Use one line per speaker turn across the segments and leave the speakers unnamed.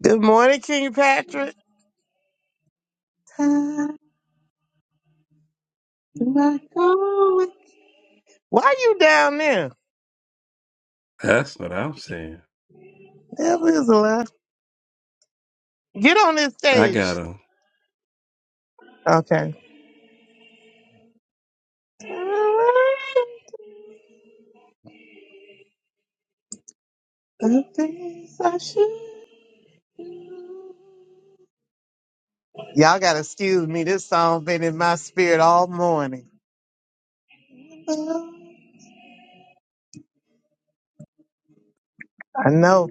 Good morning, King Patrick. Time do I go? Why you down there?
That's what I'm saying.
That is a lot. Get on this
I
stage.
got him.
Okay. The things I should. Y'all gotta excuse me. This song been in my spirit all morning. I know.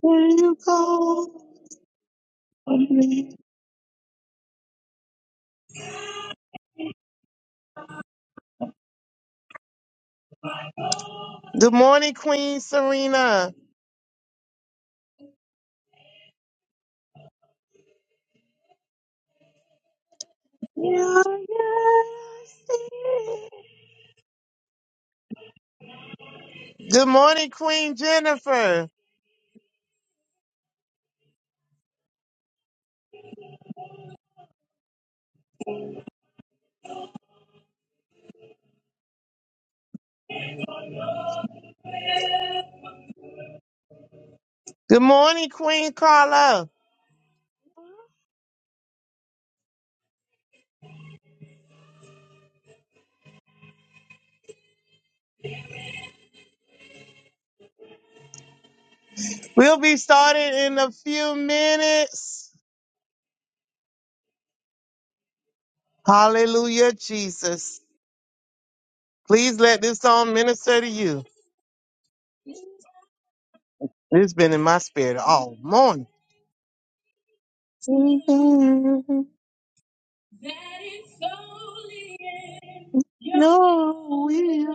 Where you go? Good morning, Queen Serena. Yeah, yeah, I see. Good morning, Queen Jennifer. Good morning, Queen Carla. We'll be starting in a few minutes. Hallelujah, Jesus. Please let this song minister to you. It's been in my spirit all morning. No, we-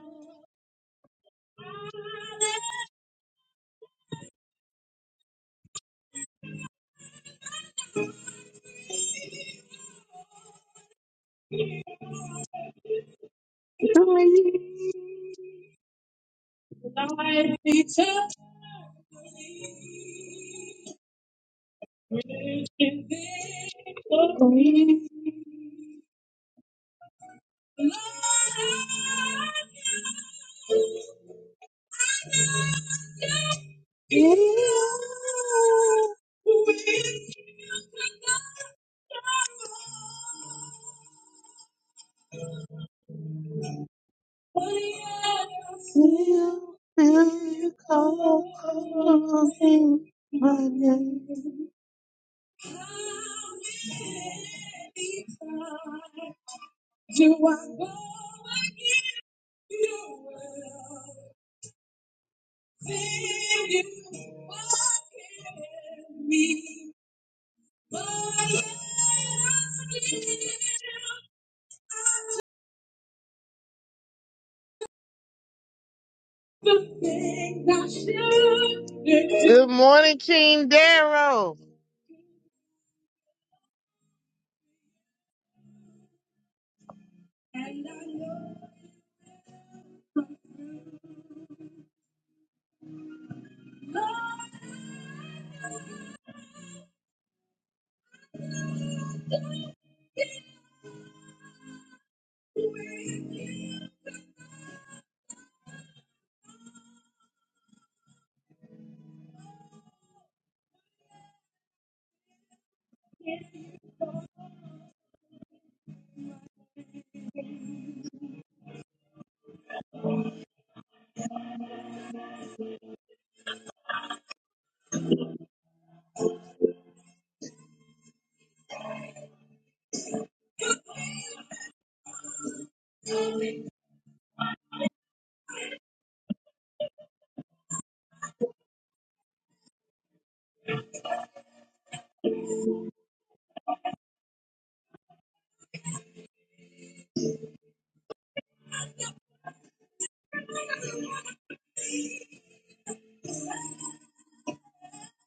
Good morning, King Darrow.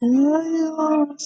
My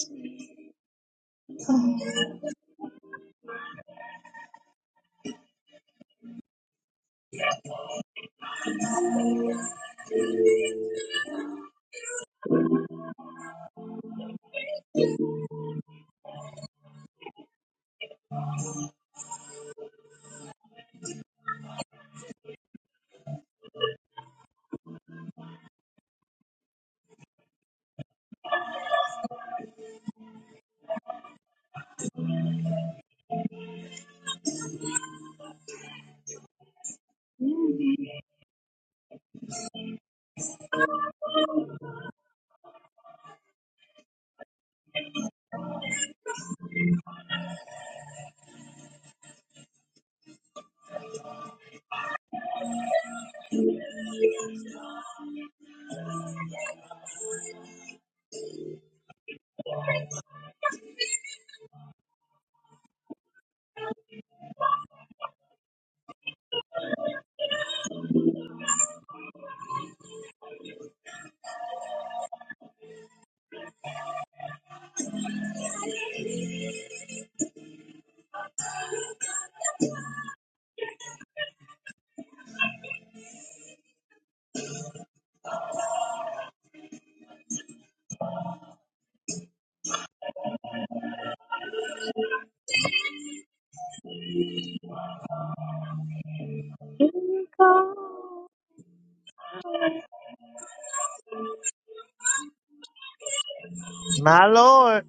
Lord.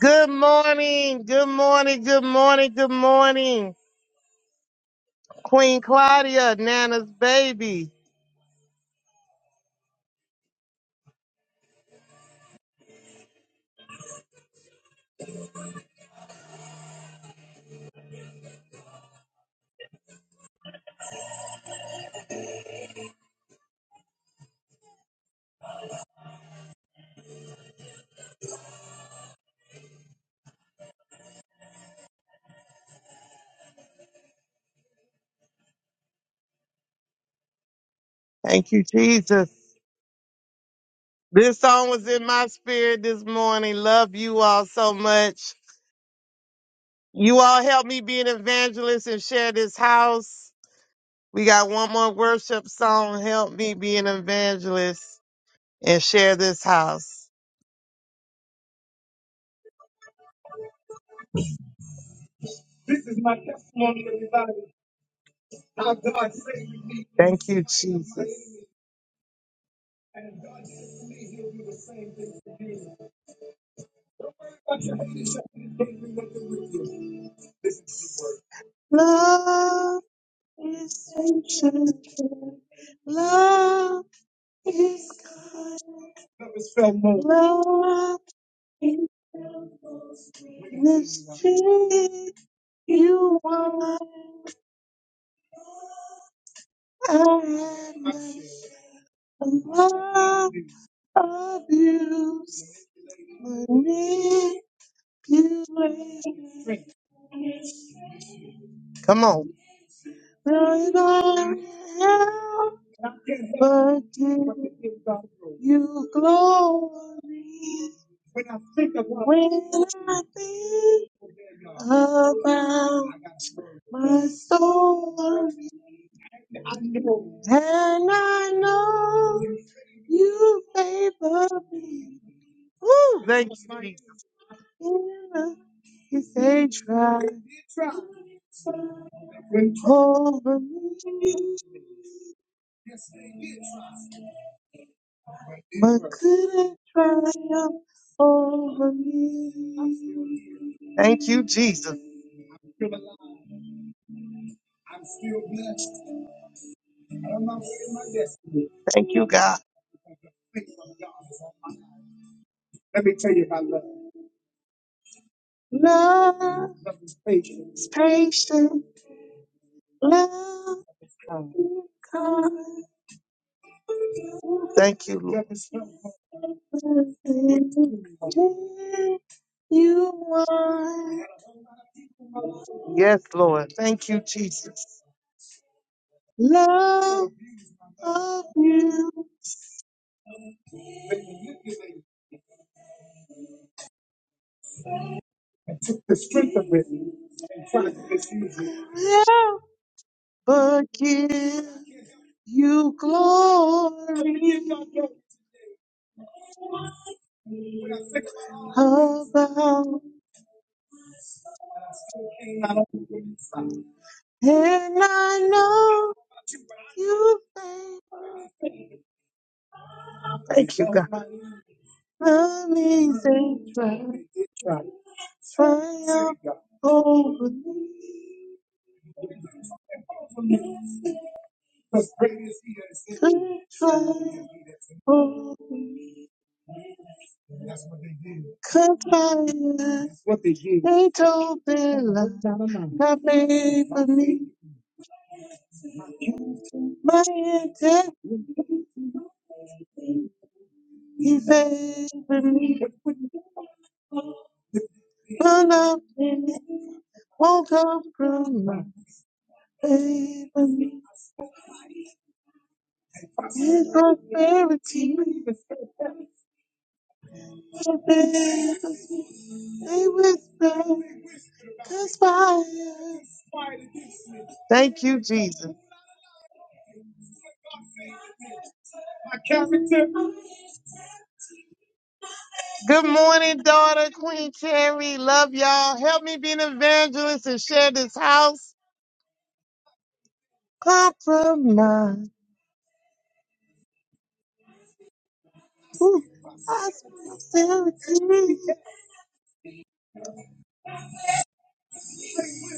Good morning. Good morning. Good morning. Good morning. Queen Claudia, Nana's baby. Thank you, Jesus. This song was in my spirit this morning. Love you all so much. You all help me be an evangelist and share this house. We got one more worship song. Help me be an evangelist and share this house. Thank you, Jesus. Love, love abuse, manipulation. Come on. Could I ever give you glory when I think about my soul and I know you favor me? Ooh, thank you, Jesus. Yeah, You say try over me. But couldn't triumph over me. Thank you, Jesus. Thank you, God. Love is patient. Love kind. Thank you, Lord. You are. Yes, Lord. Thank you, Jesus. Love of you. Never give you glory. Oh, God, and I know you think Thank you, God. Amazing triumph over me. Could triumph, over, could triumph. They told open love, not made for me. My intent, he favored me. But nothing won't come from my favor. His prosperity they whisper, conspire. Thank you, Jesus. Good morning, daughter, Queen Cherry. Love y'all. Help me be an evangelist and share this house. Compromise. Ooh, prosperity.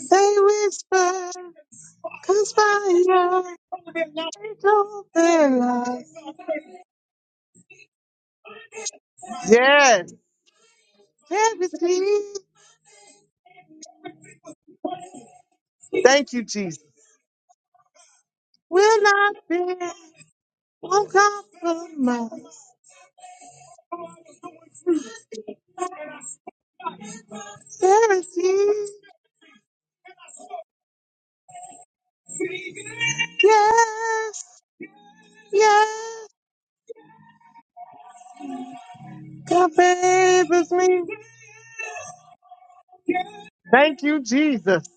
They whisper, conspire. They don't realize. Yes. Charity. Thank you, Jesus. will not bend, won't compromise. Guaranteed, yes, yes. God favors me. Thank you, Jesus.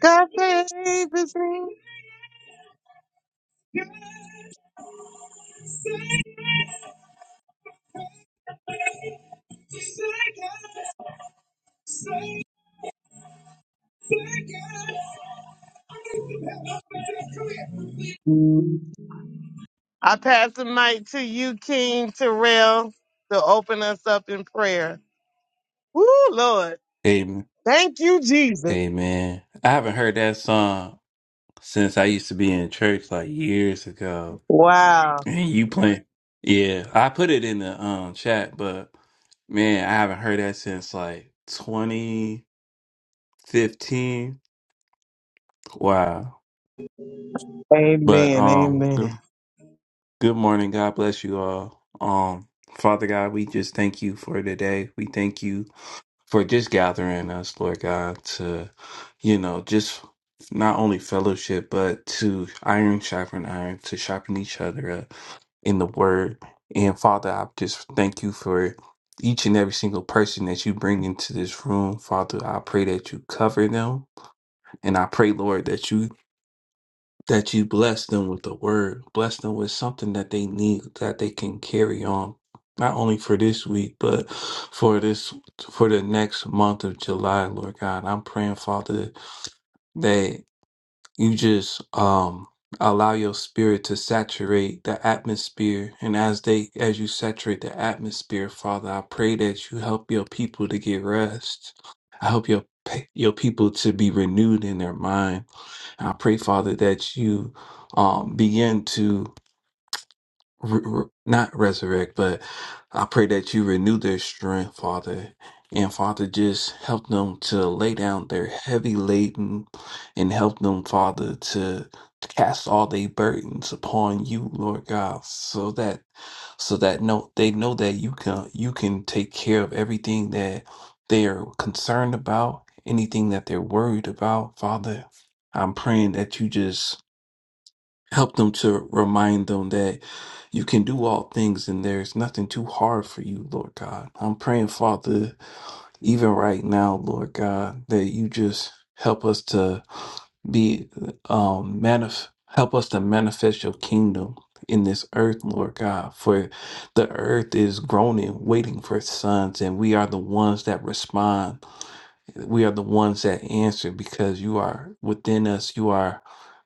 God favors me. I pass the mic to you, King Terrell, to open us up in prayer. Woo, Lord.
Amen.
Thank you, Jesus.
Amen. I haven't heard that song since I used to be in church like years ago.
Wow.
And you playing? Yeah, I put it in the um chat, but man, I haven't heard that since like 2015. Wow. But
Amen.
um, good,
Amen.
good morning. God bless you all. Um, Father God, we just thank you for today. We thank you for just gathering us, Lord God, to, you know, just not only fellowship, but to iron sharpen iron, to sharpen each other up in the word. And Father, I just thank you for each and every single person that you bring into this room. Father, I pray that you cover them. And I pray, Lord, that you that you bless them with the word, bless them with something that they need that they can carry on, not only for this week, but for this for the next month of July, Lord God. I'm praying, Father, that you just um allow your spirit to saturate the atmosphere and as they as you saturate the atmosphere father i pray that you help your people to get rest i help your pe- your people to be renewed in their mind I pray, Father, that you um, begin to re- re- not resurrect, but I pray that you renew their strength, Father. And Father, just help them to lay down their heavy laden and help them, Father, to cast all their burdens upon you, Lord God, so that so that no they know that you can you can take care of everything that they are concerned about, anything that they're worried about, Father. I'm praying that you just Help them to remind them that you can do all things and there's nothing too hard for you, Lord God. I'm praying, Father, even right now, Lord God, that you just help us to be um manif- help us to manifest your kingdom in this earth, Lord God, for the earth is groaning, waiting for sons, and we are the ones that respond. We are the ones that answer because you are within us. You are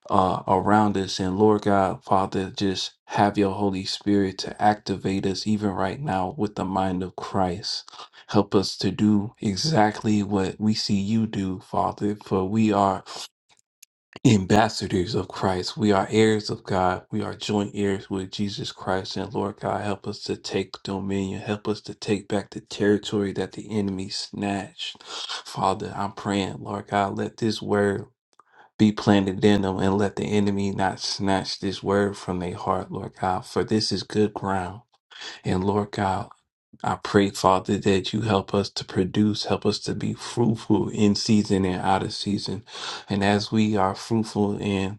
uh, around us. And Lord God, Father, just have your Holy Spirit to activate us even right now with the mind of Christ. Help us to do exactly what we see you do, Father, for we are ambassadors of Christ. We are heirs of God. We are joint heirs with Jesus Christ. And Lord God, help us to take dominion. Help us to take back the territory that the enemy snatched. Father, I'm praying, Lord God, let this word be planted in them and let the enemy not snatch this word from their heart, Lord God, for this is good ground. And Lord God, I pray, Father, that you help us to produce, help us to be fruitful in season and out of season. And as we are fruitful in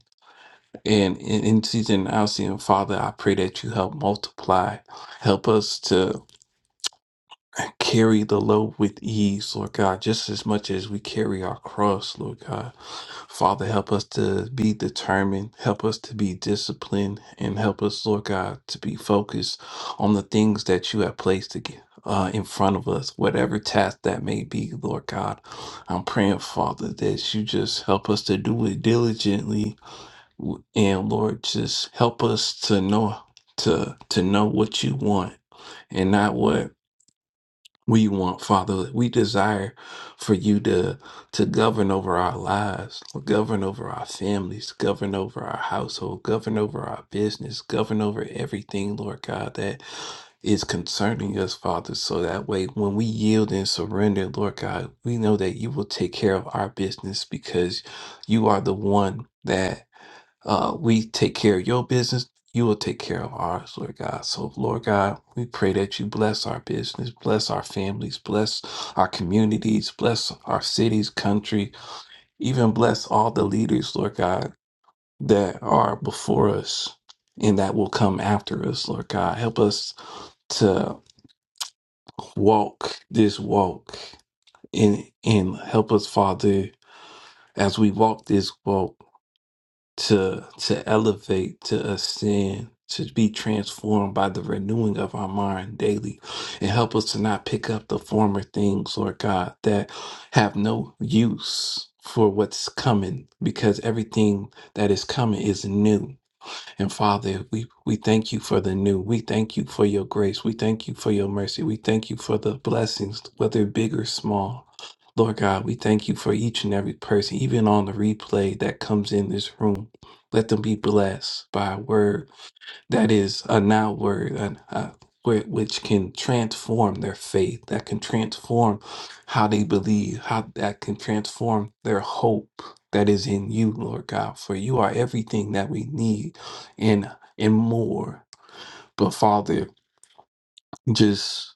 and in, in season and out of season, Father, I pray that you help multiply. Help us to carry the load with ease, Lord God, just as much as we carry our cross, Lord God. Father, help us to be determined, help us to be disciplined, and help us, Lord God, to be focused on the things that you have placed to Uh, in front of us, whatever task that may be, Lord God, I'm praying, Father, that you just help us to do it diligently, w- and Lord, just help us to know to to know what you want and not what we want father we desire for you to to govern over our lives govern over our families govern over our household govern over our business govern over everything lord god that is concerning us father so that way when we yield and surrender lord god we know that you will take care of our business because you are the one uh, we take care of your business. You will take care of ours, Lord God. So, Lord God, we pray that you bless our business, bless our families, bless our communities, bless our cities, country, even bless all the leaders, Lord God, that are before us and that will come after us, Lord God. Help us to walk this walk and, and help us, Father, as we walk this walk. to to elevate to ascend to be transformed by the renewing of our mind daily and help us to not pick up the former things lord god that have no use for what's coming because everything that is coming is new and Father, we, we thank you for the new. We thank you for your grace. We thank you for your mercy. We thank you for the blessings, whether big or small. Lord God, we thank you for each and every person, even on the replay that comes in this room. Let them be blessed by a word that is a now word an, uh, whi- which can transform their faith that can transform how they believe how that can transform their hope that is in you lord god for you are everything that we need and and more but father just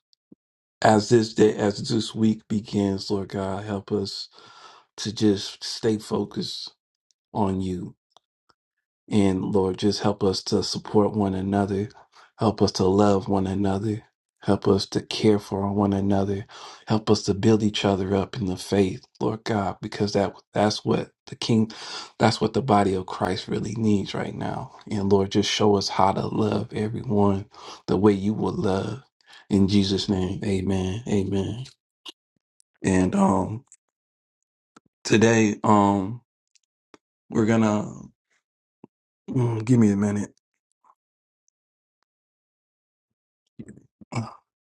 as this day as this week begins lord god help us to just stay focused on you And Lord, just help us to support one another. Help us to love one another. Help us to care for one another. Help us to build each other up in the faith, Lord God, because that that's what the King, that's what the body of Christ really needs right now. And Lord, just show us how to love everyone the way you would love. In Jesus' name, Amen, Amen. And um, today, um, we're gonna mm, give me a minute.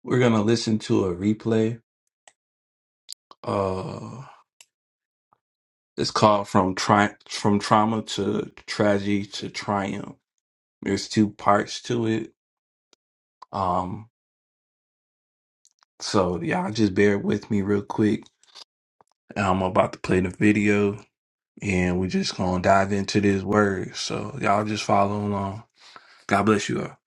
We're gonna listen to a replay. Uh, it's called "From Tri- From Trauma to Tragedy to Triumph." There's two parts to it. Um, so y'all just bear with me real quick. I'm about to play the video, and we're just gonna dive into this word. So y'all just follow along. God bless you all.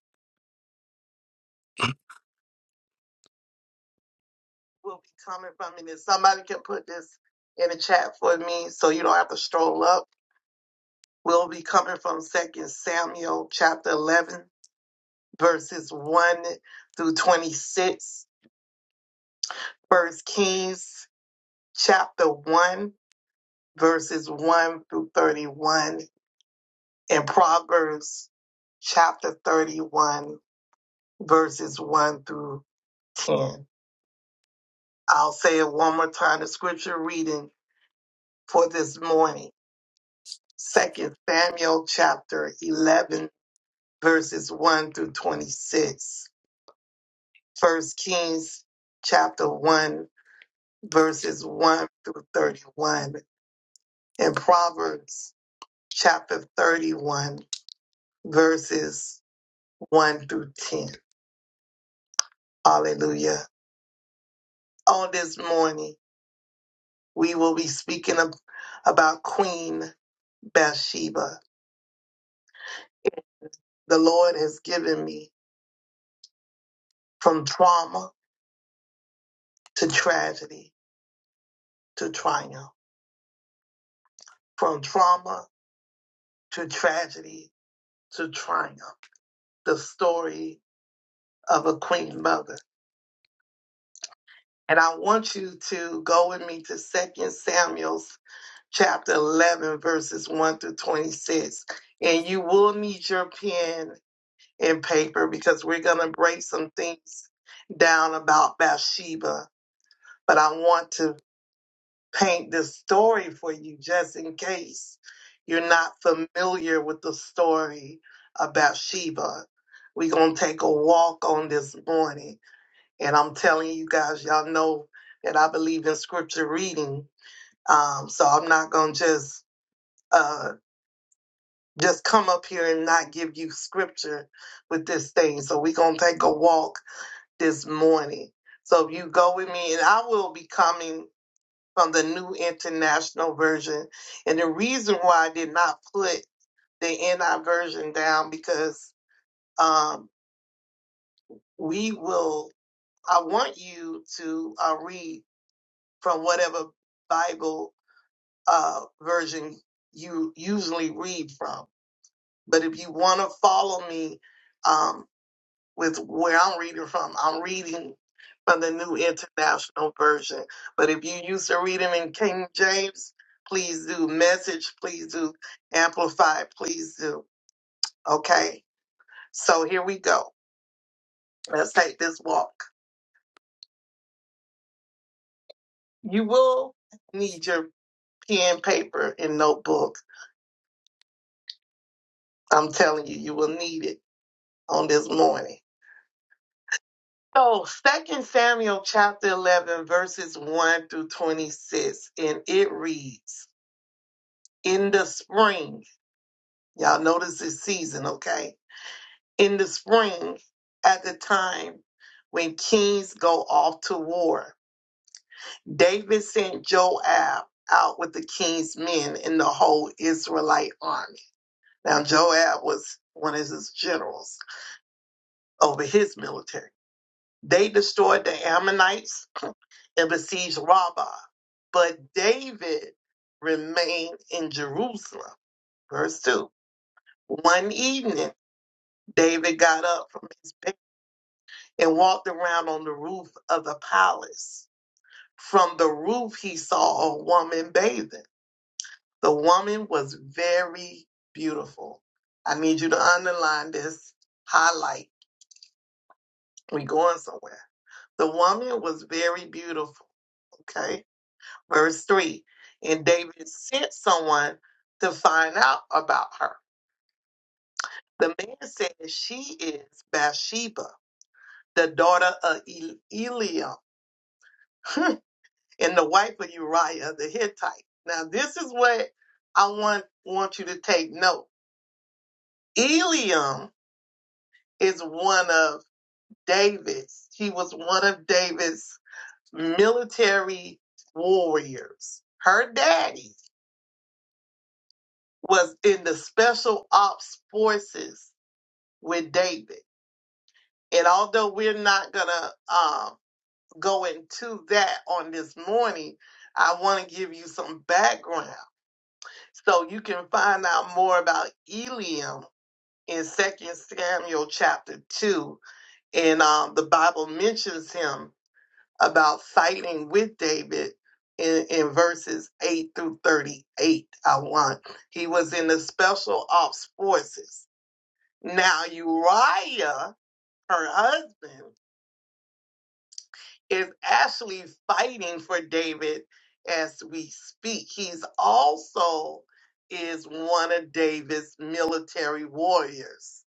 Will be coming from it. If somebody can put this in the chat for me, so you don't have to stroll up. Will be coming from Second Samuel chapter 11 verses 1 through 26, First Kings chapter 1, verses 1 through 31, and Proverbs chapter 31, verses 1 through 10. I'll say it one more time the scripture reading for this morning. Second Samuel chapter 11, verses 1 through 26. First Kings chapter 1, verses 1 through 31 in Proverbs chapter 31, verses 1 through 10. Hallelujah. On this morning, we will be speaking ab- about Queen Bathsheba. The Lord has given me from trauma to tragedy to triumph, from trauma to tragedy to triumph, the story of a queen mother. And I want you to go with me to Second Samuel chapter 11, verses 1 through 26. And you will need your pen and paper because we're going to break some things down about Bathsheba. But I want to paint this story for you just in case you're not familiar with the story of Bathsheba. We're going to take a walk on this morning. And I'm telling you guys, y'all know that I believe in scripture reading. Um, so I'm not going to just. Uh, just come up here and not give you scripture with this thing. So we're gonna take a walk this morning. So if you go with me, and I will be coming from the new international version. And the reason why I did not put the NI version down because um, we will. I want you to uh, read from whatever Bible uh, version you usually read from. But if you want to follow me um, with where I'm reading from. I'm reading from the New International Version. But if you used to read them in King James, please do. Message, please do. Amplify, please do. Okay? So here we go. Let's take this walk. You will need your pen, paper, and notebook. I'm telling you, you will need it on this morning. So, Second Samuel chapter 11, verses 1 through 26, and it reads, in the spring. Y'all notice this season, okay? In the spring, at the time when kings go off to war, David sent Joab out with the king's men and the whole Israelite army. Now, Joab was one of his generals over his military. They destroyed the Ammonites and besieged Rabbah, but David remained in Jerusalem. Verse 2. One evening, David got up from his bed and walked around on the roof of the palace. From the roof, he saw a woman bathing. The woman was very beautiful. I need you to underline this highlight. We going somewhere. The woman was very beautiful. Okay. Verse three. And David sent someone to find out about her. The man said, She is Bathsheba, the daughter of Eliam. and the wife of Uriah the Hittite. Now, this is what I want, want you to take note. Eliam is one of David's, he was one of David's military warriors. Her daddy was in the special ops forces with David. And although we're not going to um, go into that on this morning, I want to give you some background So you can find out more about Eliam in Second Samuel chapter 2. And um, the Bible mentions him about fighting with David in, in verses 8 through 38. I want. He was in the special ops forces. Now, Uriah, her husband, is actually fighting for David as we speak. He's also is one of David's military warriors.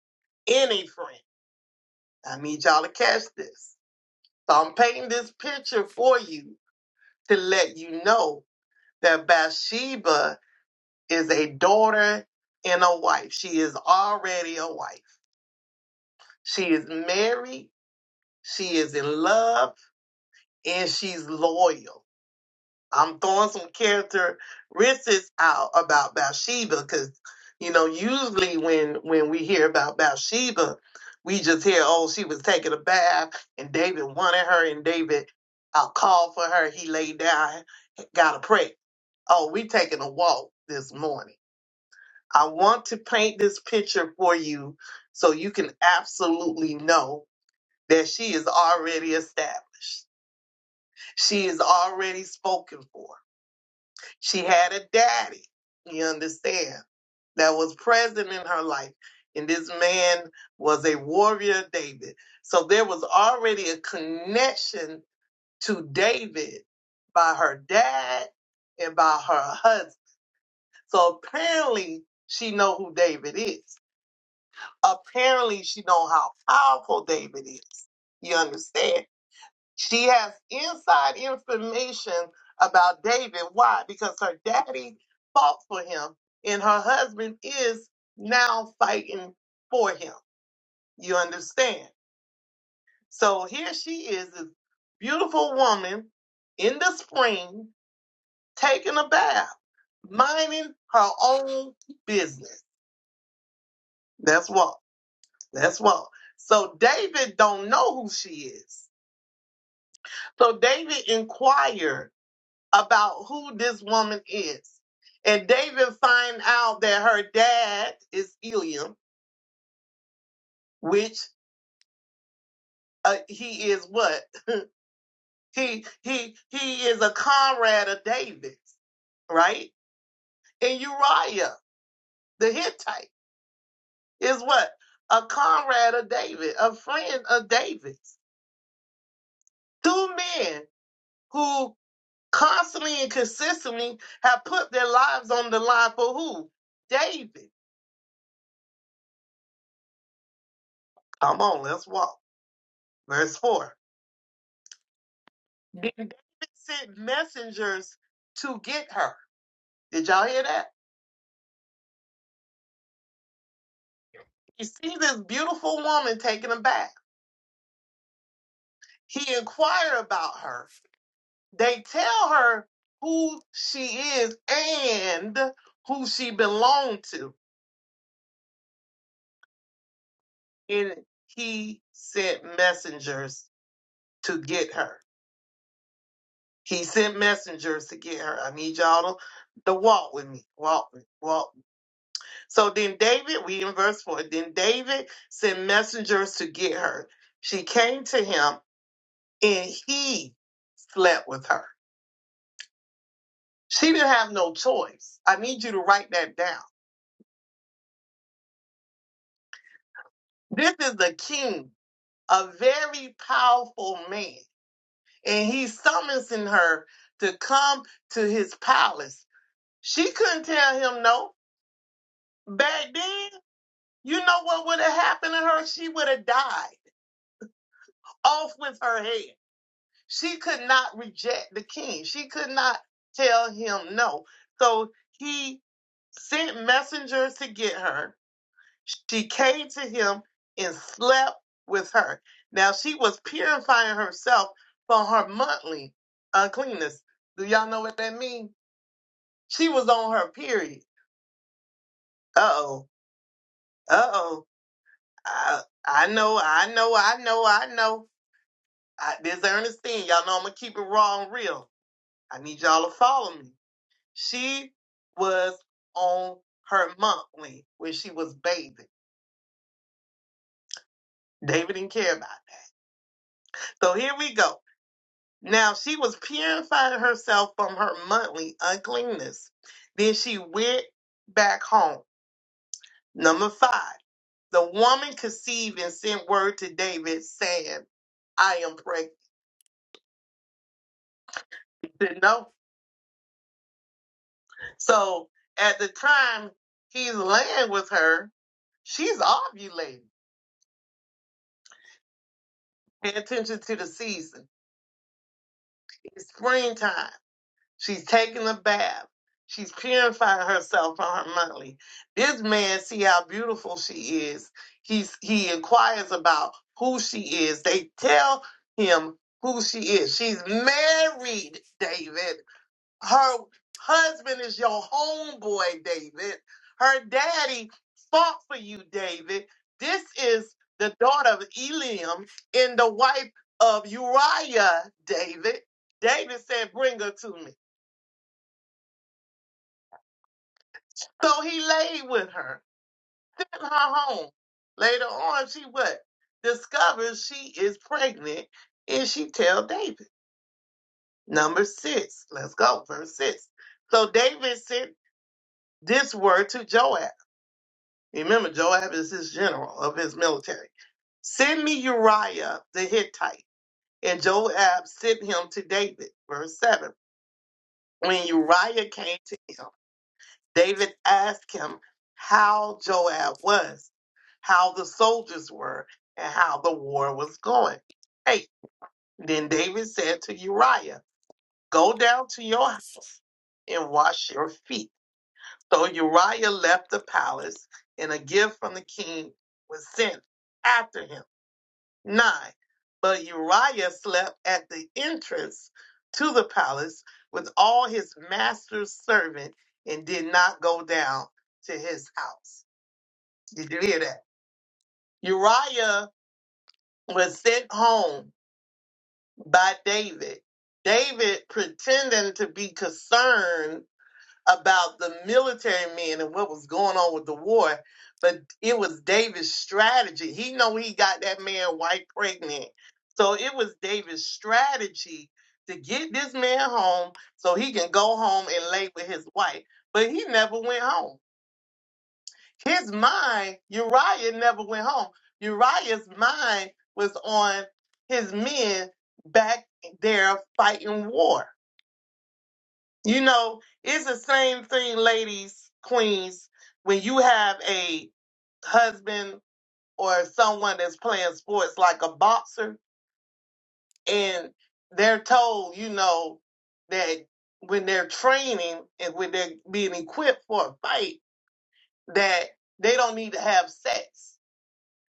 Any friend, I need y'all to catch this. So I'm painting this picture for you to let you know that Bathsheba is a daughter and a wife. She is already a wife. She is married. She is in love and she's loyal. I'm throwing some characteristics out about Bathsheba because, you know, usually when when we hear about Bathsheba, we just hear, oh, she was taking a bath and David wanted her and David uh, called for her. He laid down, got a pray. Oh, we taking a walk this morning. I want to paint this picture for you so you can absolutely know that she is already established. She is already spoken for she had a daddy, you understand, that was present in her life. And this man was a warrior, David. So there was already a connection to David by her dad and by her husband. So apparently she know who David is. Apparently she know how powerful David is. You understand? She has inside information about David. Why? Because her daddy fought for him and her husband is now fighting for him. You understand? So here she is, this beautiful woman in the spring taking a bath, minding her own business. That's what. That's what. So David don't know who she is. So David inquired about who this woman is. And David find out that her dad is Eliam, which uh, he is what? He he he is a comrade of David's, right? And Uriah, the Hittite, is what? A comrade of David, a friend of David's. Two men who constantly and consistently have put their lives on the line for who? David. Come on, let's walk. Verse 4. And David sent messengers to get her. Did y'all hear that? He sees this beautiful woman taking a bath. He inquired about her. They tell her who she is and who she belonged to. And he sent messengers to get her. He sent messengers to get her. I need y'all to, to walk with me. Walk with me. Walk. So then David, we in verse 4, then David sent messengers to get her. She came to him and he slept with her. She didn't have no choice. I need you to write that down. This is the king, a very powerful man, and he's summoning her to come to his palace. She couldn't tell him no. Back then, you know what would have happened to her? She would have died off with her head. She could not reject the king. She could not tell him no. So he sent messengers to get her. She came to him and slept with her. Now she was purifying herself for her monthly uncleanness. Do y'all know what that means? She was on her period. Uh oh. Uh oh. I, I know. I know. I know. I know. I, this Ernestine. Y'all know I'm gonna keep it raw and real. I need y'all to follow me. She was on her monthly where she was bathing. David didn't care about it. So here we go. Now she was purifying herself from her monthly uncleanness. Then she went back home. Number five, the woman conceived and sent word to David saying, I am pregnant. You know? So at the time he's laying with her, she's ovulating. Pay attention to the season. It's springtime. She's taking a bath. She's purifying herself from her monthly. This man see how beautiful she is. He's he inquires about who she is. They tell him who she is. She's married, David. Her husband is your homeboy, David. Her daddy fought for you, David. This is the daughter of Eliam and the wife of Uriah, David. David said, Bring her to me. So he laid with her in her home. Later on, she what? Discovers she is pregnant and she tell David. Number six. Let's go. Verse six. So David sent this word to Joab. Remember, Joab is his general of his military. Send me Uriah the Hittite. And Joab sent him to David. Verse seven. When Uriah came to him, David asked him how Joab was, how the soldiers were, and how the war was going. Hey, then David said to Uriah, Go down to your house and wash your feet. So Uriah left the palace, and a gift from the king was sent after him. Nine. But Uriah slept at the entrance to the palace with all his master's servant and did not go down to his house. Did you hear that? Uriah was sent home by David. David pretending to be concerned about the military men and what was going on with the war, but it was David's strategy. He know he got that man white pregnant. So it was David's strategy to get this man home so he can go home and lay with his wife. But he never went home. his mind, Uriah never went home. Uriah's mind was on his men back there fighting war. You know, it's the same thing, ladies, queens, when you have a husband or someone that's playing sports like a boxer and they're told, you know, that when they're training and when they're being equipped for a fight, that they don't need to have sex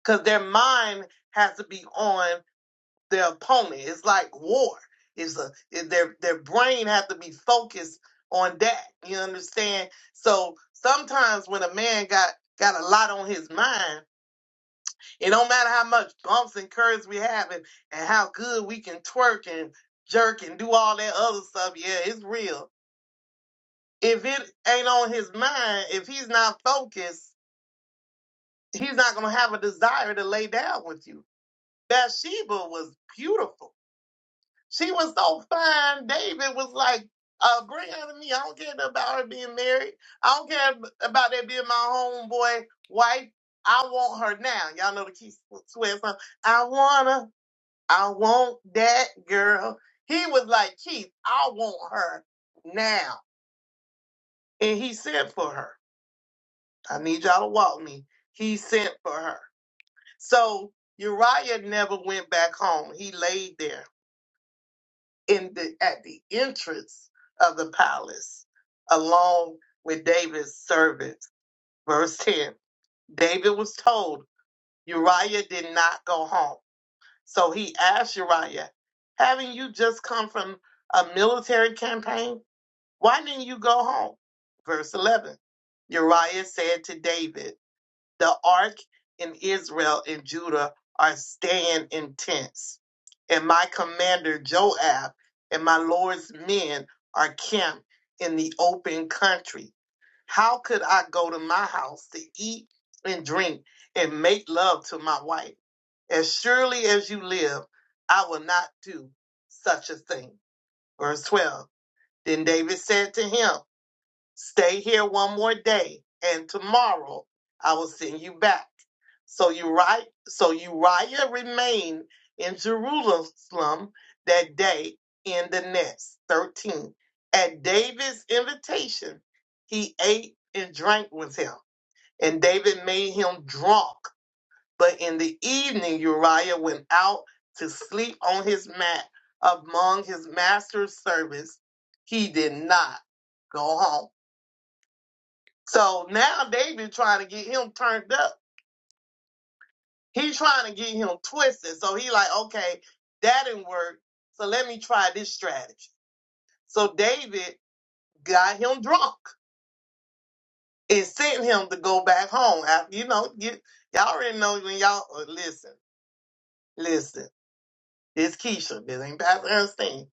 because their mind has to be on their opponent. It's like war. It's a it- their their brain has to be focused on that. You understand? So sometimes when a man got got a lot on his mind, it don't matter how much bumps and curves we have and, and how good we can twerk and jerk and do all that other stuff. Yeah, it's real. If it ain't on his mind, if he's not focused, he's not gonna have a desire to lay down with you. Bathsheba was beautiful She was so fine. David was like, uh, bring her to me. I don't care about her being married. I don't care about that being my homeboy wife. I want her now. Y'all know the key swear song. I want her. I want that girl. He was like, Keith, I want her now. And he sent for her. I need y'all to walk me. He sent for her. So Uriah never went back home. He laid there in the at the entrance of the palace, along with David's servants. Verse 10. David was told Uriah did not go home. So he asked Uriah, Haven't you just come from a military campaign? Why didn't you go home? Verse 11 Uriah said to David, the ark and Israel and Judah are staying in tents, and my commander Joab and my Lord's men are camped in the open country. How could I go to my house to eat and drink and make love to my wife? As surely as you live, I will not do such a thing. Verse 12. Then David said to him, Stay here one more day, and tomorrow I will send you back. So Uriah, so Uriah remained in Jerusalem that day in the nest. 13. At David's invitation, he ate and drank with him, and David made him drunk. But in the evening, Uriah went out to sleep on his mat among his master's servants. He did not go home. So now they been trying to get him turned up. He's trying to get him twisted. So he like, okay, that didn't work. So let me try this strategy. So David got him drunk and sent him to go back home. After, you know, you, y'all already know when y'all uh, listen, listen. This Keisha, this ain't Pastor Ernestine.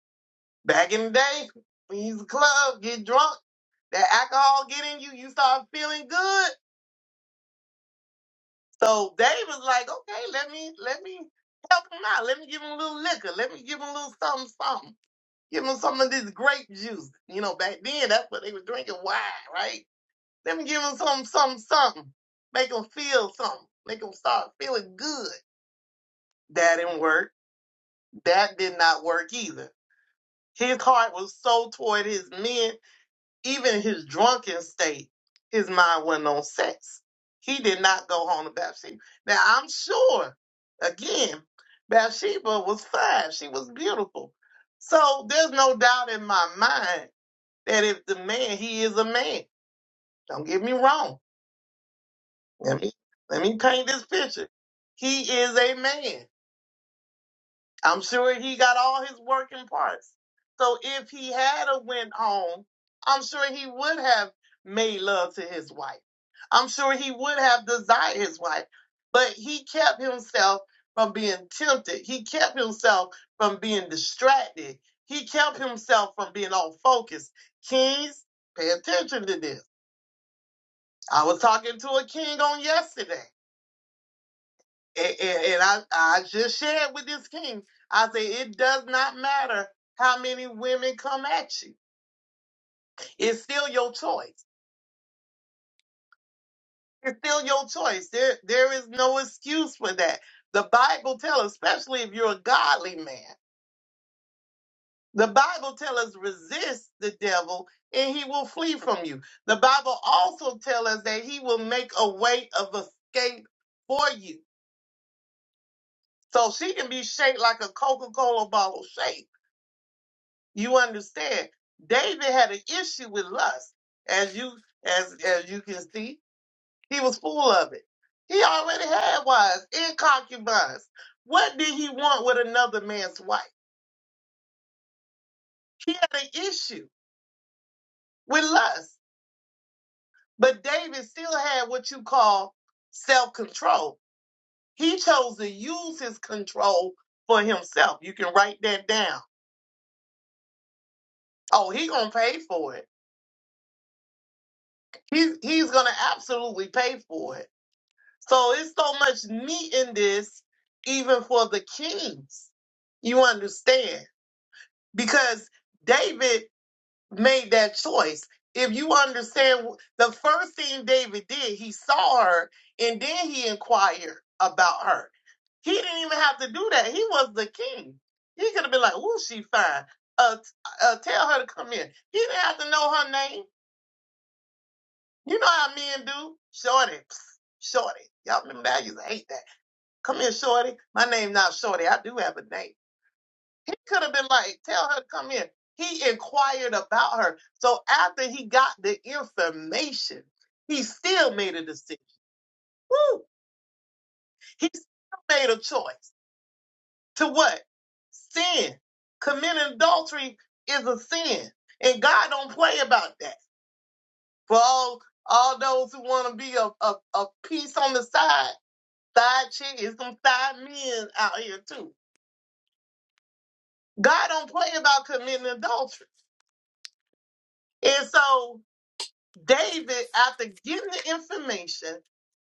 Back in the day, when you was a club, get drunk, that alcohol get in you, you start feeling good So they was like, okay, let me let me help him out. Let me give him a little liquor. Let me give him a little something, something. Give him some of this grape juice. You know, back then that's what they were drinking wine, right? Let me give him some, something, something. Make him feel something. Make him start feeling good. That didn't work. That did not work either. His heart was so toward his men Even in his drunken state, his mind wasn't on sex. He did not go home to Bathsheba. Now, I'm sure, again, Bathsheba was fine. She was beautiful. So there's no doubt in my mind that if the man, he is a man. Don't get me wrong. Let me, let me paint this picture. He is a man. I'm sure he got all his working parts. So if he had a went home, I'm sure he would have made love to his wife. I'm sure he would have desired his wife. But he kept himself from being tempted. He kept himself from being distracted. He kept himself from being off focus. Kings, pay attention to this. I was talking to a king on yesterday. And, and- and I, I just shared with this king, I say it does not matter how many women come at you. It's still your choice. It's still your choice. There, there is no excuse for that. The Bible tells, especially if you're a godly man, the Bible tells us resist the devil and he will flee from you. The Bible also tells us that he will make a way of escape for you. So she can be shaped like a Coca-Cola bottle shape. You understand? David had an issue with lust, as you as as you can see, he was full of it. He already had wives and concubines. What did he want with another man's wife? He had an issue with lust, but David still had what you call self control. He chose to use his control for himself. You can write that down. Oh, he gonna pay for it. He's he's gonna absolutely pay for it. So it's so much meat in this, even for the kings. You understand? Because David made that choice. If you understand, the first thing David did, he saw her and then he inquired about her. He didn't even have to do that. He was the king. He could have been like, "Ooh, she fine. Uh, t- uh, tell her to come in." He didn't have to know her name. You know how men do, shorty, psst, shorty. Y'all remember that? I used to hate that Come here, Shorty. My name not Shorty. I do have a name. He could have been like, tell her to come here. He inquired about her. So after he got the information, he still made a decision. Woo! He still made a choice. To what? Sin. Committing adultery is a sin. And God don't play about that. For all, all those who want to be a, a, a piece on the side, side chick, it's some side men out here too. God don't play about committing adultery. And so David, after getting the information,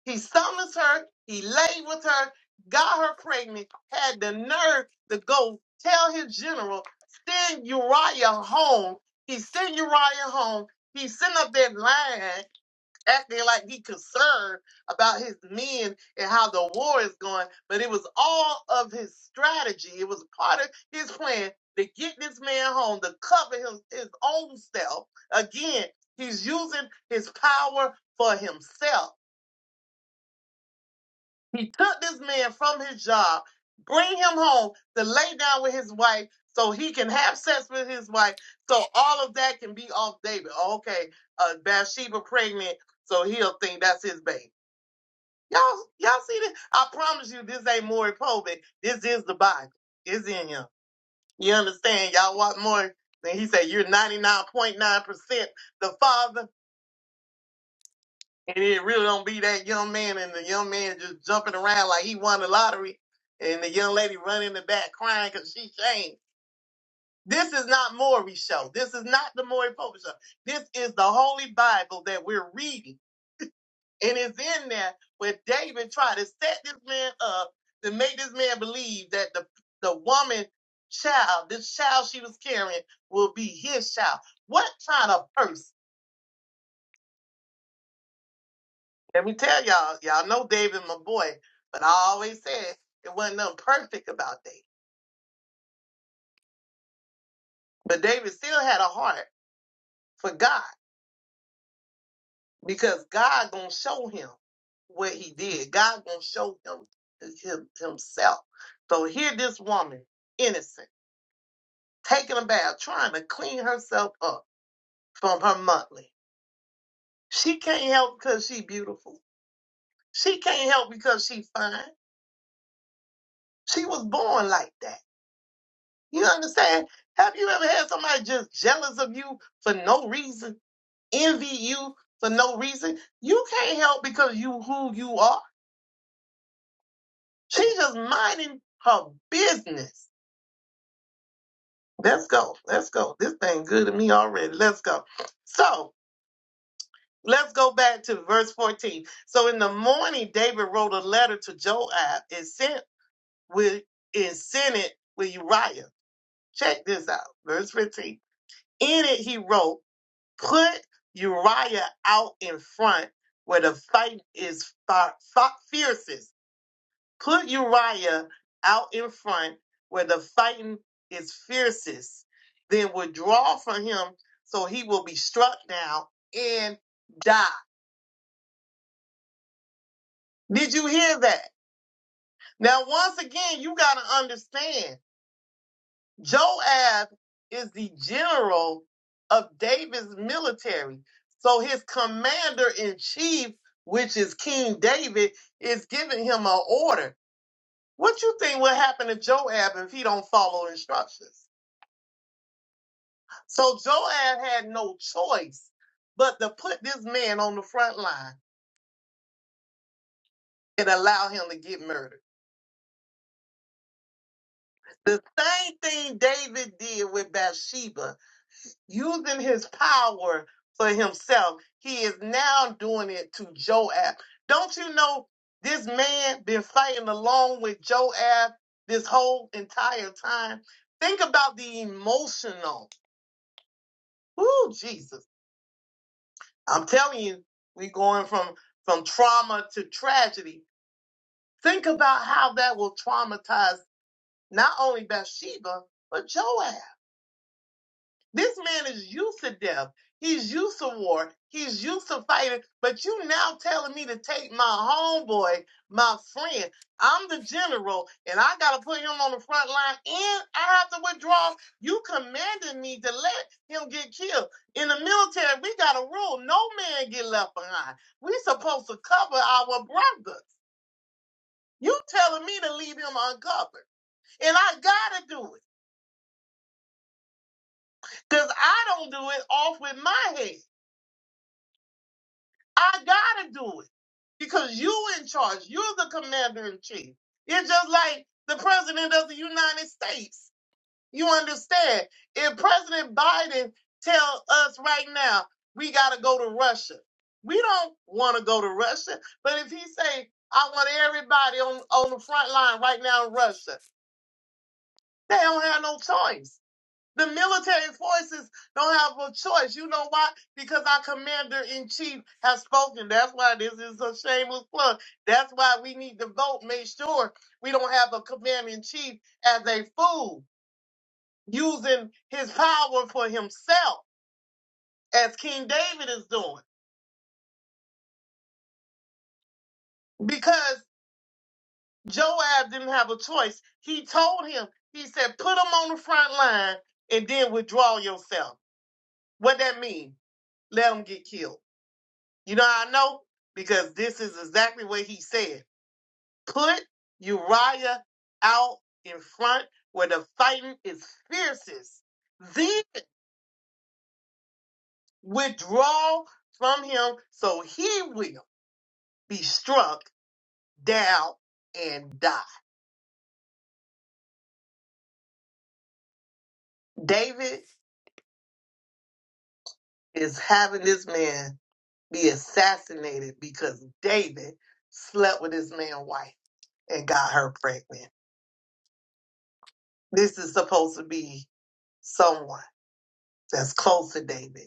he summons her, he laid with her, got her pregnant, had the nerve to go tell his general, send Uriah home. He sent Uriah home. He sent up that line acting like he concerned about his men and how the war is going, but it was all of his strategy. It was part of his plan to get this man home, to cover his, his own self. Again, he's using his power for himself. He took this man from his job, bring him home to lay down with his wife so he can have sex with his wife. So all of that can be off David. Okay, uh, Bathsheba pregnant, so he'll think that's his baby. Y'all, y'all see this? I promise you, this ain't Maury Povey. This is the Bible. It's in him. You understand? Y'all want more? Then he said, "You're 99.9% the father," and it really don't be that young man. And the young man just jumping around like he won the lottery, and the young lady running in the back crying because she changed. This is not Maury's show. This is not the Maury Povey show. This is the Holy Bible that we're reading. And it's in there where David tried to set this man up to make this man believe that the the woman child, this child she was carrying, will be his child. What kind of person? Let me tell y'all, y'all know David, my boy, but I always said it wasn't nothing perfect about David. But David still had a heart for God because God gonna show him what he did. God gonna show him, him himself. So here this woman, innocent. taking a bath, trying to clean herself up from her monthly. She can't help because she's beautiful. She can't help because she's fine. She was born like that. You understand? Have you ever had somebody just jealous of you for no reason, envy you for no reason? You can't help because you who you are. She's just minding her business. Let's go. Let's go. This thing good to me already. Let's go. So Let's go back to verse 14. So in the morning, David wrote a letter to Joab and sent with and sent it with Uriah. Check this out. Verse 15. In it he wrote, put Uriah out in front where the fight is fi- fi- fiercest. Put Uriah out in front where the fighting is fiercest. Then withdraw from him so he will be struck down and die. Did you hear that? Now, once again, you got to understand Joab is the general of David's military. So his commander in chief, which is King David, is giving him an order. What you think will happen to Joab if he don't follow instructions? So Joab had no choice but to put this man on the front line and allow him to get murdered. The same thing David did with Bathsheba, using his power for himself, he is now doing it to Joab. Don't you know this man been fighting along with Joab this whole entire time? Think about the emotional. Ooh, Jesus. I'm telling you, we going from from trauma to tragedy. Think about how that will traumatize not only Bathsheba, but Joab. This man is used to death. He's used to war. He's used to fighting. But you now telling me to take my homeboy, my friend. I'm the general, and I gotta put him on the front line, and I have to withdraw. You commanded me to let him get killed. In the military, we got a rule: no man get left behind. We supposed to cover our brothers. You telling me to leave him uncovered, and I gotta do it because I don't do it off with my head. I gotta do it because you in charge. You're the commander in chief. It's just like the president of the United States. You understand? If President Biden tell us right now we gotta go to Russia, we don't want to go to Russia. But if he say I want everybody on on the front line right now in Russia, they don't have no choice. The military forces don't have a choice. You know why? Because our commander in chief has spoken. That's why this is a shameless plug. That's why we need to vote. Make sure we don't have a commander in chief as a fool using his power for himself, as King David is doing. Because Joab didn't have a choice. He told him, he said, put him on the front line and then withdraw yourself. What that mean? Let him get killed. You know how I know? Because this is exactly what he said. Put Uriah out in front where the fighting is fiercest. Then withdraw from him so he will be struck down and die. David is having this man be assassinated because David slept with his man wife and got her pregnant. This is supposed to be someone that's close to David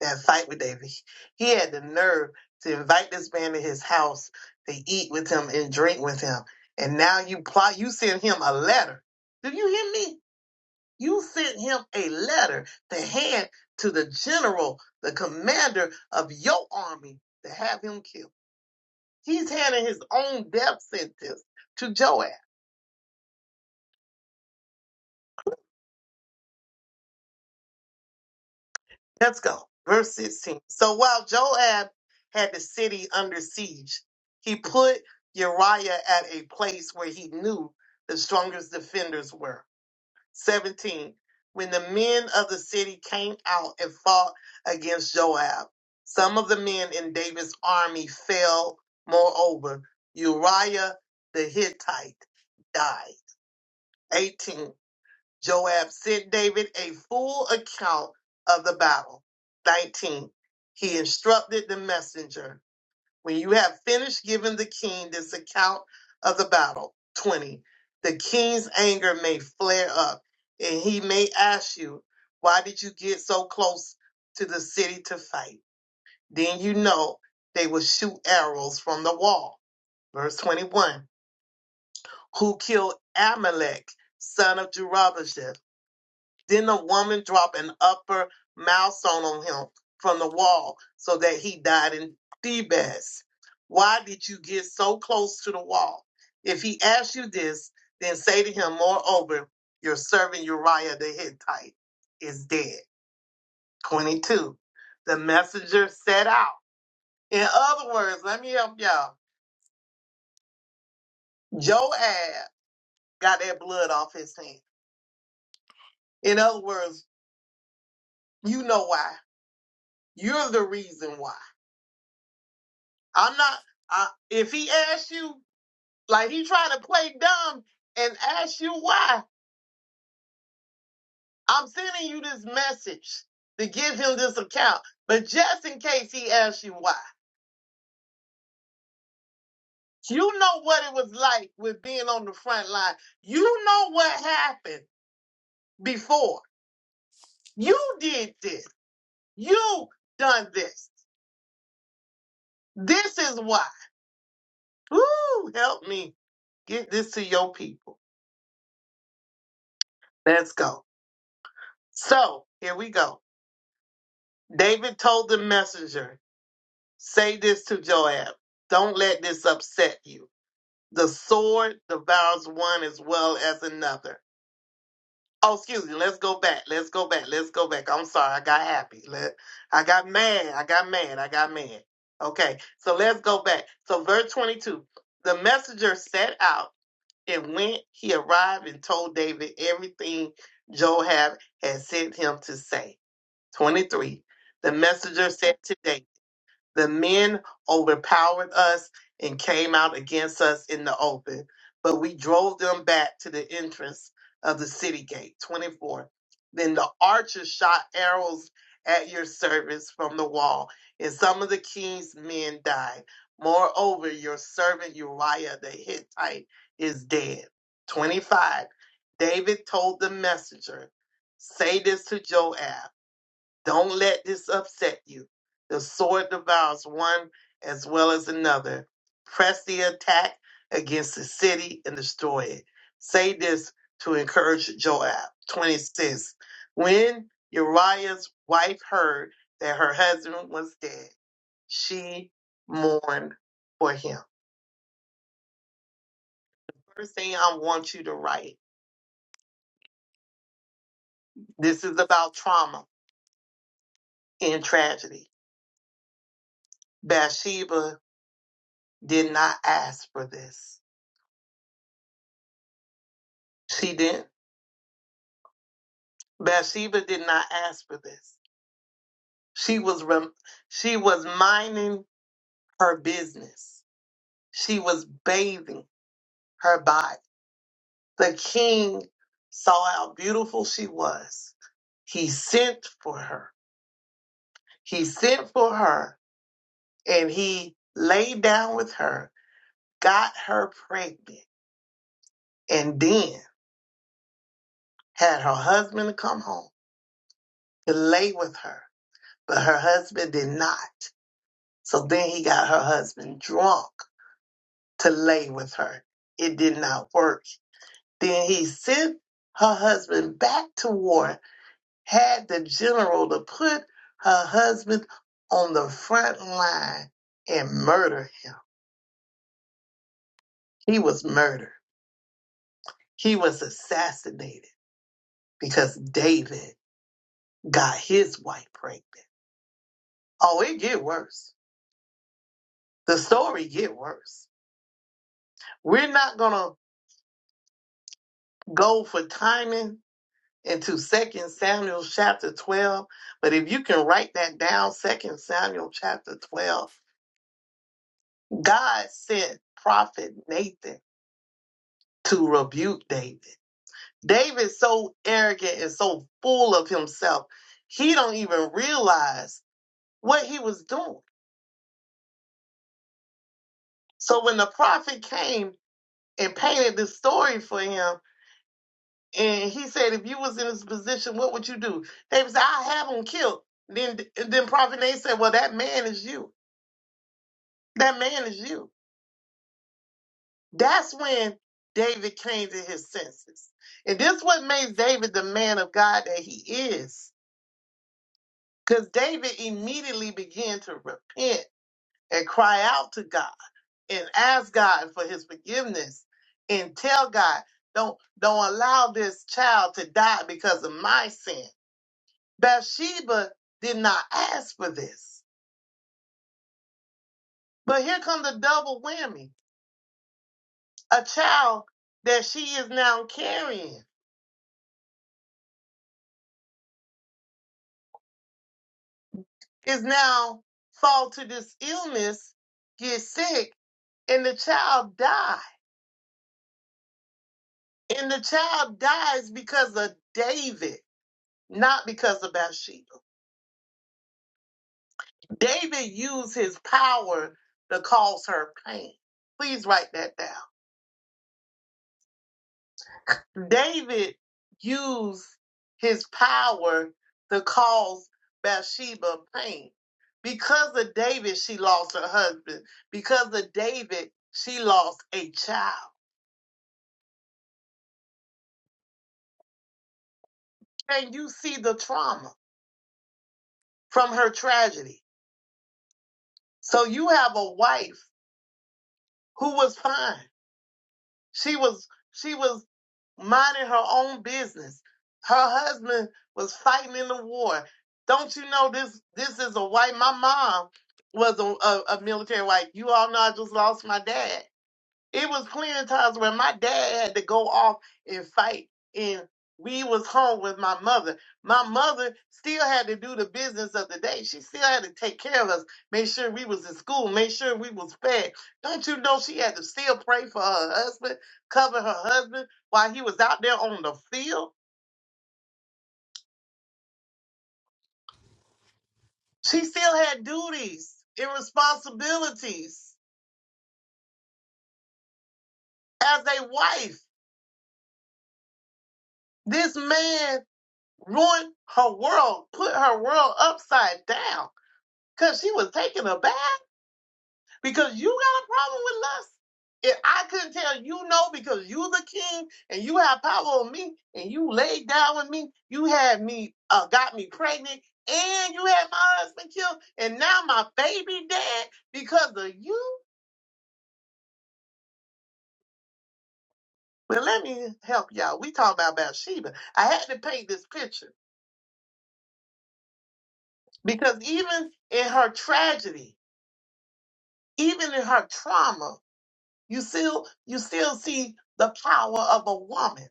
that fight with David. He had the nerve to invite this man to his house to eat with him and drink with him. And now you plot, you send him a letter. Do you hear me? You sent him a letter to hand to the general, the commander of your army to have him killed. He's handing his own death sentence to Joab. Let's go. Verse 16. So while Joab had the city under siege, he put Uriah at a place where he knew the strongest defenders were. 17. When the men of the city came out and fought against Joab, some of the men in David's army fell. Moreover, Uriah the Hittite died. 18. Joab sent David a full account of the battle. 19. He instructed the messenger, When you have finished giving the king this account of the battle, 20. The king's anger may flare up, and he may ask you, Why did you get so close to the city to fight? Then you know they will shoot arrows from the wall. Verse 21. Who killed Amalek, son of Jerubbasheth? Then the woman dropped an upper milestone on him from the wall so that he died in Thebes. Why did you get so close to the wall? If he asks you this, then say to him, Moreover, your servant Uriah the Hittite is dead. 22. The messenger set out. In other words, let me help y'all. Joab got that blood off his hand. In other words, you know why. You're the reason why. I'm not. I, if he asks you, like he trying to play dumb and ask you why, I'm sending you this message to give him this account. But just in case he asks you why, you know what it was like with being on the front line. You know what happened before. You did this. You done this. This is why. Ooh, help me get this to your people. Let's go. So here we go. David told the messenger. Say this to Joab. Don't let this upset you. The sword devours one as well as another. Oh, excuse me. Let's go back. Let's go back. Let's go back. I'm sorry. I got happy. Let, I got mad. I got mad. I got mad. Okay. So let's go back. So verse 22. The messenger set out and when he arrived and told David everything Joab had sent him to say. 23. The messenger said to David. The men overpowered us and came out against us in the open, but we drove them back to the entrance of the city gate. 24. Then the archers shot arrows at your servants from the wall, and some of the king's men died. Moreover, your servant Uriah the Hittite is dead. 25. David told the messenger, Say this to Joab. Don't let this upset you. The sword devours one as well as another. Press the attack against the city and destroy it. Say this to encourage Joab. 26. When Uriah's wife heard that her husband was dead, she mourned for him. First thing I want you to write this is about trauma and tragedy. Bathsheba did not ask for this. She didn't. Bathsheba did not ask for this. She was rem- she was minding her business. She was bathing her body. The king saw how beautiful she was. He sent for her. He sent for her and he laid down with her, got her pregnant, and then had her husband come home to lay with her. But her husband did not. So then he got her husband drunk to lay with her. It did not work. Then he sent her husband back to war, had the general to put her husband on the front line and murder him. He was murdered. He was assassinated because David got his wife pregnant. Oh, it get worse. The story get worse. We're not gonna go for timing into Second Samuel chapter 12. But if you can write that down, Second Samuel chapter 12, God sent prophet Nathan to rebuke David. David's so arrogant and so full of himself, he don't even realize what he was doing. So when the prophet came and painted this story for him, and he said, "If you was in this position, what would you do?" David said, "I have him killed." Then, then prophet Nathan said, "Well, that man is you." That man is you. That's when David came to his senses. And this what makes David the man of God that he is. Because David immediately began to repent and cry out to God and ask God for his forgiveness and tell God, don't, don't allow this child to die because of my sin. Bathsheba did not ask for this. But here comes the double whammy. A child that she is now carrying is now fall to this illness, get sick, and the child die. And the child dies because of David, not because of Bathsheba. David used his power to cause her pain. Please write that down. David used his power to cause Bathsheba pain. Because of David, she lost her husband. Because of David, she lost a child. and you see the trauma from her tragedy. So you have a wife who was fine. She was she was minding her own business. Her husband was fighting in the war. Don't you know this this is a white my mom was a, a, a military wife. You all know I just lost my dad. It was plenty of times when my dad had to go off and fight, and we was home with my mother. My mother still had to do the business of the day. She still had to take care of us, make sure we was in school, make sure we was fed. Don't you know she had to still pray for her husband, cover her husband while he was out there on the field? She still had duties and responsibilities as a wife. This man ruined her world, put her world upside down because she was taking a bath because you got a problem with lust. If I couldn't tell you no because you the king and you have power on me and you laid down with me, you had me uh, got me pregnant and you had my husband killed and now my baby dead because of you. Well, let me help y'all. We talk about Bathsheba. I had to paint this picture because even in her tragedy, even in her trauma, you still you still see the power of a woman.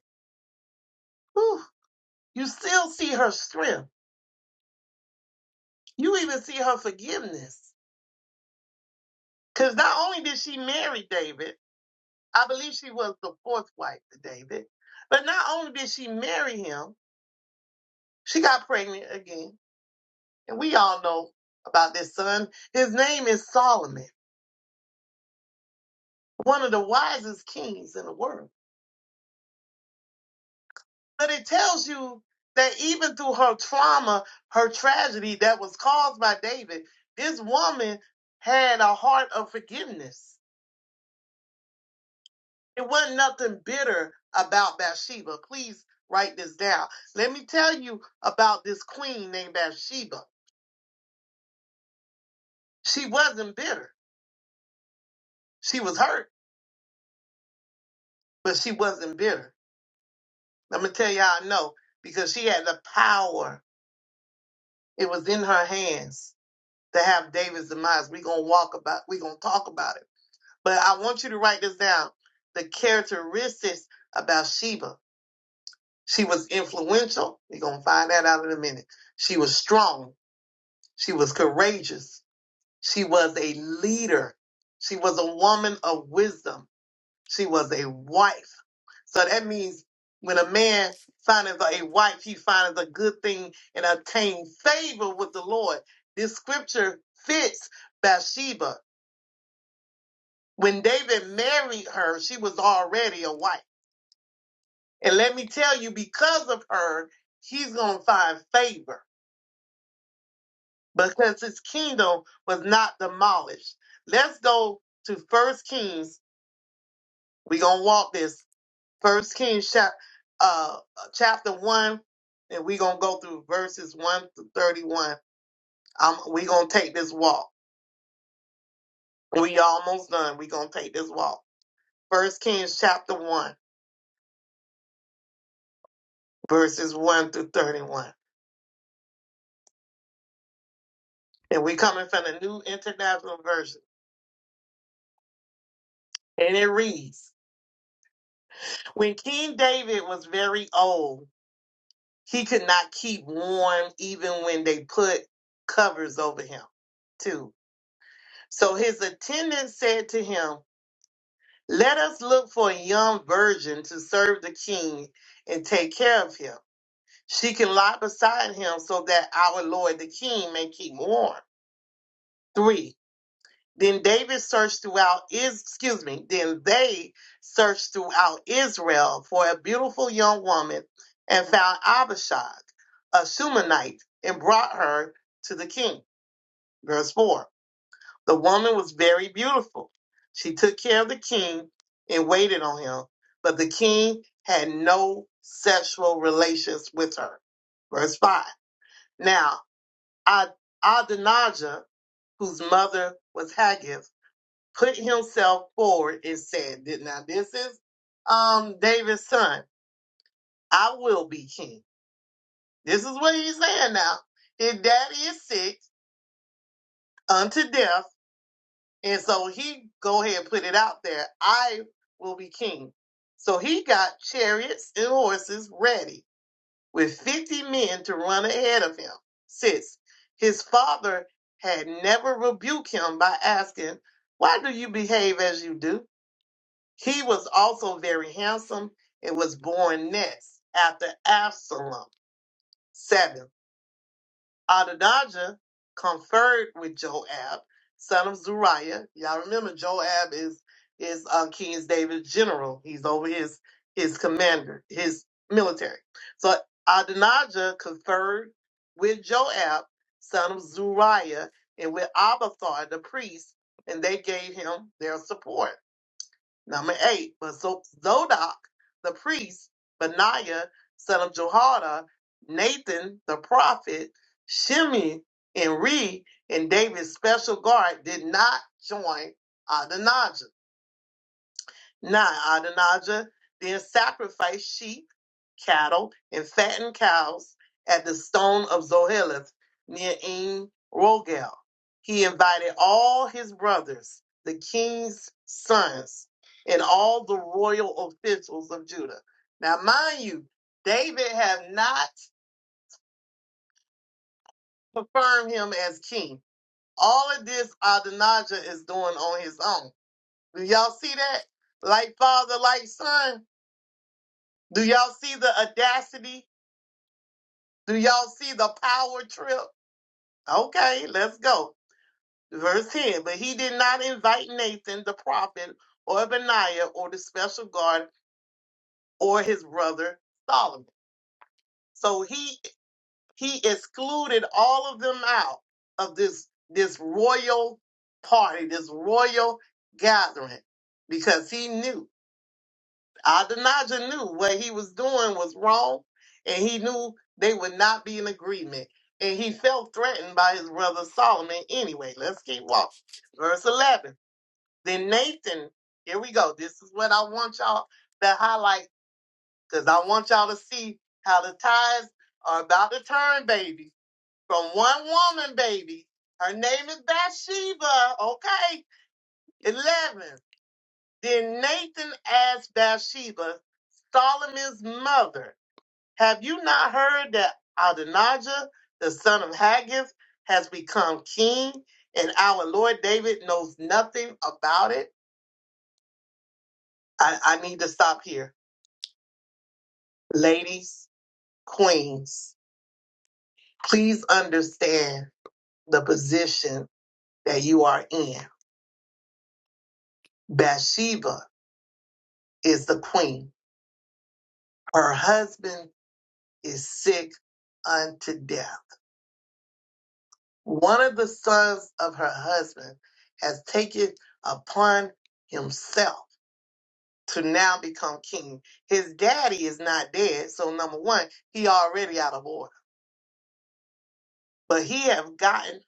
Whew. You still see her strength. You even see her forgiveness. Because not only did she marry David, I believe she was the fourth wife to David, but not only did she marry him, she got pregnant again. And we all know about this son. His name is Solomon, one of the wisest kings in the world. But it tells you that even through her trauma, her tragedy that was caused by David, this woman had a heart of forgiveness It wasn't nothing bitter about Bathsheba. Please write this down. Let me tell you about this queen named Bathsheba. She wasn't bitter. She was hurt, but she wasn't bitter. Let me tell you how I know because she had the power. It was in her hands to have David's demise. We're gonna walk about. We're gonna talk about it. But I want you to write this down. The characteristics of Bathsheba. She was influential. We're gonna find that out in a minute. She was strong. She was courageous. She was a leader. She was a woman of wisdom. She was a wife. So that means when a man findeth a wife, he findeth a good thing and obtain favor with the Lord. This scripture fits Bathsheba. When David married her, she was already a wife. And let me tell you, because of her, he's going to find favor. because his kingdom was not demolished. Let's go to First Kings. We're gonna walk this First Kings chap, uh, chapter one, and we're gonna go through verses one to thirty-one. Um, we're gonna take this walk. We almost done. We're gonna take this walk. First Kings chapter one, verses one through thirty-one, and we coming from the New International Version, and it reads: When King David was very old. He could not keep warm even when they put covers over him, too. So his attendant said to him, Let us look for a young virgin to serve the king and take care of him. She can lie beside him so that our Lord the king may keep warm. Three. Then David searched throughout is excuse me, then they searched throughout Israel for a beautiful young woman and found Abishag, a Shumanite, and brought her to the king. Verse four. The woman was very beautiful. She took care of the king and waited on him, but the king had no sexual relations with her. Verse five. Now Ad- Adonijah, whose mother was Haggith put himself forward and said, "Th- Now this is um David's son. I will be king. This is what he's saying now. His daddy is sick unto death, and so he go ahead and put it out there. I will be king. So he got chariots and horses ready with fifty men to run ahead of him. Six. His father had never rebuked him by asking, Why do you behave as you do? He was also very handsome and was born next after Absalom. 7. Adonijah conferred with Joab, son of Zuriah. Y'all remember Joab is is uh, King David's general. He's over his his commander, his military. So Adonijah conferred with Joab, son of Zuriah, and with Abathar the priest, and they gave him their support. Number eight, but Zo- Zodok the priest, Benaiah son of Jehoiada, Nathan the prophet, Shimei and Rei, and David's special guard did not join Adonijah. Now Adonijah then sacrificed sheep, cattle, and fattened cows at the stone of Zoheleth near En Rogel. He invited all his brothers, the king's sons, and all the royal officials of Judah. Now, mind you, David have not confirmed him as king. All of this Adonijah is doing on his own. Do y'all see that? Like father, like son. Do y'all see the audacity? Do y'all see the power trip? Okay, let's go. Verse 10. But he did not invite Nathan the prophet or Benaiah or the special guard or his brother Solomon. So he he excluded all of them out of this this royal party, this royal gathering, because he knew. Adonijah knew what he was doing was wrong, and he knew they would not be in agreement. And he felt threatened by his brother Solomon anyway. Let's keep walking. Verse 11. Then Nathan, here we go. This is what I want y'all to highlight because I want y'all to see how the tides are about to turn, baby. From one woman, baby. Her name is Bathsheba. Okay. 11. Then Nathan asked Bathsheba, Solomon's mother, Have you not heard that Adonijah, the son of Haggith, has become king, and our Lord David knows nothing about it? I, I need to stop here. Ladies, queens, please understand the position that you are in. Bathsheba is the queen. Her husband is sick unto death One of the sons of her husband has taken upon himself to now become king. His daddy is not dead, so number one, he already out of order. But he has gotten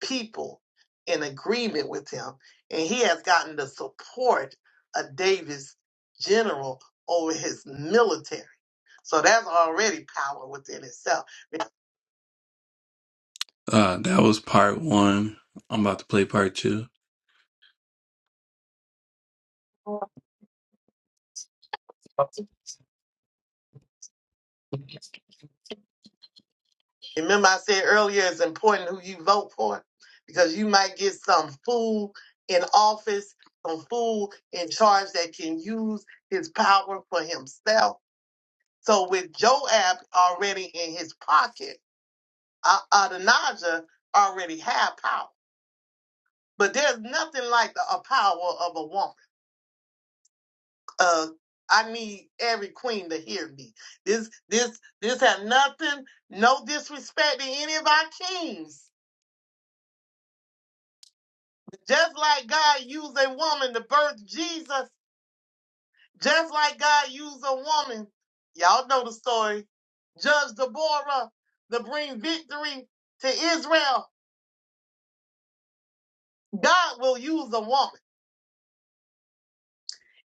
people in agreement with him, and he has gotten the support of David's general over his military. So that's already power within itself. Uh, that was part one. I'm about to play part two. Remember, I said earlier it's important who you vote for because you might get some fool in office, some fool in charge that can use his power for himself. So, with Joab already in his pocket, A- Adonijah already had power. But there's nothing like the a power of a woman. Uh, I need every queen to hear me. This, this, this had nothing, no disrespect to any of our kings Just like God used a woman to birth Jesus, just like God used a woman, y'all know the story, Judge Deborah to bring victory to Israel, God will use a woman.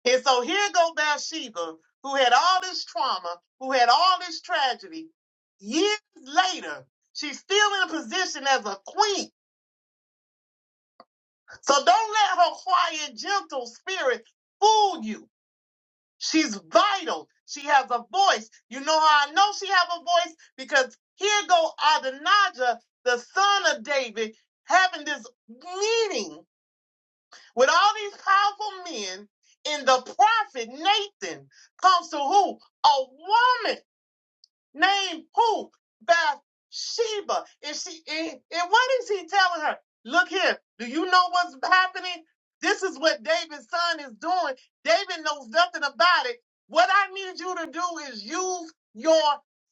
And so here go Bathsheba, who had all this trauma, who had all this tragedy. Years later, she's still in a position as a queen. So don't let her quiet, gentle spirit fool you. She's vital. She has a voice. You know how I know she have a voice? Because here go Adonijah, the son of David, having this meeting with all these powerful men, and the prophet Nathan comes to who? A woman. Name who? Bathsheba. Is she and, and what is he telling her? Look here, do you know what's happening? This is what David's son is doing. David knows nothing about it. What I need you to do is use your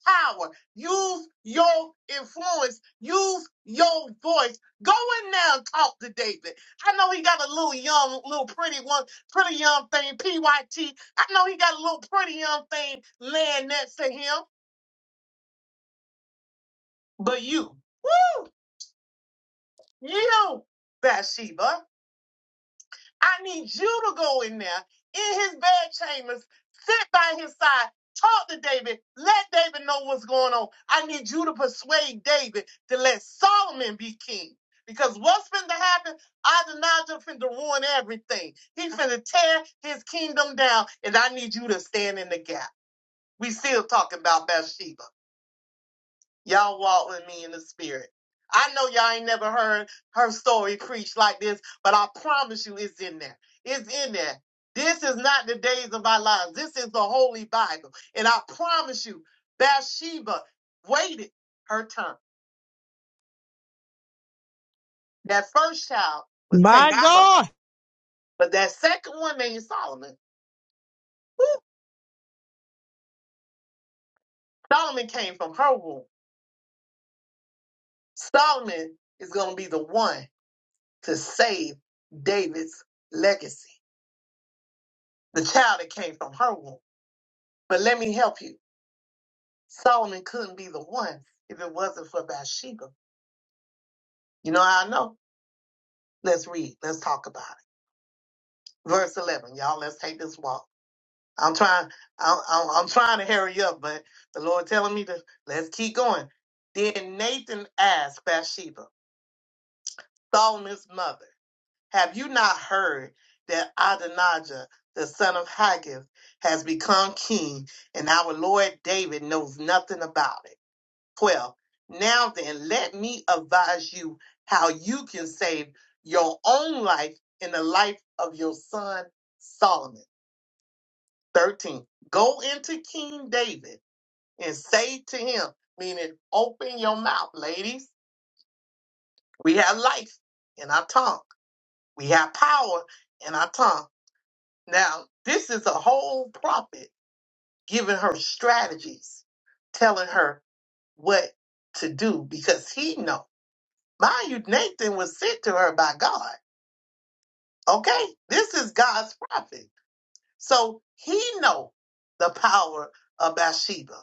power, use your influence, use your voice. Go in there and talk to David. I know he got a little young, little pretty one, pretty young thing, PYT. I know he got a little pretty young thing laying next to him. But you, you, Bathsheba, I need you to go in there in his bed chambers, sit by his side, talk to David, let David know what's going on. I need you to persuade David to let Solomon be king. Because what's finna happen? Adonijah finna ruin everything. He finna tear his kingdom down, and I need you to stand in the gap. We still talking about Bathsheba. Y'all walk with me in the spirit. I know y'all ain't never heard her story preached like this, but I promise you it's in there. It's in there. This is not the days of our lives. This is the Holy Bible. And I promise you, Bathsheba waited her turn. That first child was taken
My
from. her.
God.
But that second one named Solomon, woo, Solomon came from her womb. Solomon is going to be the one to save David's legacy. The child that came from her womb. But let me help you. Solomon couldn't be the one if it wasn't for Bathsheba. You know how I know? Let's read. Let's talk about it. Verse 11. Y'all, let's take this walk. I'm trying, I'm, I'm, I'm trying to hurry up, but the Lord telling me to, let's keep going. Then Nathan asked Bathsheba, Solomon's mother, have you not heard that Adonijah, the son of Haggith, has become king and our Lord David knows nothing about it? 12. Now then, let me advise you how you can save your own life and the life of your son Solomon. 13. Go into King David and say to him, meaning open your mouth, ladies. We have life in our tongue, we have power in our tongue. Now, this is a whole prophet giving her strategies, telling her what to do because he knows. Mind you, Nathan was sent to her by God. Okay? This is God's prophet. So he know the power of Bathsheba,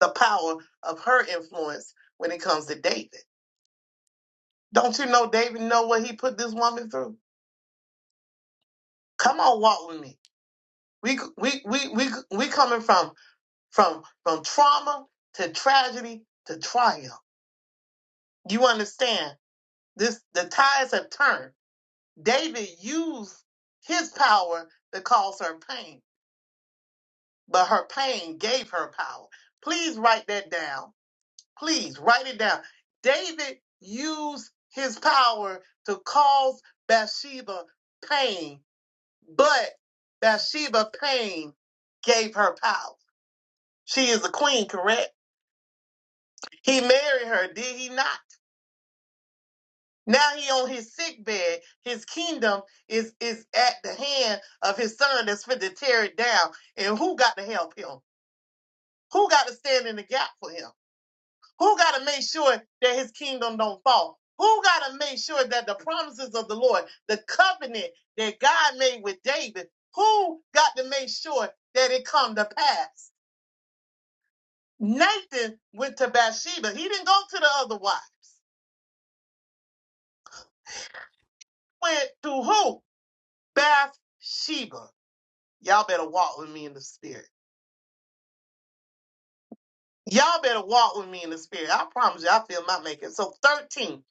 the power of her influence when it comes to David. Don't you know David know what he put this woman through? Come on, walk with me. We we we we we coming from from from trauma to tragedy to triumph. You understand? This the tides have turned. David used his power to cause her pain but her pain gave her power. Please write that down. Please write it down. David used his power to cause Bathsheba pain, but Bathsheba pain gave her power. She is a queen, correct? He married her, did he not? Now he on his sick bed. His kingdom is is at the hand of his son that's fit to tear it down. And who got to help him? Who got to stand in the gap for him? Who got to make sure that his kingdom don't fall? Who got to make sure that the promises of the Lord, the covenant that God made with David, who got to make sure that it come to pass? Nathan went to Bathsheba. He didn't go to the other wives. Went to who? Bathsheba. Y'all better walk with me in the spirit. Y'all better walk with me in the spirit. I promise you, I feel my making. So 13,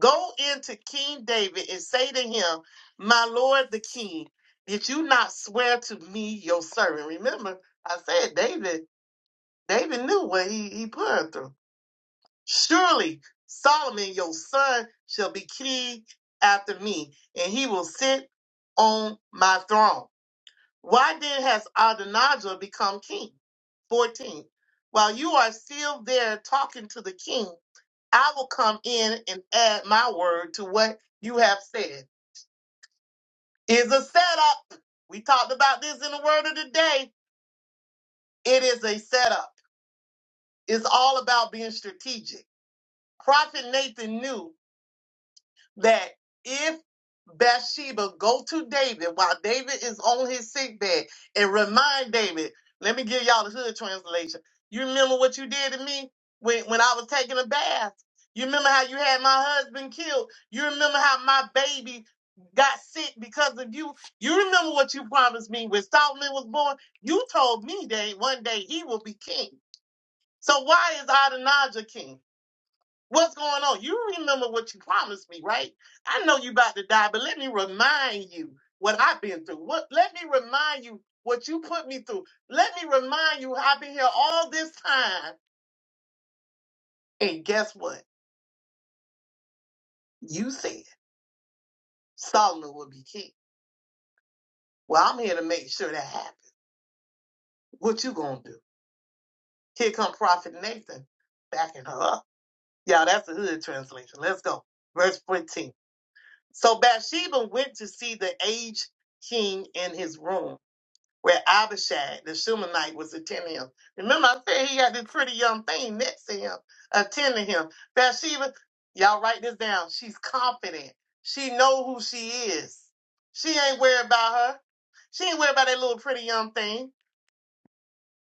go into King David and say to him, My Lord the King, did you not swear to me your servant? Remember, I said David, David knew what he, he put her through. Surely Solomon, your son, shall be king after me, and he will sit on my throne. Why then has Adonijah become king? 14. While you are still there talking to the king, I will come in and add my word to what you have said. Is a setup. We talked about this in the word of the day. It is a setup. It's all about being strategic. Prophet Nathan knew that if Bathsheba go to David while David is on his sickbed and remind David, let me give y'all the hood translation. You remember what you did to me when, when I was taking a bath? You remember how you had my husband killed? You remember how my baby got sick because of you? You remember what you promised me when Solomon was born? You told me that one day he will be king. So why is Adonijah king? What's going on? You remember what you promised me, right? I know you about to die, but let me remind you what I've been through. What let me remind you what you put me through. Let me remind you I've been here all this time. And guess what? You said Solomon will be king. Well, I'm here to make sure that happens. What you gonna do? Here come Prophet Nathan backing her up. Y'all, that's the hood translation. Let's go. Verse 14. So Bathsheba went to see the aged king in his room where Abishag, the Shumanite, was attending him. Remember, I said he had this pretty young thing next to him, attending him. Bathsheba, y'all write this down. She's confident. She know who she is. She ain't worried about her. She ain't worried about that little pretty young thing.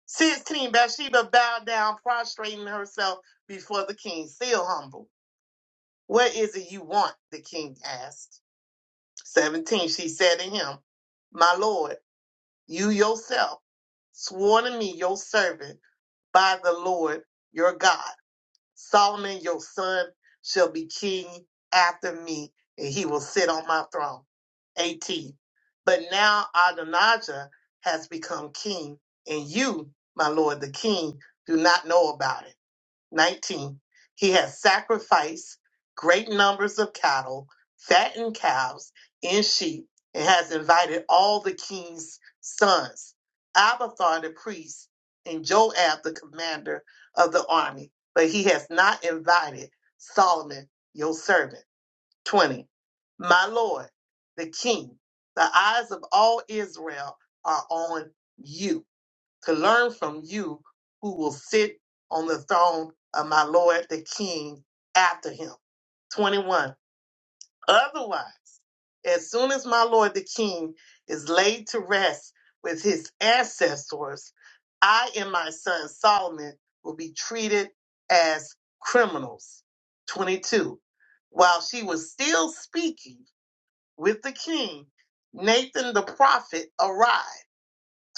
16, Bathsheba bowed down, prostrating herself before the king, still humble. What is it you want? The king asked. 17, she said to him, My lord. You yourself swore to me, your servant, by the Lord your God. Solomon, your son, shall be king after me, and he will sit on my throne. 18. But now Adonijah has become king, and you, my lord the king, do not know about it. 19. He has sacrificed great numbers of cattle, fattened calves, and sheep, and has invited all the king's sons, Abathar the priest, and Joab the commander of the army. But he has not invited Solomon, your servant. 20. My lord, the king, the eyes of all Israel are on you to learn from you who will sit on the throne of my Lord the King after him. 21. Otherwise, as soon as my Lord the King is laid to rest with his ancestors, I and my son Solomon will be treated as criminals. 22. While she was still speaking with the king, Nathan the prophet arrived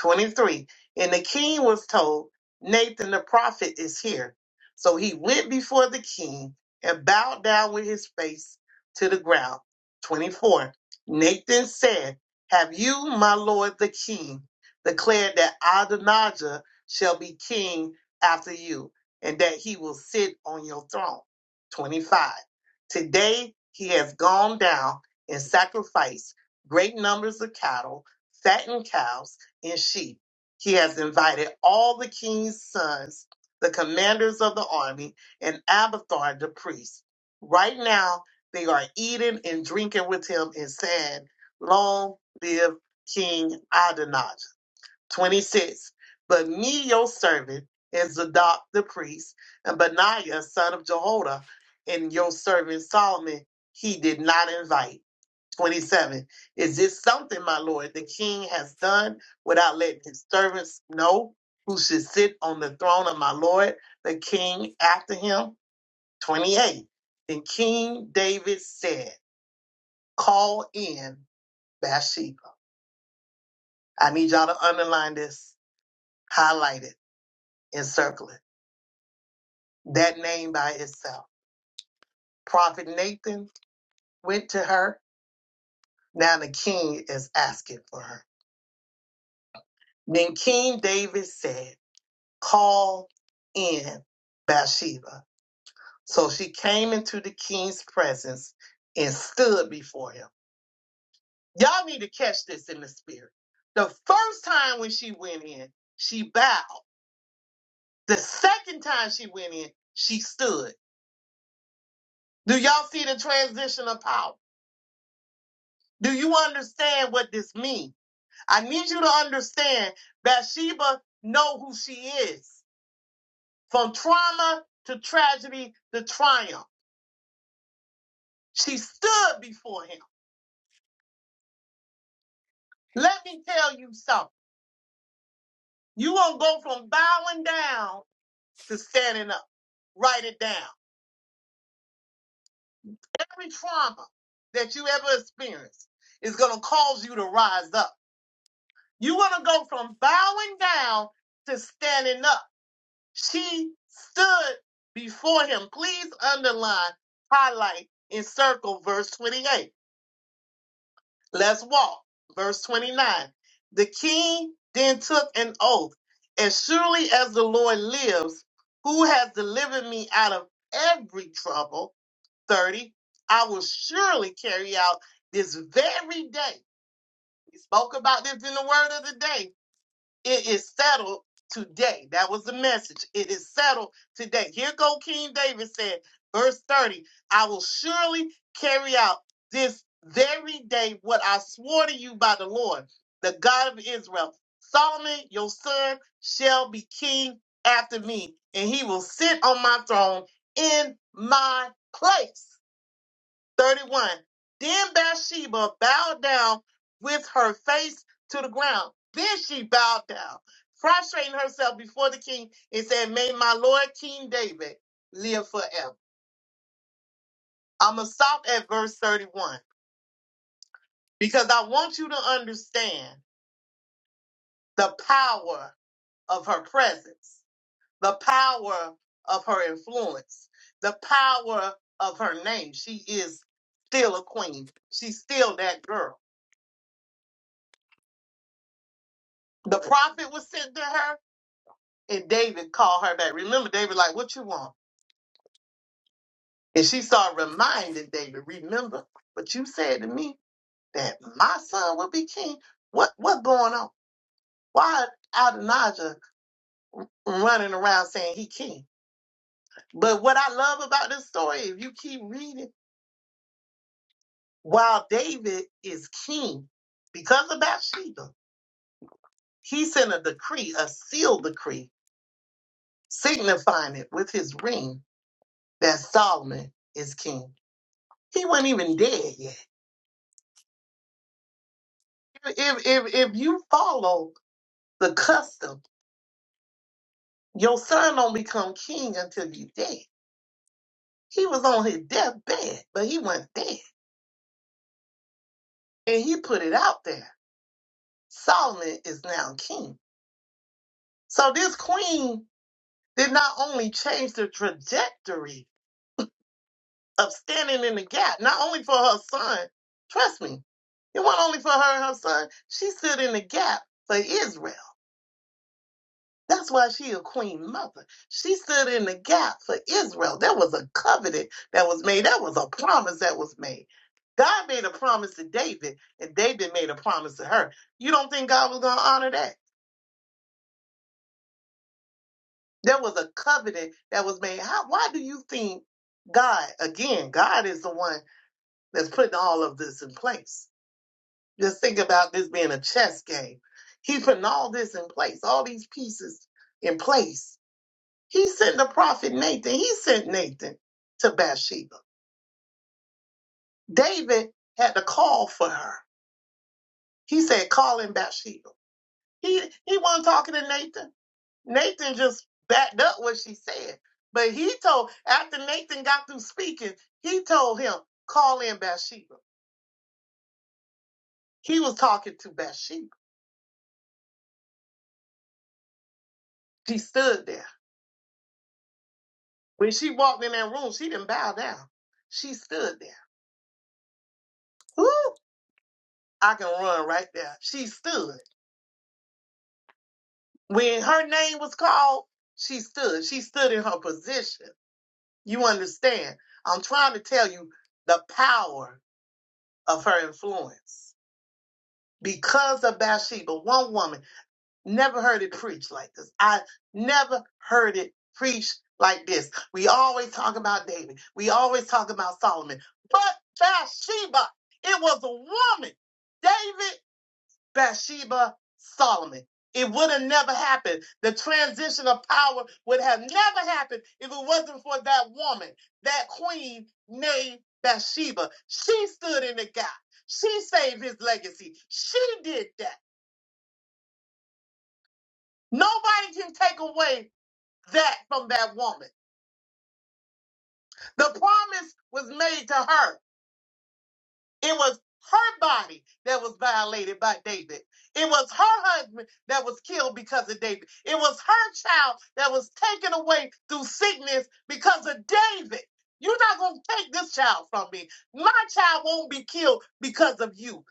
23. And the king was told, Nathan the prophet is here. So he went before the king and bowed down with his face to the ground. 24. Nathan said, Have you, my lord the king, declared that Adonijah shall be king after you, and that he will sit on your throne? 25. Today he has gone down and sacrificed great numbers of cattle, fattened cows, and she. He has invited all the king's sons, the commanders of the army, and Abathar the priest. Right now, they are eating and drinking with him and saying, Long live King Adonijah. 26. But me, your servant, and Zadok the priest, and Benaiah, son of Jehoiada, and your servant Solomon, he did not invite. 27. Is this something, my Lord, the king has done without letting his servants know who should sit on the throne of my Lord, the king after him? 28. Then King David said, Call in Bathsheba. I need y'all to underline this, highlight it, and circle it. That name by itself. Prophet Nathan went to her. Now the king is asking for her. Then King David said, call in Bathsheba. So she came into the king's presence and stood before him. Y'all need to catch this in the spirit. The first time when she went in, she bowed. The second time she went in, she stood. Do y'all see the transition of power? Do you understand what this means? I need you to understand Bathsheba know who she is. From trauma to tragedy to triumph. She stood before him. Let me tell you something. You won't go from bowing down to standing up. Write it down. Every trauma that you ever experienced is going to cause you to rise up. You want to go from bowing down to standing up. She stood before him. Please underline, highlight, and circle verse 28. Let's walk. Verse 29. The king then took an oath. As surely as the Lord lives, who has delivered me out of every trouble, 30, I will surely carry out this very day. We spoke about this in the word of the day it is settled today. That was the message. It is settled today. Here go King David said, verse 30, I will surely carry out this very day what I swore to you by the Lord, the God of Israel. Solomon, your son, shall be king after me, and he will sit on my throne in my place. 31. Then Bathsheba bowed down with her face to the ground. Then she bowed down, prostrating herself before the king and said, May my Lord King David live forever. I'm going to stop at verse 31 because I want you to understand the power of her presence, the power of her influence, the power of her name. She is still a queen. She's still that girl. The prophet was sent to her And David called her back. Remember, David, like, what you want? And she started reminding David, remember what you said to me that my son will be king. What what going on? Why Adonijah running around saying he king? But what I love about this story, if you keep reading, while David is king, because of Bathsheba, he sent a decree, a sealed decree, signifying it with his ring that Solomon is king. He wasn't even dead yet if if if you follow the custom, your son don't become king until you dead. He was on his deathbed, but he wasn't dead, and he put it out there. Solomon is now king. So this queen did not only change the trajectory of standing in the gap, not only for her son. Trust me, it wasn't only for her and her son. She stood in the gap for Israel. That's why she a queen mother. She stood in the gap for Israel. That was a covenant that was made. That was a promise that was made. God made a promise to David, and David made a promise to her. You don't think God was going to honor that? There was a covenant that was made. How, why do you think God, again, God is the one that's putting all of this in place? Just think about this being a chess game. He's putting all this in place, all these pieces in place He sent the prophet Nathan. He sent Nathan to Bathsheba. David had to call for her. He said, call in Bathsheba. He he wasn't talking to Nathan. Nathan just backed up what she said. But he told, after Nathan got through speaking, he told him, call in Bathsheba. He was talking to Bathsheba. She stood there. When she walked in that room, she didn't bow down. She stood there. Ooh, I can run right there. She stood. When her name was called, she stood. She stood in her position. You understand? I'm trying to tell you the power of her influence. Because of Bathsheba, one woman never heard it preached like this. I never heard it preached like this. We always talk about David. We always talk about Solomon. But Bathsheba, it was a woman. David Bathsheba, Solomon. It would have never happened. The transition of power would have never happened if it wasn't for that woman, that queen named Bathsheba. She stood in the gap. She saved his legacy. She did that. Nobody can take away that from that woman. The promise was made to her. It was her body that was violated by David. It was her husband that was killed because of David. It was her child that was taken away through sickness because of David. You're not going to take this child from me. My child won't be killed because of you.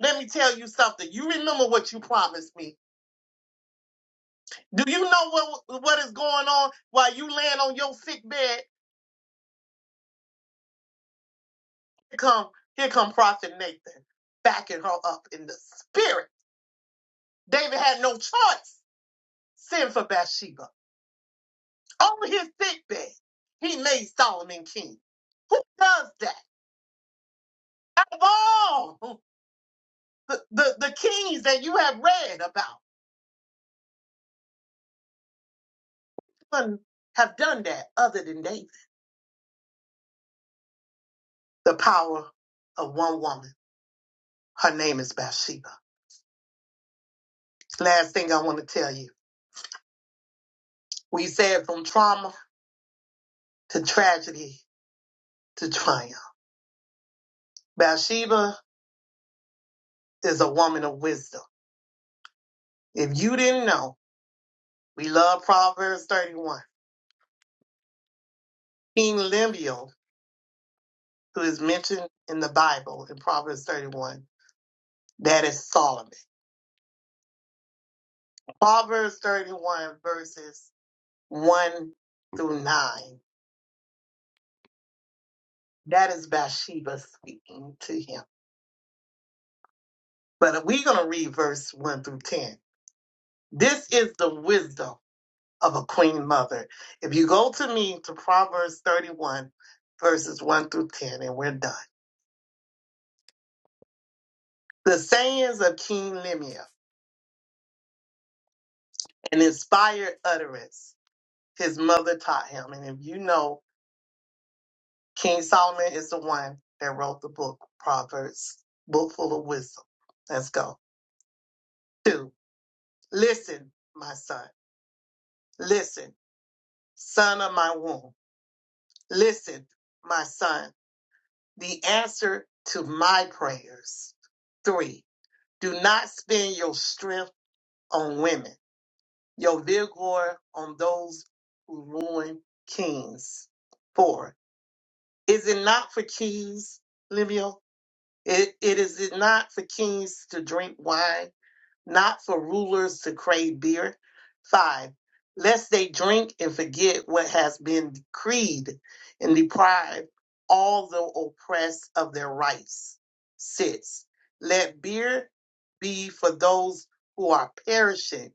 Let me tell you something. You remember what you promised me. Do you know what, what is going on while you laying on your sick bed? Here come, here come Prophet Nathan backing her up in the spirit. David had no choice send for Bathsheba. On his sickbed, he made Solomon king. Who does that? Out of all the, the, the kings that you have read about, none have done that other than David. The power of one woman. Her name is Bathsheba. Last thing I want to tell you. We said from trauma to tragedy to triumph. Bathsheba is a woman of wisdom. If you didn't know, we love Proverbs 31. King Lemuel who is mentioned in the Bible in Proverbs 31. That is Solomon. Proverbs 31, verses 1 through 9. That is Bathsheba speaking to him. But we're going to read verse 1 through 10. This is the wisdom of a queen mother. If you go to me to Proverbs 31, verses 1 through 10, and we're done. The sayings of King Lemuel, an inspired utterance his mother taught him. And if you know, King Solomon is the one that wrote the book, Proverbs, book full of wisdom. Let's go. Two, listen, my son. Listen, son of my womb. Listen, my son, the answer to my prayers. Three, do not spend your strength on women, your vigor on those who ruin kings. Four, is it not for kings, Lemuel? It, it is not for kings to drink wine, not for rulers to crave beer. Five, lest they drink and forget what has been decreed and deprive all the oppressed of their rights. Six, let beer be for those who are perishing,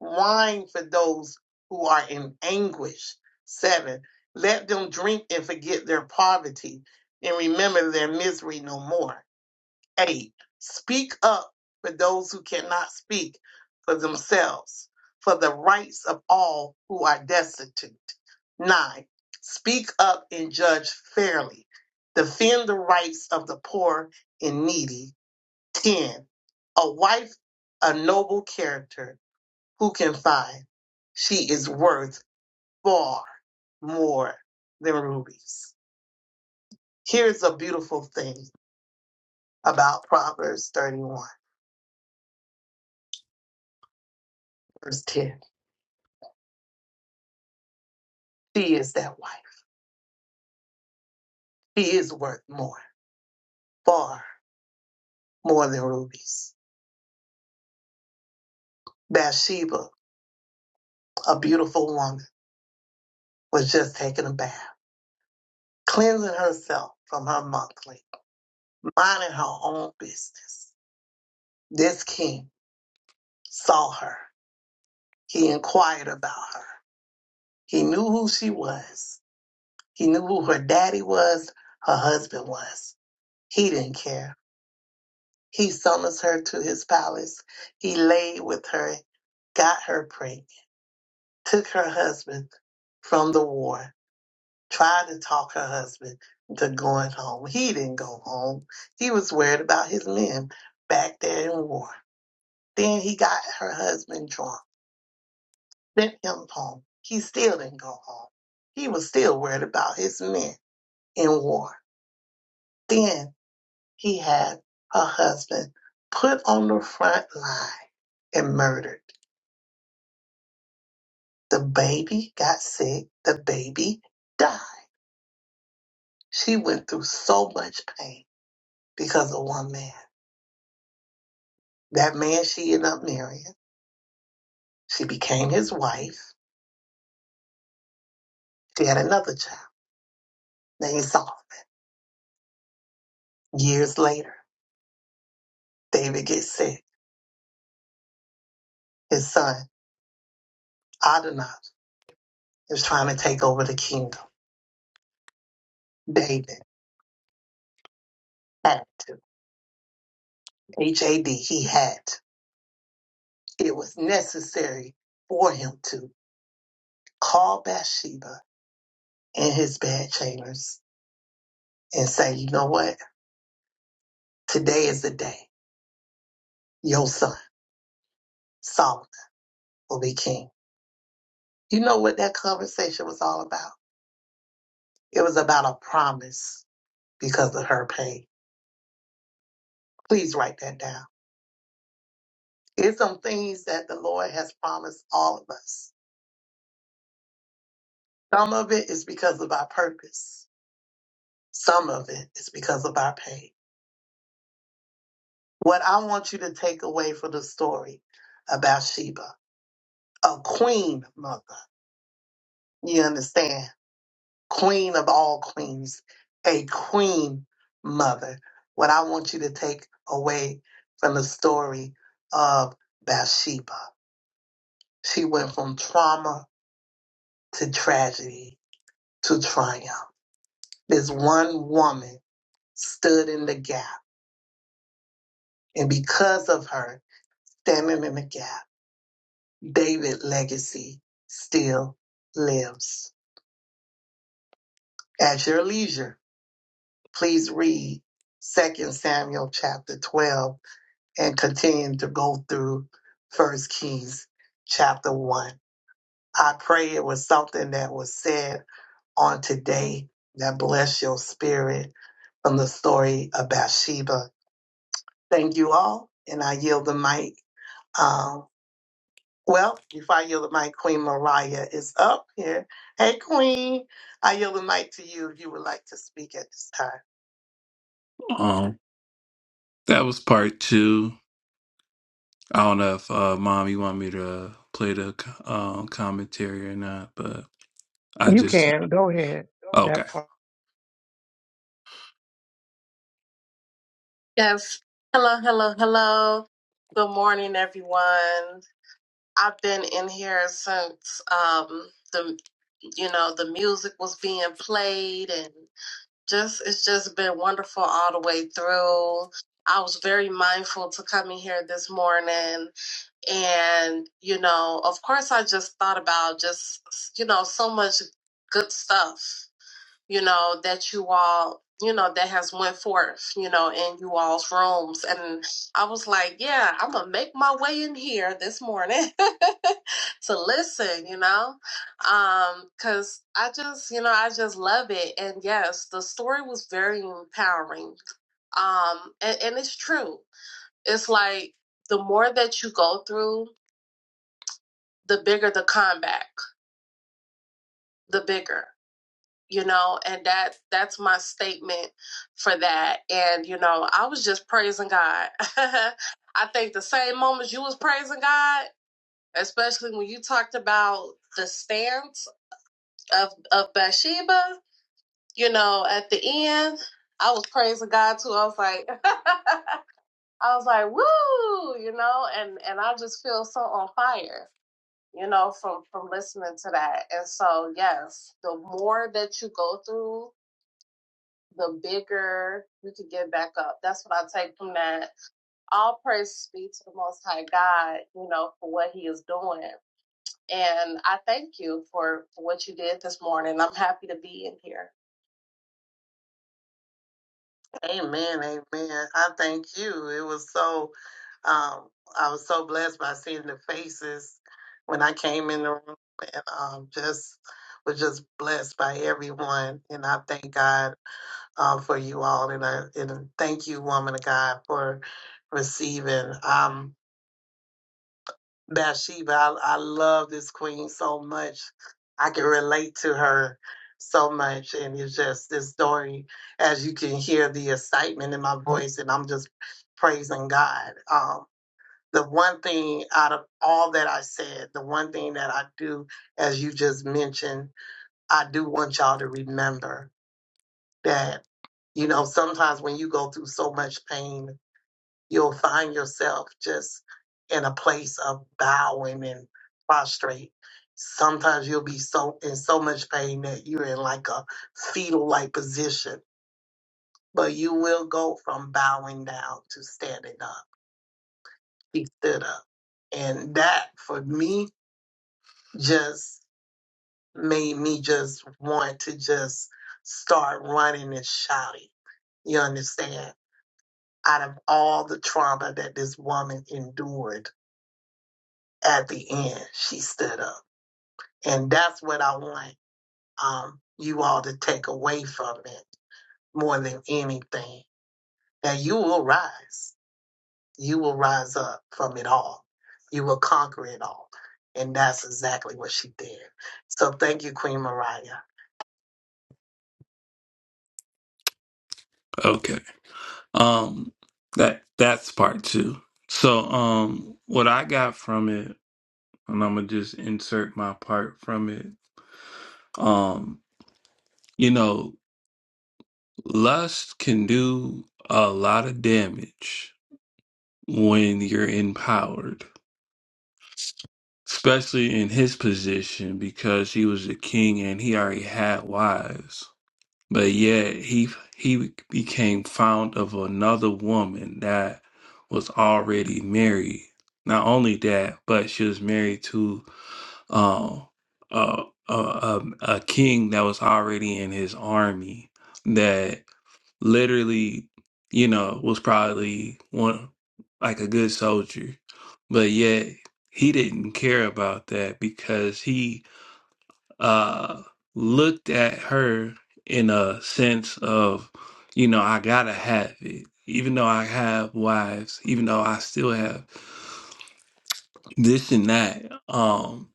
wine for those who are in anguish. Seven, let them drink and forget their poverty and remember their misery no more. 8. Speak up for those who cannot speak for themselves, for the rights of all who are destitute. 9. Speak up and judge fairly. Defend the rights of the poor and needy. 10. A wife, a noble character, who can find? She is worth far more than rubies. Here's a beautiful thing about Proverbs 31, verse 10 She is that wife. She is worth more, far more than rubies. Bathsheba, a beautiful woman, was just taking a bath, cleansing herself from her monthly, minding her own business. This king saw her. He inquired about her. He knew who she was. He knew who her daddy was, her husband was. He didn't care. He summons her to his palace. He laid with her, got her pregnant took her husband from the war, tried to talk her husband to going home. He didn't go home. He was worried about his men back there in war. Then he got her husband drunk, sent him home. He still didn't go home. He was still worried about his men in war. Then he had her husband put on the front line and murdered. The baby got sick. The baby died. She went through so much pain because of one man. That man she ended up marrying, she became his wife. She had another child named Solomon. Years later, David gets sick. His son, Adonijah, is trying to take over the kingdom. David had to. H-A-D, he had to. It was necessary for him to call Bathsheba in his bed chambers and say, you know what? Today is the day your son, Solomon, will be king. You know what that conversation was all about? It was about a promise because of her pain. Please write that down. It's some things that the Lord has promised all of us. Some of it is because of our purpose. Some of it is because of our pain. What I want you to take away from the story about Sheba, a queen mother, you understand? Queen of all queens, a queen mother. What I want you to take away from the story of Bathsheba She went from trauma to tragedy to triumph. This one woman stood in the gap. And because of her standing in the gap, David's legacy still lives. At your leisure, please read Second Samuel chapter 12 and continue to go through First Kings chapter 1. I pray it was something that was said on today that bless your spirit from the story of Bathsheba. Thank you all, and I yield the mic. Um, well, before I yield the mic, Queen Mariah is up here. Hey, Queen, I yield the mic to you if you would like to speak at this time. Um, that was part two. I don't know if uh, mom, you want me to play the um commentary or not, but I
You
just
can. Go ahead.
okay.
That part.
Yes. Hello, hello, hello. Good morning, everyone. I've been in here since um, the you know the music was being played and just it's just been wonderful all the way through. I was very mindful to come in here this morning and you know of course I just thought about just you know so much good stuff you know, that you all, you know, that has went forth, you know, in you all's rooms. And I was like, yeah, I'm gonna make my way in here this morning to listen, you know, um, cause I just, you know, I just love it. And yes, the story was very empowering. Um, and, and it's true. It's like the more that you go through, the bigger the comeback, the bigger. you know and that that's my statement for that and you know i was just praising god i think the same moments you was praising god especially when you talked about the stance of of bathsheba you know at the end i was praising god too i was like i was like woo you know and and i just feel so on fire you know from from listening to that and so yes the more that you go through the bigger we could get back up. That's what I take from that. All praise be to the Most High God, you know, for what He is doing. And I thank you for, for what you did this morning. I'm happy to be in here. Amen, amen. I thank you. It was so, um, I was so blessed by seeing the faces when I came in the room, and um, just was just blessed by everyone. And I thank God uh, for you all, and I and thank you, woman of God, for receiving. Um, Bathsheba. I, I love this queen so much. I can relate to her so much. And it's just this story, as you can hear the excitement in my voice, and I'm just praising God. Um, the one thing out of all that I said, the one thing that I do, as you just mentioned, I do want y'all to remember that, you know, sometimes when you go through so much pain you'll find yourself just in a place of bowing and prostrate. Sometimes you'll be so in so much pain that you're in like a fetal like position, but you will go from bowing down to standing up. He stood up. And that for me just made me just want to just start running and shouting. You understand? Out of all the trauma that this woman endured at the end she stood up and that's what i want um, you all to take away from it more than anything that you will rise you will rise up from it all you will conquer it all and that's exactly what she did so thank you queen mariah Okay. Um that that's part two. So um what I got from it, and I'm gonna just insert my part from it. Um, you know, Lust can do a lot of damage when you're empowered, especially in his position because he was a king and he already had wives. But yet he he became fond of another woman that was already married. Not only that, but she was married to um a a, a, a king that was already in his army. That literally, you know, was probably one like a good soldier, but yet he didn't care about that because he uh looked at her in a sense of, you know, I gotta have it. Even though I have wives, even though I still have this and that, um,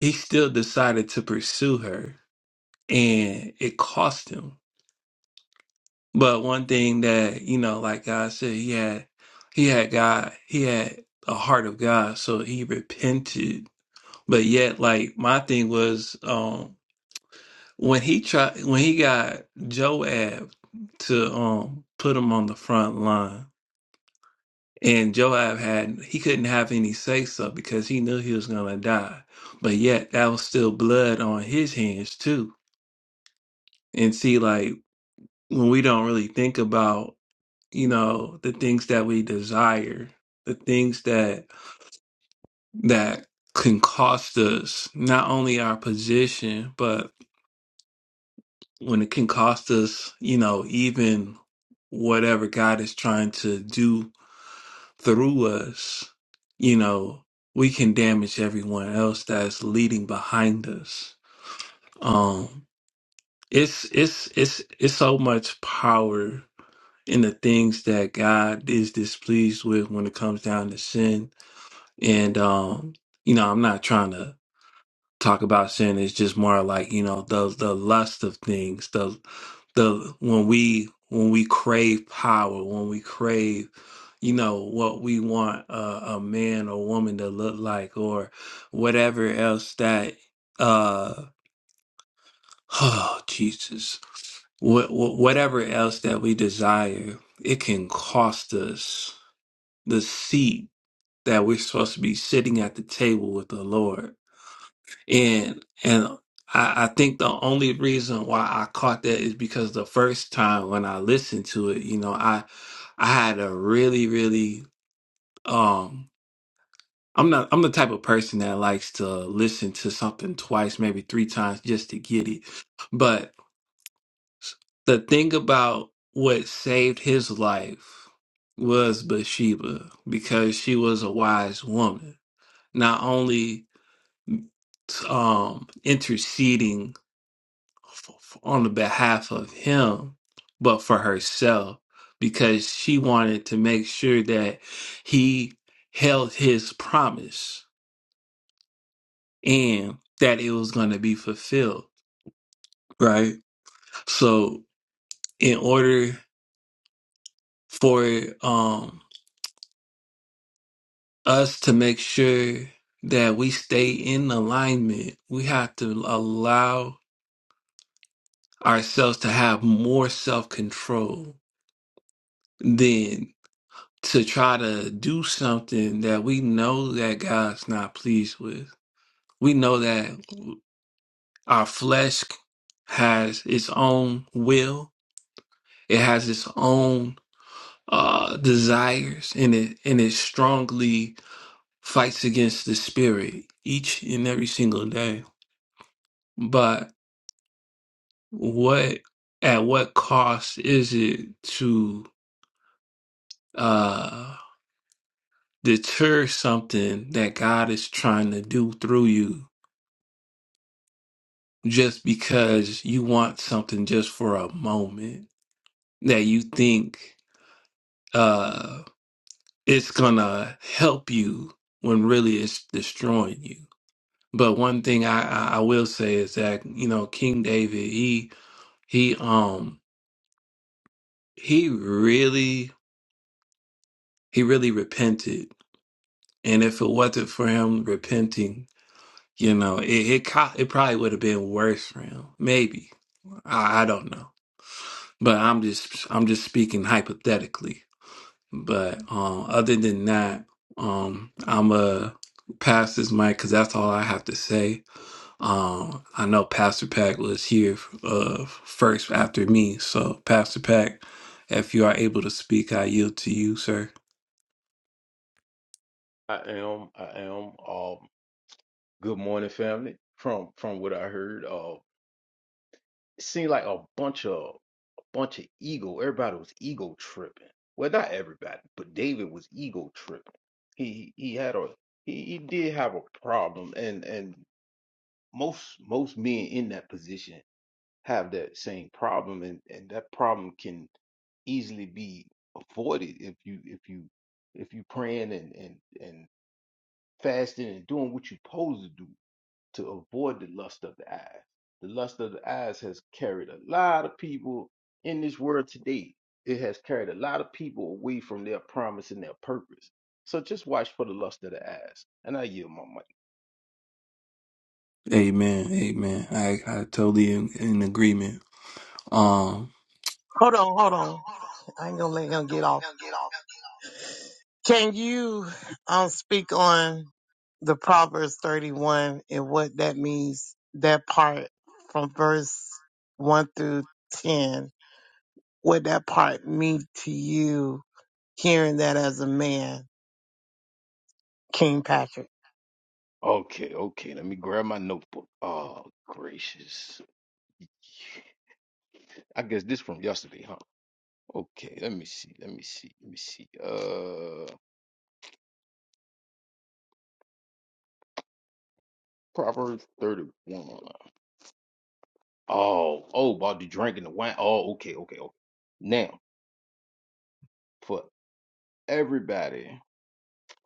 he still decided to pursue her and it cost him But one thing that, you know, like God said, he had he had God, he had a heart of God, so he repented. But yet, like my thing was um when he tried when he got Joab to um put him on the front line and Joab had he couldn't have any say so because he knew he was gonna die. But yet that was still blood on his hands too. And see like when we don't really think about you know the things that we desire the things that that can cost us not only our position but when it can cost us you know even whatever god is trying to do through us you know we can damage everyone else that's leading behind us um it's it's it's it's so much power in the things that god is displeased with when it comes down to sin And um, you know, I'm not trying to talk about sin. It's just more like, you know, the the lust of things, the the when we when we crave power, when we crave, you know, what we want a, a man or woman to look like or whatever else that uh oh Jesus. What, whatever else that we desire, it can cost us the seat that we're supposed to be sitting at the table with the Lord And and I, I think the only reason why I caught that is because the first time when I listened to it, you know, I I had a really, really um I'm not I'm the type of person that likes to listen to something twice, maybe three times just to get it. But the thing about what saved his life was Bathsheba because she was a wise woman. Not only um interceding f- on the behalf of him, but for herself because she wanted to make sure that he held his promise and that it was going to be fulfilled, right? So in order for um us to make sure that we stay in alignment, we have to allow ourselves to have more self-control than. to try to do something that we know that God's not pleased with. We know that our flesh has its own will. It has its own uh, desires, and it and it strongly fights against the spirit each and every single day. But what at what cost is it to uh, deter something that God is trying to do through you? just because you want something just for a moment that you think uh it's gonna help you when really it's destroying you. But one thing I, I I will say is that, you know, King David, he he um he really he really repented. And if it wasn't for him repenting, you know, it it, co- it probably would have been worse for him. Maybe. I, I don't know. But I'm just I'm just speaking hypothetically But um, other than that, um, I'm a pass this mic because that's all I have to say. Um, I know Pastor Pack was here uh, first after me, so Pastor Pack, if you are able to speak, I yield to you, sir.
I am. I am. Um, good morning, family. From from what I heard, uh, it seemed like a bunch of a bunch of ego. Everybody was ego tripping. Well, not everybody, but David was ego tripping. He he had a he, he did have a problem, and and most most men in that position have that same problem, and and that problem can easily be avoided if you if you if you praying and and and fasting and doing what you're supposed to do to avoid the lust of the eyes. The lust of the eyes has carried a lot of people in this world today. It has carried a lot of people away from their promise and their purpose. So just watch for the lust of the eyes. And I yield my mic.
Amen. Amen. I I totally in, in agreement. Um.
Hold on, hold on. I ain't gonna let him get off. Can you um speak on the Proverbs 31 and what that means, that part from verse 1 through 10, what that part mean to you hearing that as a man, King Patrick?
Okay, okay. Let me grab my notebook. Oh, gracious. I guess this from yesterday, huh? Okay, let me see. Let me see. Let me see. Uh, Proverbs 31. Oh, oh, about the drinking the wine. Oh, okay, okay, okay. Now, for everybody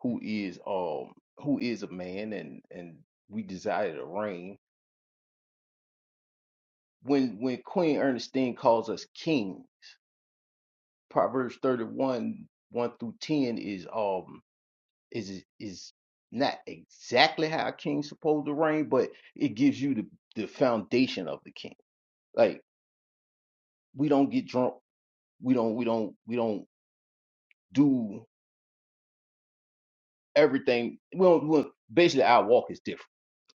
who is um who is a man and and we desire to reign when when queen ernestine calls us king proverbs 31 1 through 10 is um is is not exactly how a king's supposed to reign but it gives you the the foundation of the king like we don't get drunk we don't we don't we don't do everything we don't, we don't basically our walk is different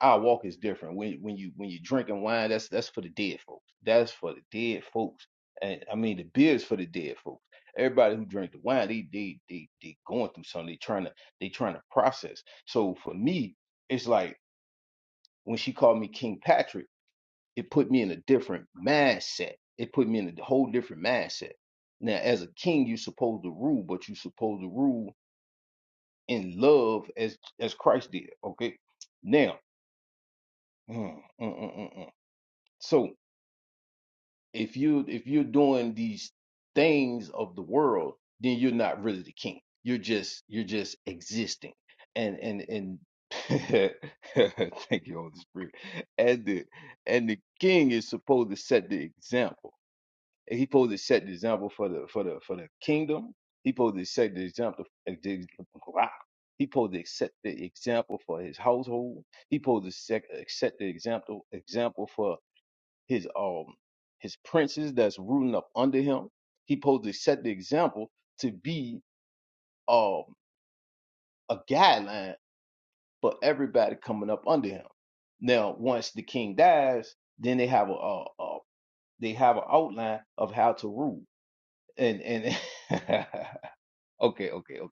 our walk is different. When when you when you drinking wine, that's that's for the dead folks. That's for the dead folks. And I mean the beer is for the dead folks. Everybody who drink the wine, they they they they going through something. They trying to they trying to process. So for me, it's like when she called me King Patrick, it put me in a different mindset. It put me in a whole different mindset. Now, as a king, you are supposed to rule, but you are supposed to rule in love as as Christ did. Okay. Now, mm, mm, mm, mm, mm. so If you if you're doing these things of the world, then you're not really the king. You're just you're just existing. And and and thank you, Holy Spirit. And the and the king is supposed to set the example. He's supposed to set the example for the for the for the kingdom. He's supposed to set the example. He's supposed to set the example for his household. He's supposed to set, set the example example for his um his princes that's rooting up under him. He supposed to set the example to be um a guideline for everybody coming up under him. Now, once the king dies, then they have a, a, a they have an outline of how to rule. And and okay, okay, okay. All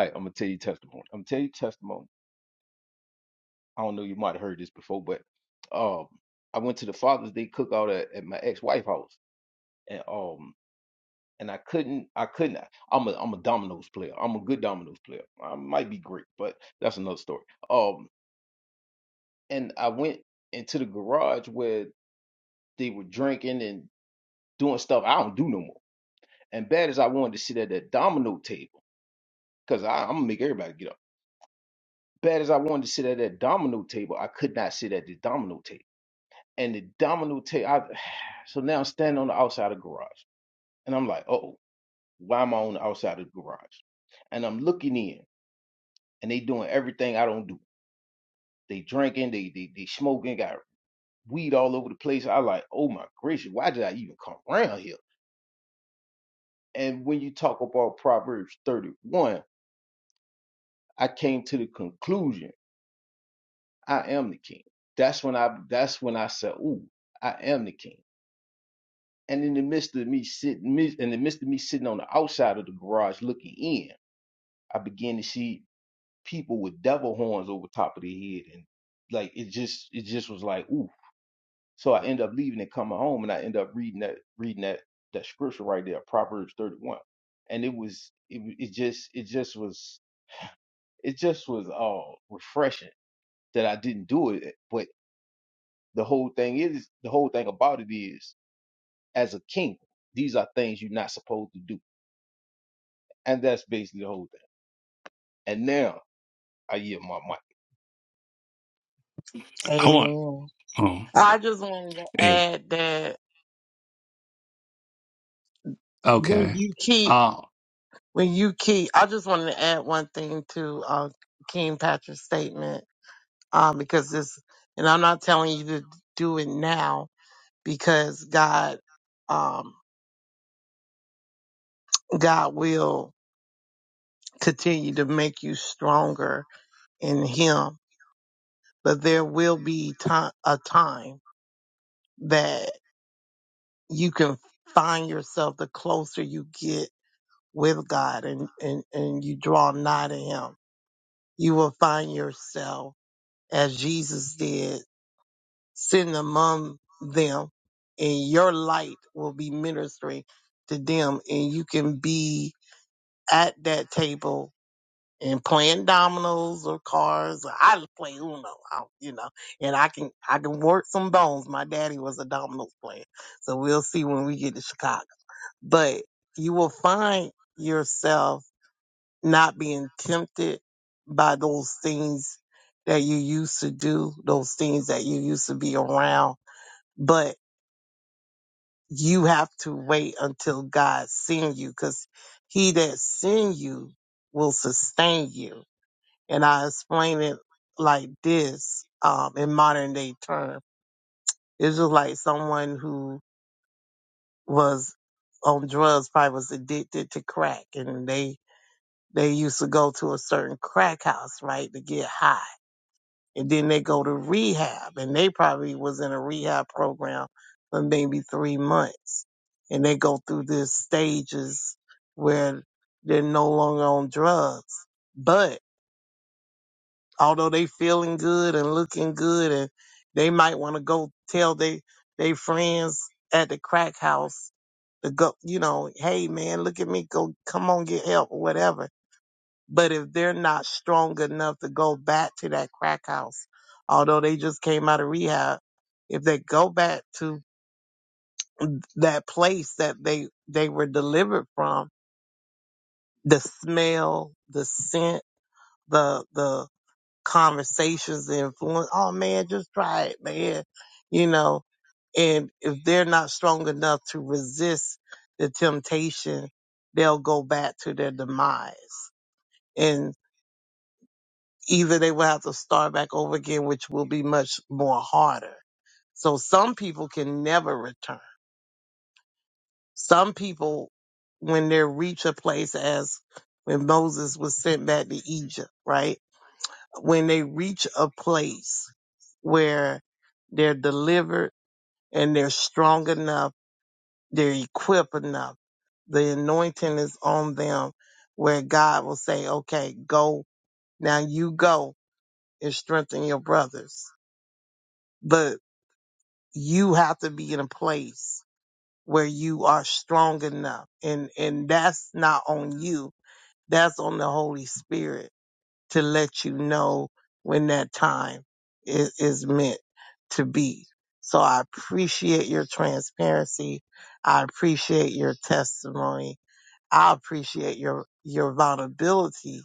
right, I'm gonna tell you testimony. I'm gonna tell you testimony. I don't know, you might have heard this before, but um, I went to the Father's Day cookout at, at my ex-wife house, and um, and I couldn't. I couldn't. I'm a I'm a dominoes player. I'm a good dominoes player. I might be great, but that's another story. Um, and I went into the garage where they were drinking and doing stuff I don't do no more. And bad as I wanted to sit at that domino table, because I'm gonna make everybody get up. Bad as I wanted to sit at that domino table, I could not sit at the domino table. And the domino table, I, so now I'm standing on the outside of the garage, and I'm like, oh, why am I on the outside of the garage? And I'm looking in, and they doing everything I don't do. They drinking, they they they smoking, got weed all over the place. I like, oh my gracious, why did I even come around here? And when you talk about Proverbs 31, I came to the conclusion, I am the king. That's when I that's when I said, ooh, I am the king. And in the midst of me sitting, in the midst of me sitting on the outside of the garage looking in, I began to see people with devil horns over top of their head, and like it just, it just was like, ooh So I end up leaving and coming home, and I end up reading that reading that that scripture right there, Proverbs thirty one, and it was it, w- it just it just was it just was all uh, refreshing that I didn't do it. But the whole thing is the whole thing about it is as a king, these are things you're not supposed to do, and that's basically the whole thing. And now I yield my mic.
I want.
Amen.
Oh,
I just wanted to
hey,
add that when
Okay.
you keep,
Oh,
when you keep, I just wanted to add one thing to uh, King Patrick's statement um, because this, and I'm not telling you to do it now because God, um, God will continue to make you stronger in Him. But there will be time, a time that you can find yourself the closer you get with God and, and, and you draw nigh to Him. You will find yourself as Jesus did sitting among them and your light will be ministering to them and you can be at that table and playing dominoes or cards. I play Uno, I, you know, and I can I can work some bones. My daddy was a dominoes player, so we'll see when we get to Chicago. But you will find yourself not being tempted by those things that you used to do, those things that you used to be around. but. you have to wait until God send you because he that send you will sustain you. And I explain it like this um, in modern day term. It's just like someone who was on drugs, probably was addicted to crack and they, they used to go to a certain crack house, right, to get high and then they go to rehab and they probably was in a rehab program for maybe three months and they go through these stages where they're no longer on drugs but although they feeling good and looking good and they might want to go tell they they friends at the crack house to go you know hey man look at me go come on get help or whatever but if they're not strong enough to go back to that crack house, although they just came out of rehab, if they go back to that place that they they were delivered from, the smell, the scent, the the conversations, the influence. Oh man, just try it, man. You know, and if they're not strong enough to resist the temptation, they'll go back to their demise. and. either they will have to start back over again, which will be much more harder. So some people can never return. Some people, when they reach a place as when Moses was sent back to Egypt, right? When they reach a place where they're delivered and they're strong enough, they're equipped enough, the anointing is on them where God will say, okay, go now you go and strengthen your brothers. But you have to be in a place where you are strong enough and and that's not on you that's on the holy spirit to let you know when that time is, is meant to be so i appreciate your transparency i appreciate your testimony i appreciate your your vulnerability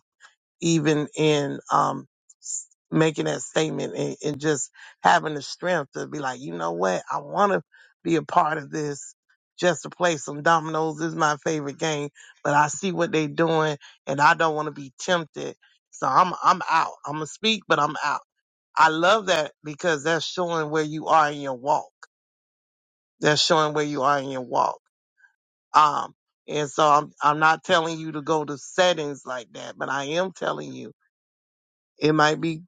even in um s- making that statement and, and just having the strength to be like, you know what, I want to be a part of this. Just to play some dominoes This is my favorite game, but I see what they're doing, and I don't want to be tempted. So I'm I'm out. I'm gonna speak, but I'm out. I love that because that's showing where you are in your walk. That's showing where you are in your walk. Um, and so I'm I'm not telling you to go to settings like that, but I am telling you it might be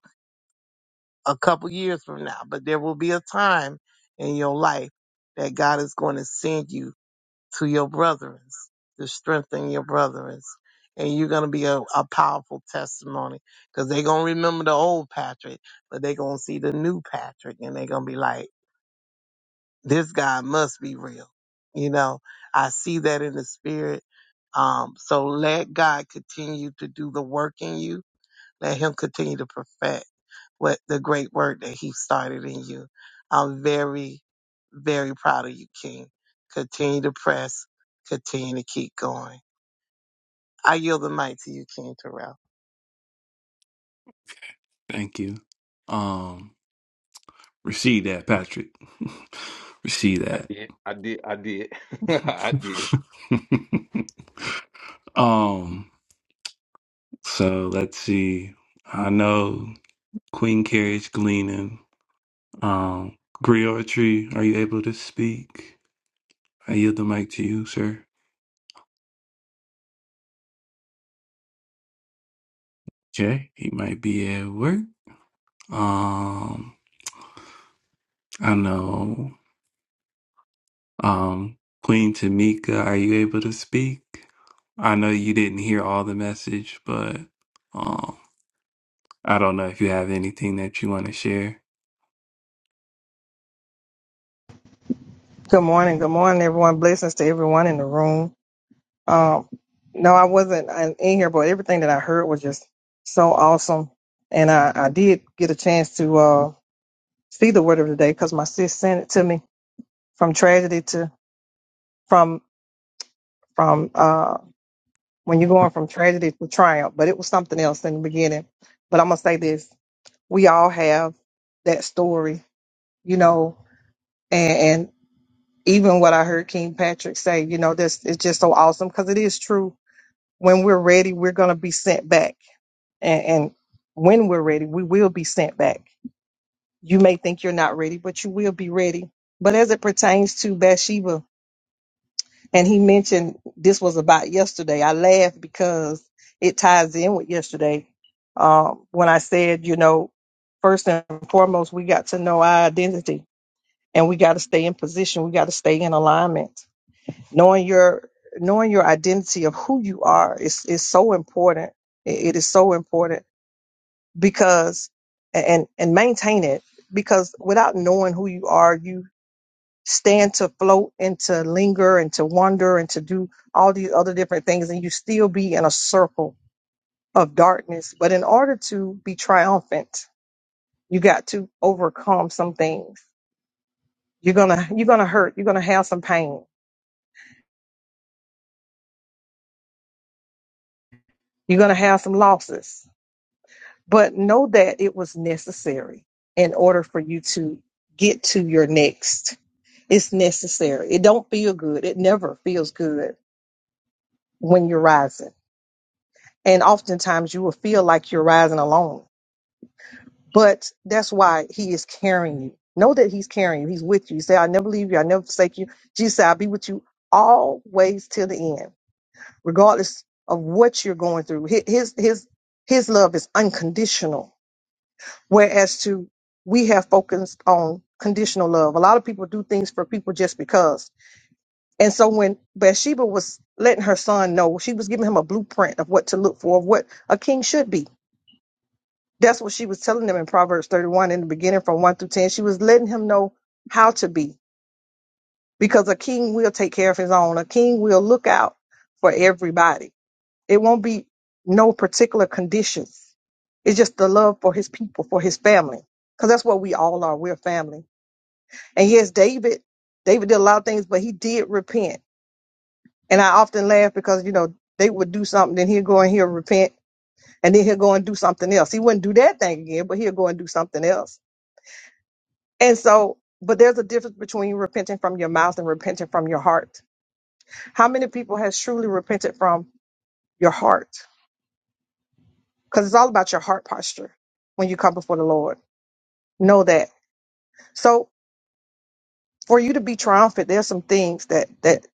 a couple years from now, but there will be a time in your life that God is going to send you to your brethren to strengthen your brethren. And you're going to be a, a powerful testimony because they're going to remember the old Patrick, but they're going to see the new Patrick and they're going to be like, this guy must be real. You know, I see that in the spirit. Um, so let God continue to do the work in you let him continue to perfect what the great work that he started in you. I'm very, very proud of you, King. Continue to press, continue to keep going. I yield the mic to you, King Terrell.
thank you. Um. Receive that, Patrick. receive
I
that.
did. I did. I did. I did.
Um, so let's see. I know Queen Carriage Gleaning. Um, Griotry, are you able to speak? I yield the mic to you, sir. Jay, he might be at work. Um, I know. Um, Queen Tamika, are you able to speak? I know you didn't hear all the message, but um, I don't know if you have anything that you want to share.
Good morning. Good morning, everyone. Blessings to everyone in the room. Um, no, I wasn't uh, in here, but everything that I heard was just so awesome. And I, I did get a chance to uh, see the word of the day because my sis sent it to me from tragedy to from from uh, when you're going from tragedy to triumph. But it was something else in the beginning. But I'm gonna say this: we all have that story, you know, and, and even what I heard King Patrick say, you know, this is just so awesome because it is true when we're ready, we're going to be sent back. And, and when we're ready, we will be sent back. You may think you're not ready, but you will be ready. But as it pertains to Bathsheba, and he mentioned this was about yesterday, I laughed because it ties in with yesterday. Um, when I said, you know, first and foremost, we got to know our identity and we got to stay in position. We got to stay in alignment. knowing your knowing your identity of who you are is is so important it it is so important because and and maintain it because without knowing who you are you stand to float and to linger and to wander and to do all these other different things and you still be in a circle of darkness but in order to be triumphant you got to overcome some things you're gonna you're gonna hurt you're gonna have some pain you're gonna have some losses but know that it was necessary in order for you to get to your next it's necessary it don't feel good it never feels good when you're rising and oftentimes you will feel like you're rising alone but that's why he is carrying you know that he's carrying you he's with you he said i never leave you i never forsake you jesus said i'll be with you always till the end regardless of what you're going through Hi- his his his love is unconditional Whereas to we have focused on conditional love. A lot of people do things for people just because. And so when Bathsheba was letting her son know, she was giving him a blueprint of what to look for, of what a king should be. That's what she was telling him in Proverbs 31 in the beginning from 1 through 10. She was letting him know how to be because a king will take care of his own. A king will look out for everybody. It won't be no particular conditions. It's just the love for his people, for his family. Because that's what we all are. We're family And yes, David, David did a lot of things, but he did repent. And I often laugh because, you know, they would do something, then he'll go and he'll repent, and then he'll go and do something else. He wouldn't do that thing again, but he'll go and do something else. And so, but there's a difference between repenting from your mouth and repenting from your heart. How many people has truly repented from your heart? Because it's all about your heart posture when you come before the Lord. Know that. So for you to be triumphant, there's some things that that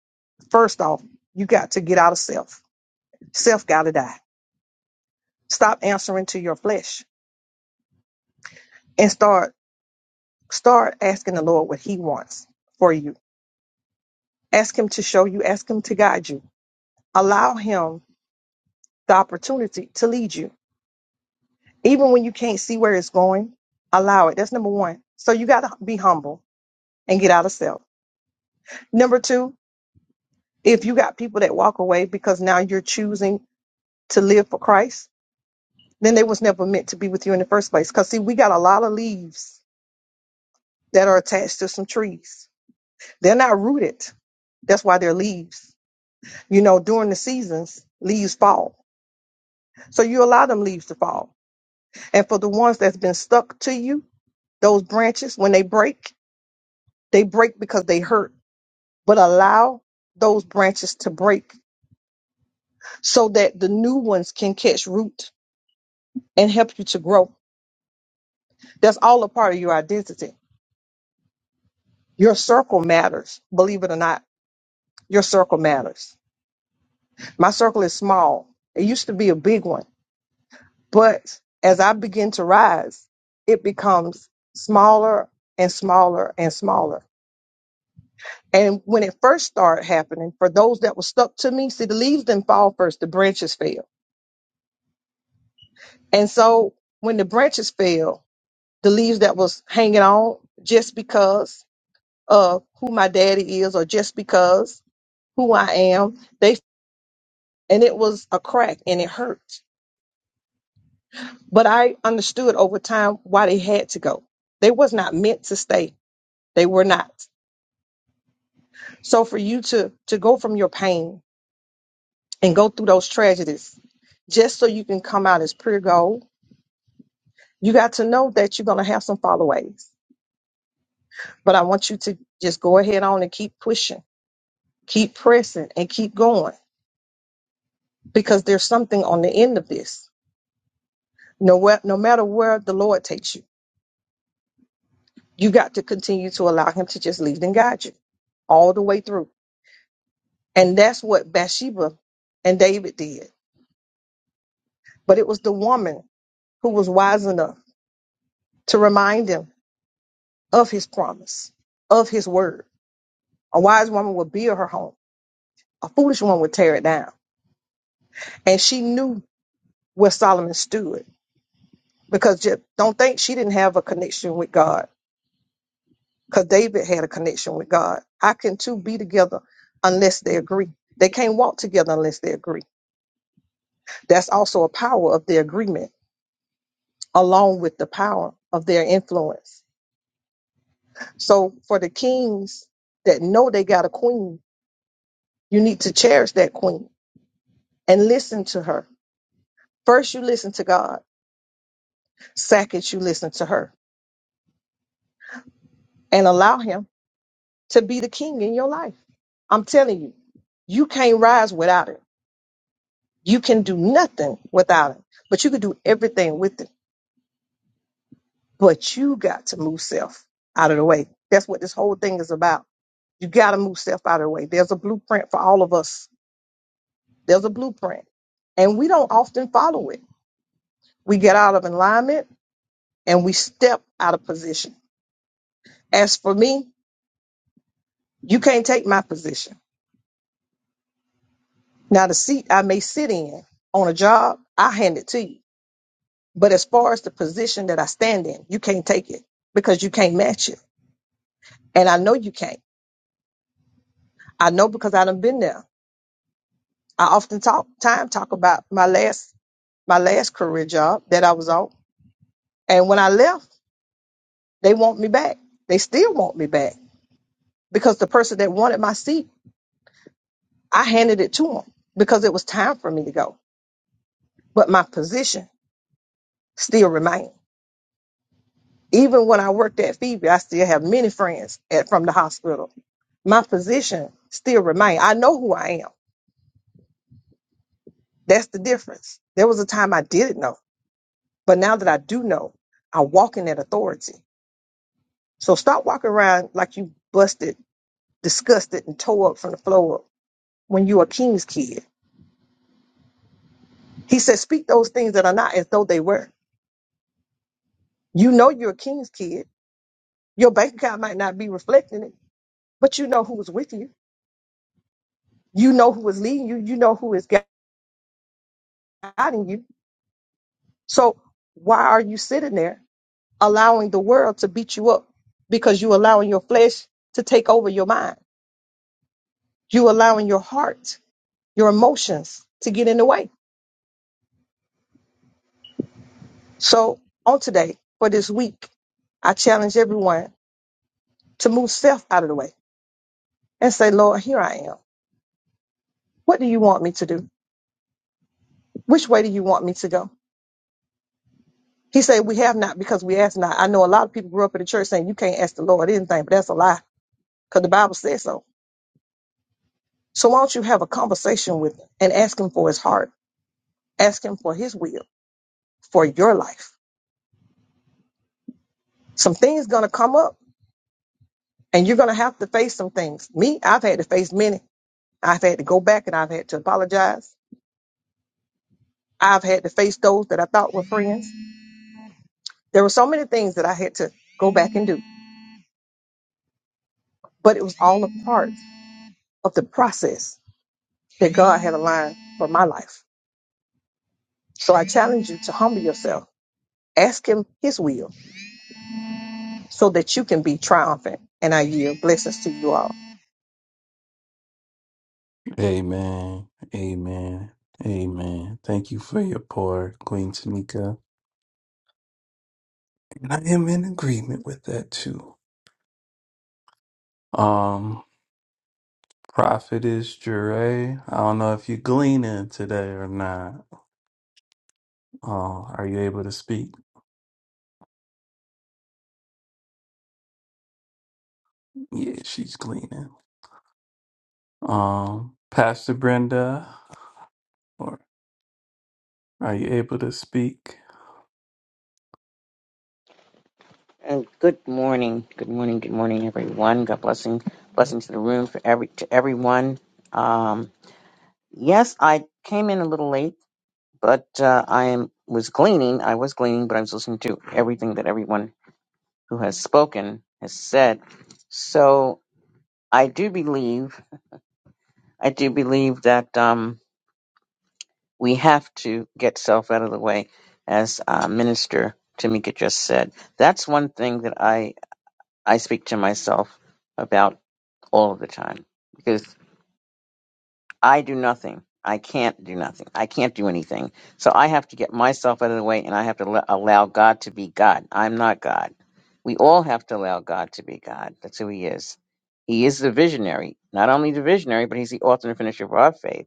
first off, you got to get out of self. Self gotta die Stop answering to your flesh and start start asking the Lord what he wants for you. Ask him to show you, ask him to guide you. Allow him the opportunity to lead you. Even when you can't see where it's going, allow it. That's number 1. So you got to be humble and get out of self. Number 2, if you got people that walk away because now you're choosing to live for Christ, then they was never meant to be with you in the first place. Cuz see, we got a lot of leaves that are attached to some trees They're not rooted. That's why they're leaves. You know, during the seasons, leaves fall. So you allow them leaves to fall. And for the ones that's been stuck to you, those branches, when they break, they break because they hurt. But allow those branches to break so that the new ones can catch root and help you to grow. That's all a part of your identity. Your circle matters, believe it or not. Your circle matters. My circle is small. It used to be a big one But as I begin to rise, it becomes smaller and smaller and smaller. And when it first started happening, for those that were stuck to me, see, the leaves didn't fall first, the branches fell. And so when the branches fell, the leaves that was hanging on just because of who my daddy is or just because who I am, they and it was a crack and it hurt. But I understood over time why they had to go. They was not meant to stay. They were not. So for you to to go from your pain and go through those tragedies just so you can come out as pure gold, you got to know that you're gonna have some followaways. But I want you to just go ahead on and keep pushing, keep pressing, and keep going because there's something on the end of this. No, where, no matter where the Lord takes you, you got to continue to allow Him to just lead and guide you all the way through. And that's what Bathsheba and David did. But it was the woman who was wise enough to remind him of his promise, of his word. A wise woman would build her home, a foolish one would tear it down. And she knew where Solomon stood because just don't think she didn't have a connection with God because David had a connection with God. How can two be together unless they agree? They can't walk together unless they agree. That's also a power of their agreement, along with the power of their influence. So, for the kings that know they got a queen, you need to cherish that queen and listen to her First, you listen to God. Second, you listen to her and allow Him to be the king in your life. I'm telling you, you can't rise without it. You can do nothing without it, but you can do everything with it. But you got to move self out of the way. That's what this whole thing is about. You got to move self out of the way. There's a blueprint for all of us, there's a blueprint, and we don't often follow it. We get out of alignment and we step out of position. As for me, you can't take my position. Now, the seat I may sit in on a job, I hand it to you. But as far as the position that I stand in, you can't take it because you can't match it. And I know you can't. I know because I done been there. I often talk time talk about my last my last career job that I was on. And when I left, they want me back. They still want me back because the person that wanted my seat, I handed it to them because it was time for me to go. But my position still remained. Even when I worked at Phoebe, I still have many friends at, from the hospital. My position still remains. I know who I am. That's the difference. There was a time I didn't know, but now that I do know, I walk in that authority. So stop walking around like you busted, disgusted, and tore up from the floor up when you're a king's kid. He said, speak those things that are not as though they were. You know you're a king's kid. Your bank account might not be reflecting it, but you know who was with you. You know who was leading you. You know who is guiding you So why are you sitting there allowing the world to beat you up? Because you allowing your flesh to take over your mind. You allowing your heart, your emotions to get in the way. So on today, for this week, I challenge everyone to move self out of the way and say, Lord, here I am. What do you want me to do? Which way do you want me to go? He said, We have not because we ask not. I know a lot of people grew up in the church saying you can't ask the Lord anything, but that's a lie because the Bible says so. So why don't you have a conversation with him and ask him for his heart, ask him for his will for your life? Some things gonna come up and you're gonna have to face some things. Me, I've had to face many. I've had to go back and I've had to apologize. I've had to face those that I thought were friends. There were so many things that I had to go back and do, but it was all a part of the process that God had aligned for my life. So I challenge you to humble yourself, ask him his will so that you can be triumphant. And I yield blessings to you all.
Amen. Amen. Amen. Thank you for your pour, Queen Tamika. And I am in agreement with that too. Um, Prophetess Jure, I don't know if you're gleaning today or not. Uh, are you able to speak? Yeah, she's gleaning. Um, Pastor Brenda, or are you able to speak?
And good morning, good morning, good morning, everyone. God blessing, blessing to the room for every to everyone. Um, yes, I came in a little late, but uh, I am was gleaning. I was gleaning, but I was listening to everything that everyone who has spoken has said. So I do believe, I do believe that um, we have to get self out of the way, as uh, Minister Tamika just said. That's one thing that I I speak to myself about all of the time because I do nothing. I can't do nothing. I can't do anything. So I have to get myself out of the way and I have to l- allow God to be God. I'm not God. We all have to allow God to be God. That's who He is. He is the visionary, not only the visionary, but He's the author and finisher of our faith.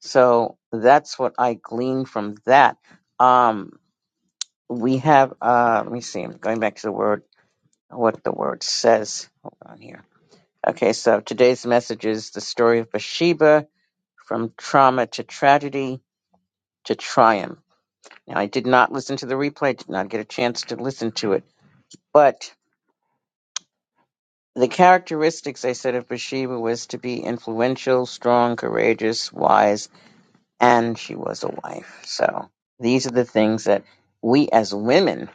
So that's what I glean from that. Um, we have, uh, let me see, I'm going back to the word, what the word says. Hold on here. Okay, so today's message is the story of Bathsheba from trauma to tragedy to triumph. Now, I did not listen to the replay, did not get a chance to listen to it, but the characteristics I said of Bathsheba was to be influential, strong, courageous, wise, and she was a wife. So these are the things that we as women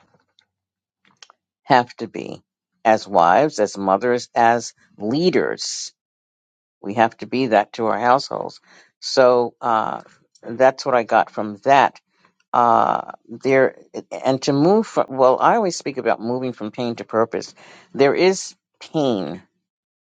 have to be as wives, as mothers, as leaders. We have to be that to our households. So uh, that's what I got from that. Uh, there and to move from well, I always speak about moving from pain to purpose. There is pain.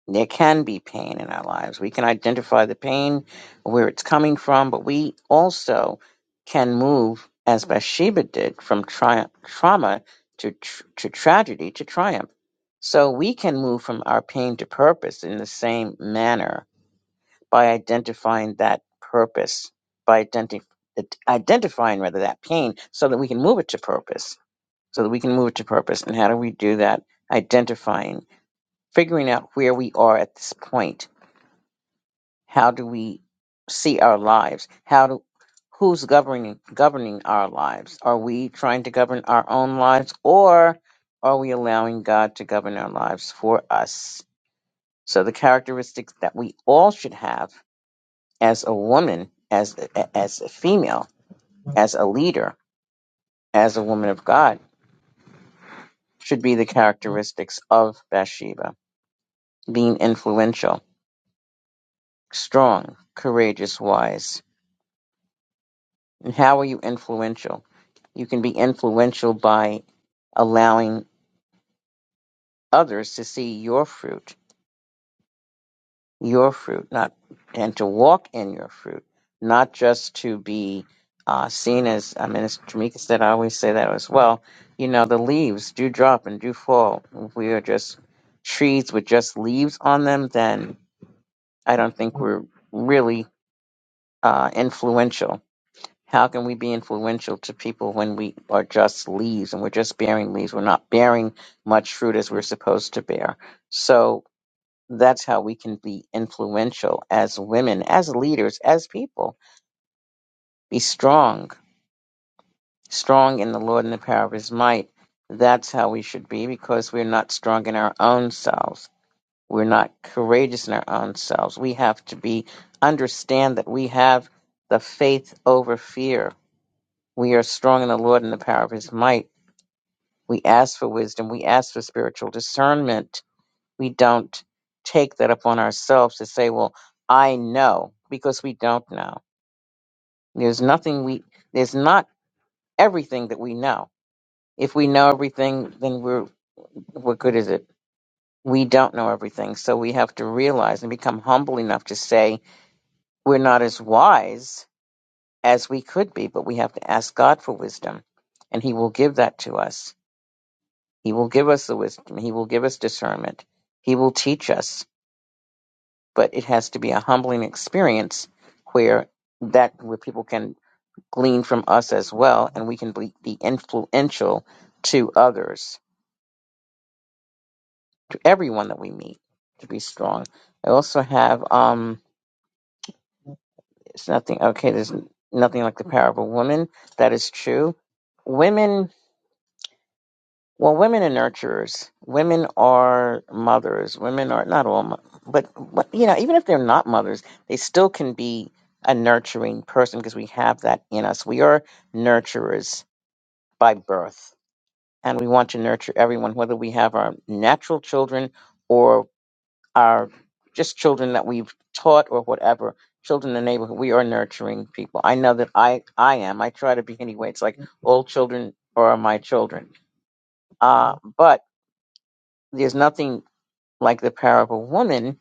There can be pain in our lives. We can identify the pain, where it's coming from, but we also can move as Bathsheba did from tri- trauma to tr- to tragedy to triumph. So we can move from our pain to purpose in the same manner by identifying that purpose, by identi- identifying rather that pain, so that we can move it to purpose, so that we can move it to purpose. And how do we do that? Identifying, figuring out where we are at this point. How do we see our lives? How do who's governing governing our lives? Are we trying to govern our own lives, or are we allowing God to govern our lives for us? So the characteristics that we all should have as a woman, as as a female, as a leader, as a woman of God, should be the characteristics of Bathsheba: being influential, strong, courageous, wise. And how are you influential? You can be influential by allowing others to see your fruit your fruit, not and to walk in your fruit, not just to be uh, seen as. I mean, as Jamaica said, I always say that as well. You know, the leaves do drop and do fall. If we are just trees with just leaves on them, then I don't think we're really uh, influential. How can we be influential to people when we are just leaves and we're just bearing leaves? We're not bearing much fruit as we're supposed to bear. So that's how we can be influential as women, as leaders, as people. Be strong, strong in the Lord and the power of his might. That's how we should be because we're not strong in our own selves. We're not courageous in our own selves. We have to be, understand that we have the faith over fear. We are strong in the Lord and the power of his might. We ask for wisdom. We ask for spiritual discernment we don't take that upon ourselves to say, well, I know, because we don't know. There's nothing we, there's not everything that we know. If we know everything, then we're, what good is it? We don't know everything. So we have to realize and become humble enough to say, we're not as wise as we could be, but we have to ask God for wisdom and he will give that to us. He will give us the wisdom. He will give us discernment. He will teach us but it has to be a humbling experience where that where people can glean from us as well and we can be, be influential to others to everyone that we meet to be strong i also have um it's nothing okay there's nothing like the power of a woman that is true women Well, women are nurturers. Women are mothers. Women are not all, mo- but, but you know, even if they're not mothers, they still can be a nurturing person because we have that in us. We are nurturers by birth, and we want to nurture everyone, whether we have our natural children or our just children that we've taught or whatever. Children in the neighborhood, we are nurturing people. I know that I I am. I try to be anyway. It's like all children are my children. Uh, but there's nothing like the power of a woman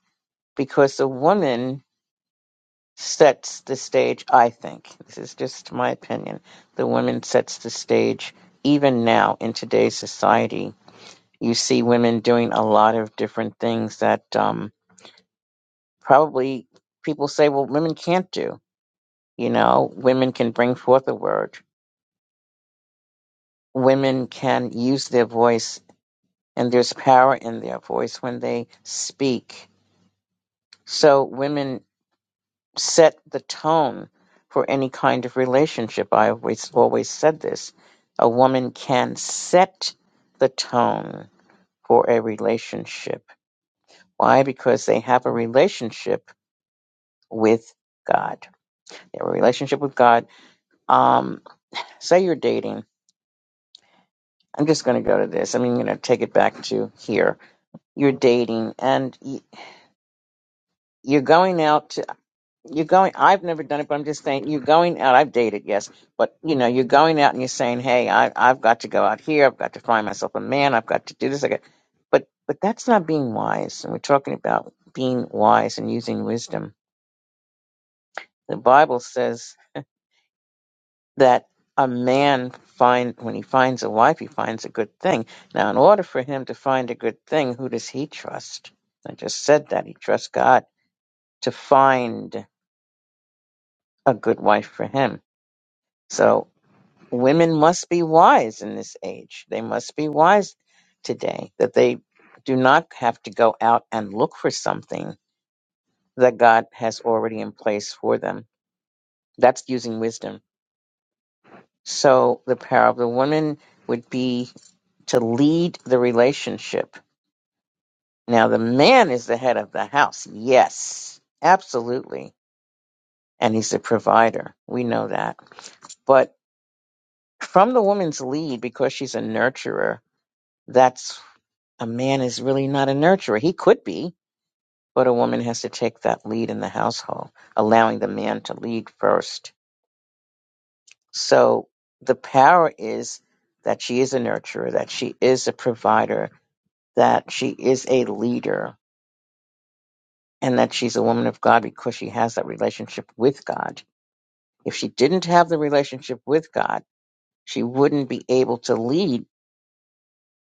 because the woman sets the stage, I think. This is just my opinion. The woman sets the stage even now in today's society. You see women doing a lot of different things that um, probably people say, well, women can't do. You know, women can bring forth a word, women can use their voice, and there's power in their voice when they speak. So, women set the tone for any kind of relationship. I always always said this. A woman can set the tone for a relationship. Why? Because they have a relationship with God. They have a relationship with God. Um, say you're dating. I'm just going to go to this. I mean, you know, take it back to here. You're dating and y- you're going out. you're going i've never done it but i'm just saying you're going out i've dated yes but you know you're going out and you're saying hey I, i've got to go out here i've got to find myself a man i've got to do this I got, but but that's not being wise and we're talking about being wise and using wisdom the bible says that a man find when he finds a wife he finds a good thing now in order for him to find a good thing who does he trust i just said that he trusts god to find a good wife for him so women must be wise in this age. They must be wise today that they do not have to go out and look for something that God has already in place for them. That's using wisdom. So the power of the woman would be to lead the relationship. Now, the man is the head of the house. Yes, absolutely. And he's the provider. We know that. But from the woman's lead, because she's a nurturer, that's a man is really not a nurturer. He could be, but a woman has to take that lead in the household, allowing the man to lead first. So the power is that she is a nurturer, that she is a provider, that she is a leader, and that she's a woman of God because she has that relationship with God. If she didn't have the relationship with God, she wouldn't be able to lead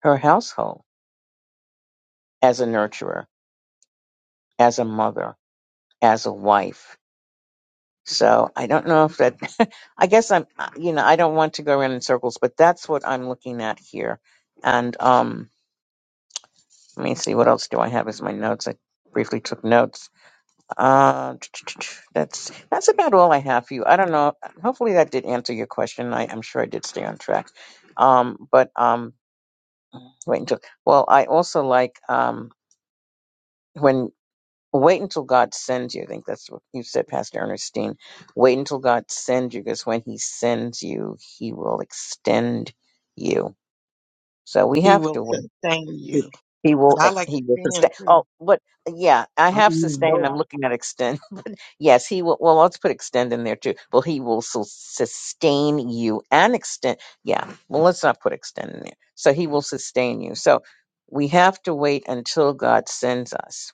her household as a nurturer, as a mother, as a wife So I don't know if that, I guess I'm, uh, you know, I don't want to go around in circles, but that's what I'm looking at here. And um, let me see, what else do I have as my notes? I briefly took notes. Uh, that's that's about all I have for you. I don't know. Hopefully that did answer your question. I, I'm sure I did stay on track. Um, but um, wait until. Well, I also like um, when Wait until God sends you. I think that's what you said, Pastor Ernestine. Wait until God sends you, because when He sends you, He will extend you. So we
He
have
will
to wait.
sustain you.
He
But
will.
I
eh,
like to
He will
stand
sustain.
too.
Oh, but yeah, I
I'm
have
gonna use
sustained.
both.
I'm looking at extend. Yes, He will. Well, let's put extend in there too. Well, He will su- sustain you and extend. Yeah. Well, let's not put extend in there. So He will sustain you. So we have to wait until God sends us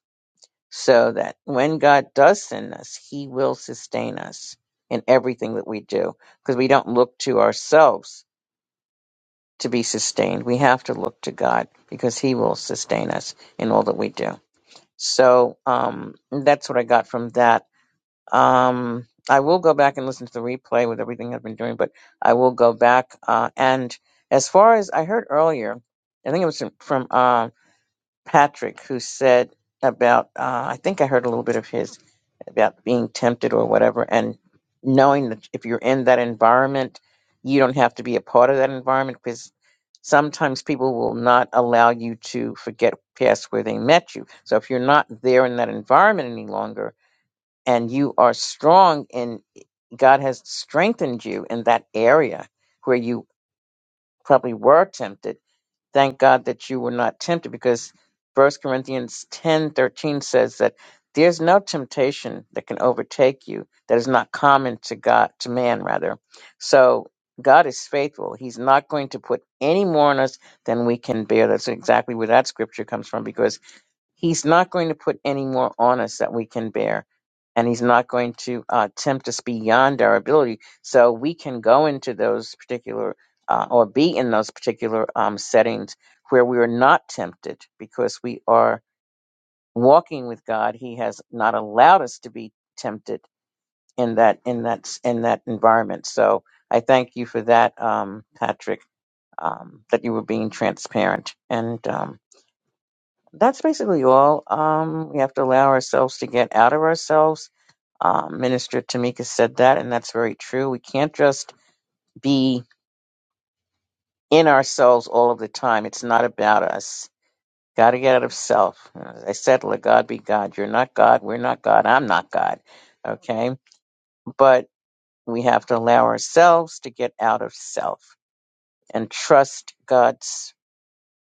so that when God does send us, He will sustain us in everything that we do because we don't look to ourselves to be sustained. We have to look to God because He will sustain us in all that we do. So um, that's what I got from that. Um, I will go back and listen to the replay with everything I've been doing, but I will go back. Uh, and as far as I heard earlier, I think it was from, from uh, Patrick who said about, uh, I think I heard a little bit of his about being tempted or whatever and knowing that if you're in that environment you don't have to be a part of that environment because sometimes people will not allow you to forget past where they met you so if you're not there in that environment any longer and you are strong and god has strengthened you in that area where you probably were tempted thank God that you were not tempted because First Corinthians ten thirteen says that there's no temptation that can overtake you that is not common to God to man rather. So God is faithful. He's not going to put any more on us than we can bear. That's exactly where that scripture comes from because He's not going to put any more on us that we can bear. And he's not going to uh, tempt us beyond our ability. So we can go into those particular uh, or be in those particular um, settings where we are not tempted because we are walking with God. He has not allowed us to be tempted in that in that in that environment. So I thank you for that, um, Patrick, um, that you were being transparent. And um, that's basically all. Um, we have to allow ourselves to get out of ourselves. Um, Minister Tamika said that, and that's very true. We can't just be in ourselves all of the time. It's not about us. Got to get out of self. As I said, let God be God. You're not God. We're not God. I'm not God. Okay. But we have to allow ourselves to get out of self and trust God's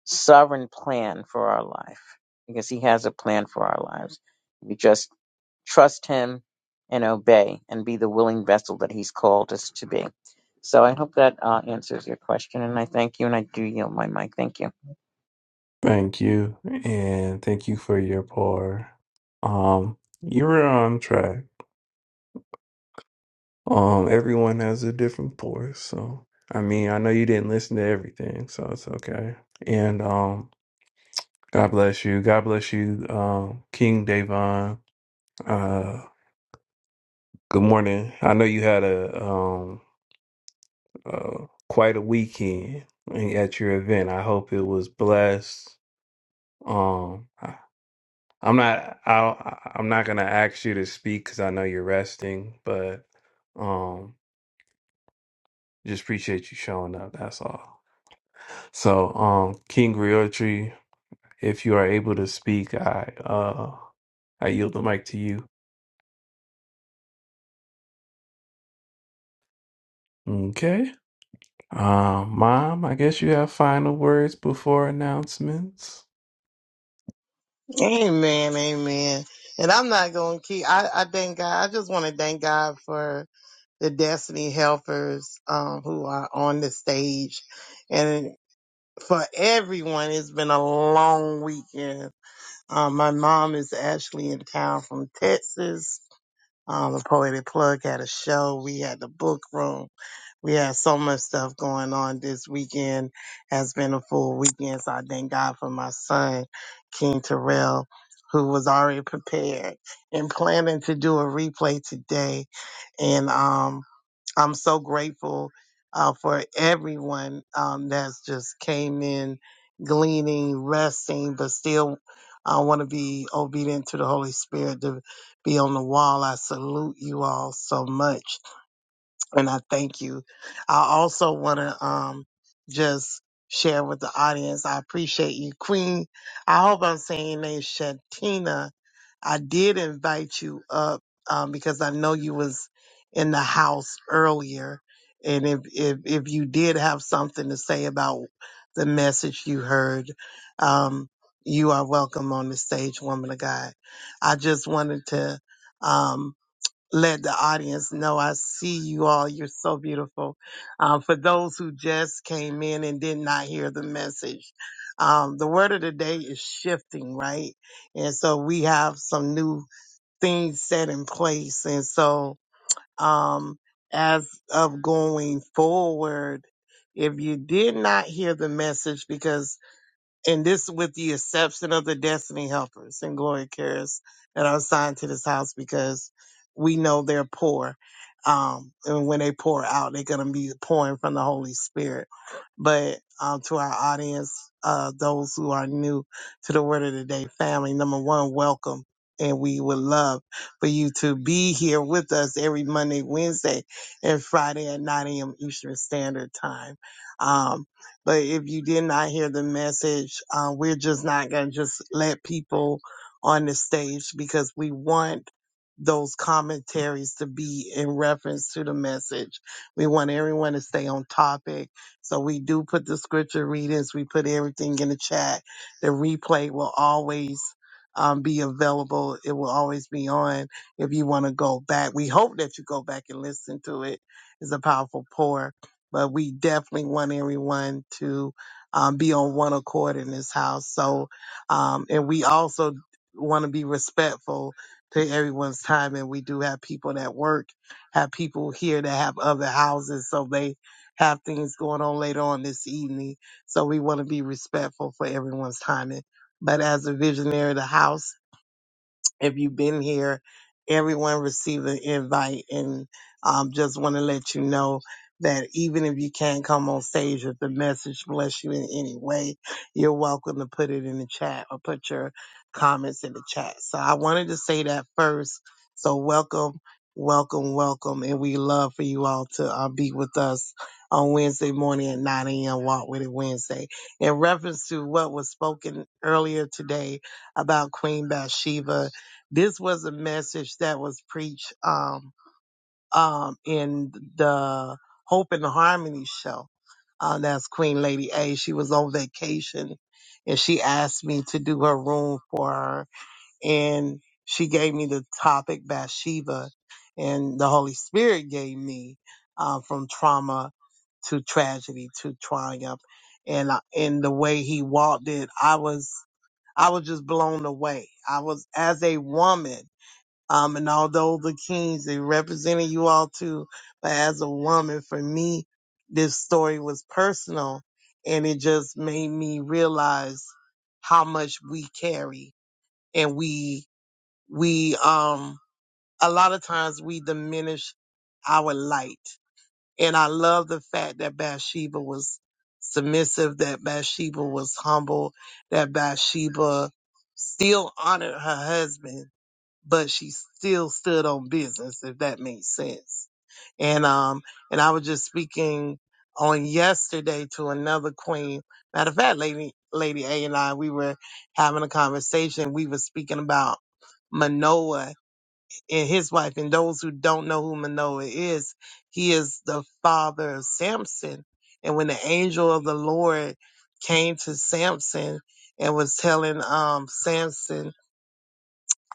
sovereign plan for our life because He has a plan for our lives. We just trust him and obey and be the willing vessel that he's called us to be. So I hope that uh, answers your question. And I thank you and I do yield my mic. Thank you.
Thank you. And thank you for your pour. Um, you were on track. Um, everyone has a different voice, so I mean, I know you didn't listen to everything, so it's okay. And um, God bless you. God bless you, um, King Davon. Uh, good morning. I know you had a um uh, quite a weekend at your event. I hope it was blessed. Um, I, I'm not. I I'm not gonna ask you to speak because I know you're resting, but um, just appreciate you showing up. That's all. So, um, King Griotri, if you are able to speak, I uh I yield the mic to you. Okay. Um, Mom, I guess you have final words before announcements.
Amen, amen. And I'm not gonna keep I, I thank God. I just wanna thank God for the destiny helpers um who are on the stage. for everyone. It's been a long weekend. Um, my mom is actually in town from Texas. Um, the Poetic Plug had a show. We had the book room. We had so much stuff going on this weekend. Has been a full weekend. So I thank God for my son, King Terrell, who was already prepared and planning to do a replay today. And, um, I'm so grateful uh, for everyone um, that's just came in, gleaning, resting, but still uh, want to be obedient to the Holy Spirit to be on the wall. I salute you all so much and I thank you. I also want to um just share with the audience. I appreciate you, Queen. I hope I'm saying your name, Shantina. I did invite you up um, because I know you was in the house earlier, and if if if you did have something to say about the message you heard, um, you are welcome on the stage, woman of God. I just wanted to. Um, let the audience know I see you all. You're so beautiful. Um, for those who just came in and did not hear the message, um, the word of the day is shifting, right? And so we have some new things set in place. And so um, as of going forward, if you did not hear the message, because and this with the exception of the destiny helpers and glory carriers that are assigned to this house because we know they're poor um and when they pour out they're going to be pouring from the holy spirit but um to our audience uh those who are new to the word of the day family number one welcome and we would love for you to be here with us every Monday, Wednesday, and Friday at 9 a.m. Eastern Standard Time. Um, but if you did not hear the message, uh, we're just not going to just let people on the stage because we want those commentaries to be in reference to the message. We want everyone to stay on topic. So we do put the scripture readings, we put everything in the chat. The replay will always um, be available. It will always be on if you want to go back. We hope that you go back and listen to it. It's a powerful pour but we definitely want everyone to um, be on one accord in this house. So, um, and we also want to be respectful to everyone's time. And we do have people that work, have people here that have other houses, so they have things going on later on this evening. So we want to be respectful for everyone's time. And- But as a visionary of the house, if you've been here, everyone received an invite and um, just want to let you know that even if you can't come on stage, if the message bless you in any way, you're welcome to put it in the chat or put your comments in the chat. So I wanted to say that first. So welcome, welcome, welcome. And we love for you all to uh, be with us on Wednesday morning at 9 a.m. Walk with it Wednesday. In reference to what was spoken earlier today about Queen Bathsheba, this was a message that was preached um, um, in the Hope and Harmony show. Uh, that's Queen Lady A. She was on vacation and she asked me to do her room for her. And she gave me the topic Bathsheba and the Holy Spirit gave me uh, from trauma to tragedy to triumph. And I, and the way he walked it, I was, I was just blown away. I was as a woman. Um, and although the Kings, they represented you all too, but as a woman, for me, this story was personal and it just made me realize how much we carry and we, we, um, a lot of times we diminish our light. And I love the fact that Bathsheba was submissive, that Bathsheba was humble, that Bathsheba still honored her husband but she still stood on business, if that makes sense. And um, and I was just speaking on yesterday to another queen. Matter of fact, lady Lady A and I, we were having a conversation. We were speaking about Manoah and his wife. And those who don't know who Manoah is, he is the father of Samson. And when the angel of the Lord came to Samson and was telling um Samson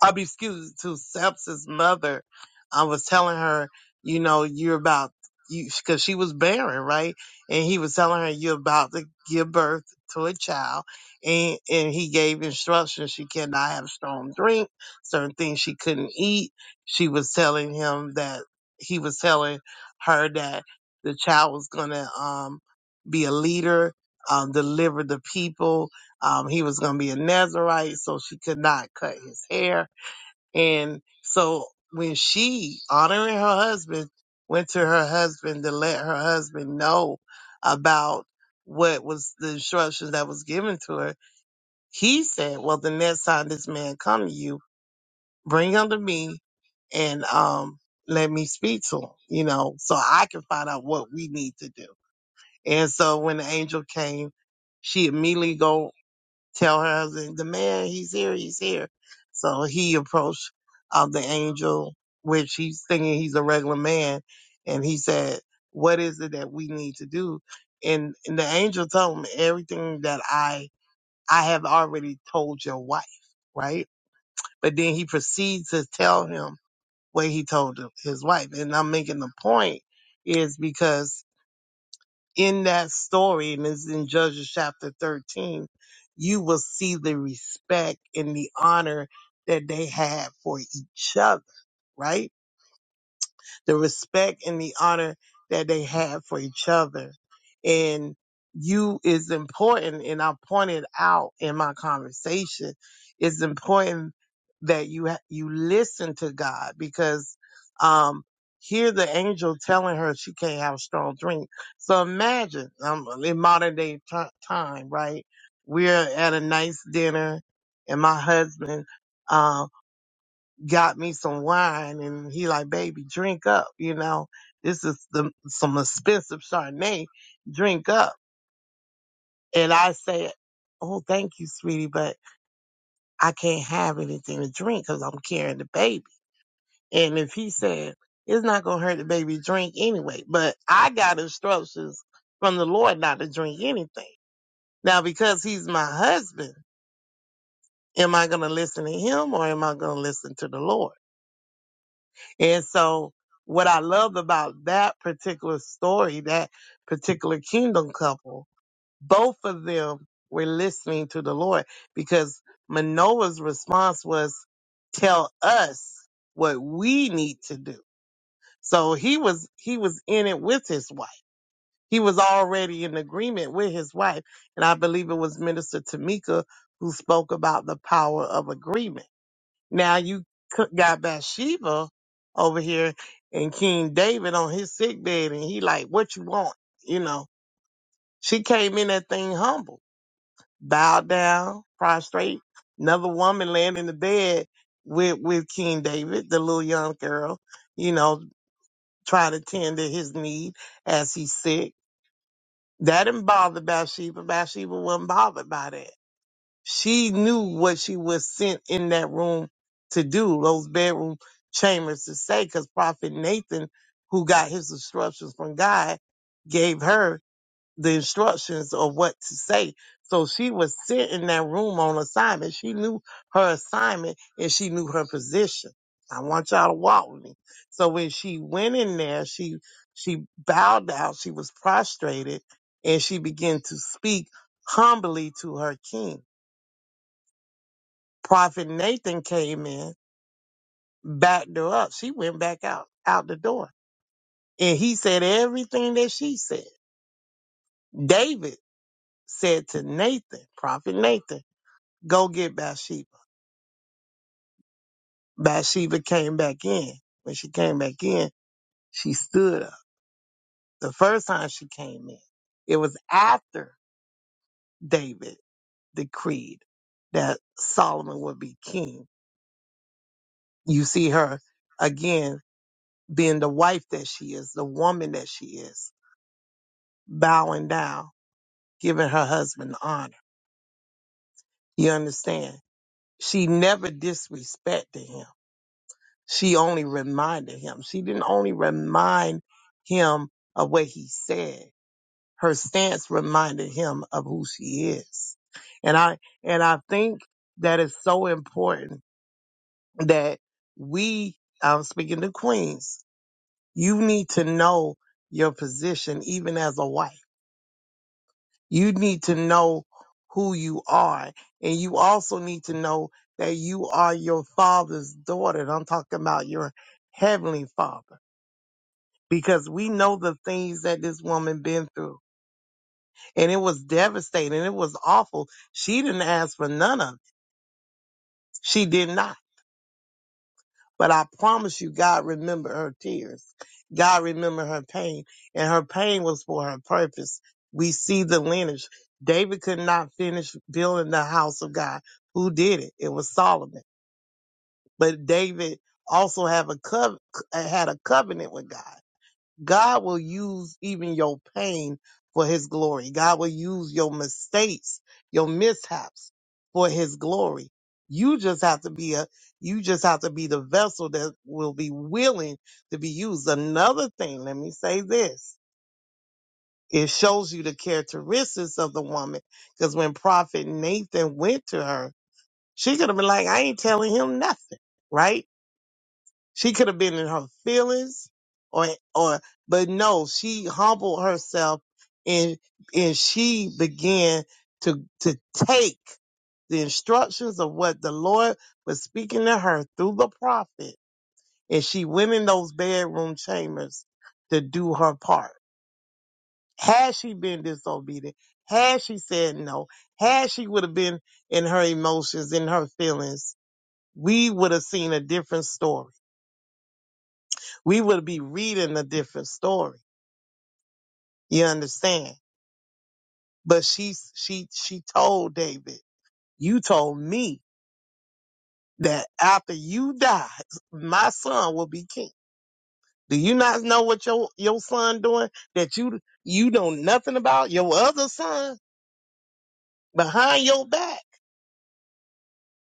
I'll be excused to Sepsis' mother. I was telling her, you know, you're about you because she was barren, right? And he was telling her you're about to give birth to a child, and and he gave instructions she cannot have strong drink, certain things she couldn't eat. She was telling him that he was telling her that the child was gonna um be a leader, um, deliver the people. Um, he was gonna be a Nazarite, so she could not cut his hair and so when she, honoring her husband, went to her husband to let her husband know about what was the instructions that was given to her, he said, Well, the next time this man come to you, bring him to me and um let me speak to him, you know, so I can find out what we need to do. And so when the angel came, she immediately go tell her the, the man he's here he's here so he approached uh, the angel which he's thinking he's a regular man and he said what is it that we need to do and, and the angel told him everything that i i have already told your wife right but then he proceeds to tell him what he told his wife and i'm making the point is because in that story, and it's in Judges chapter 13, you will see the respect and the honor that they had for each other, right? the respect and the honor that they have for each other. And you is important, and I pointed out in my conversation, it's important that you ha- you listen to God because um here the angel telling her she can't have strong drink. So imagine um, in modern day t- time, right? We're at a nice dinner, and my husband. um, got me some wine and he like, baby, drink up, you know. This is the, some expensive Chardonnay. Drink up. And I said, oh, thank you, sweetie, but I can't have anything to drink because I'm carrying the baby. And if he said, it's not going to hurt the baby to drink anyway, but I got instructions from the Lord not to drink anything. Now, because he's my husband, am I going to listen to him or am I going to listen to the Lord? And so what I love about that particular story, that particular kingdom couple, both of them were listening to the Lord because Manoah's response was, tell us what we need to do. So he was, he was in it with his wife. He was already in agreement with his wife. And I believe it was Minister Tamika who spoke about the power of agreement now you c- got Bathsheba over here and King David on his sick bed, and he like, what you want? You know, she came in that thing humble, bowed down, prostrate. Another woman laying in the bed with with King David, the little young girl. You know, trying to tend to his need as he's sick. That didn't bother Bathsheba. Bathsheba wasn't bothered by that. She knew what she was sent in that room to do, those bedroom chambers to say, because Prophet Nathan, who got his instructions from God, gave her the instructions of what to say. So she was sent in that room on assignment. She knew her assignment and she knew her position. I want y'all to walk with me. So when she went in there, she she bowed down, she was prostrated, and she began to speak humbly to her king. Prophet Nathan came in, backed her up. She went back out, out the door. And he said everything that she said. David said to Nathan, Prophet Nathan, go get Bathsheba. Bathsheba came back in. When she came back in, she stood up. The first time she came in, it was after David decreed that Solomon would be king. You see her again being the wife that she is, the woman that she is bowing down, giving her husband the honor. You understand? She never disrespected him. She only reminded him. She didn't only remind him of what he said. Her stance reminded him of who she is. And I and I think that is so important that we I'm speaking to Queens, you need to know your position even as a wife You need to know who you are. And you also need to know that you are your father's daughter. And I'm talking about your heavenly father. Because we know the things that this woman been through. And it was devastating. It was awful. She didn't ask for none of it. She did not. But I promise you, God remembered her tears. God remembered her pain. And her pain was for her purpose. We see the lineage. David could not finish building the house of God. Who did it? It was Solomon. But David also have a cov- had a covenant with God. God will use even your pain for his glory. God will use your mistakes, your mishaps for his glory. You just have to be a, you just have to be the vessel that will be willing to be used. Another thing, let me say this. It shows you the characteristics of the woman. Cause when prophet Nathan went to her, she could have been like, I ain't telling him nothing. Right she could have been in her feelings or or but no, she humbled herself and and she began to to take the instructions of what the Lord was speaking to her through the prophet, and she went in those bedroom chambers to do her part. Had she been disobedient, had she said no, had she would have been in her emotions, in her feelings, we would have seen a different story. we would be reading a different story. You understand? But she she she told David, you told me that after you die, my son will be king. Do you not know what your your son doing that you you know nothing about your other son behind your back?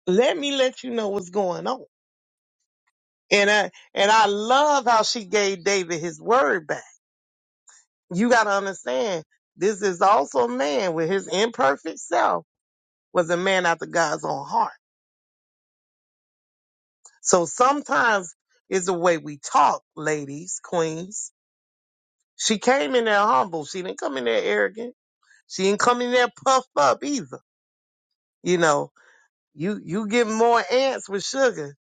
Let me let you know what's going on. And I and I love how she gave David his word back. You got to understand, this is also a man with his imperfect self was a man after God's own heart. So sometimes it's the way we talk, ladies, queens. She came in there humble. She didn't come in there arrogant. She didn't come in there puffed up either. You know, you you get more ants with sugar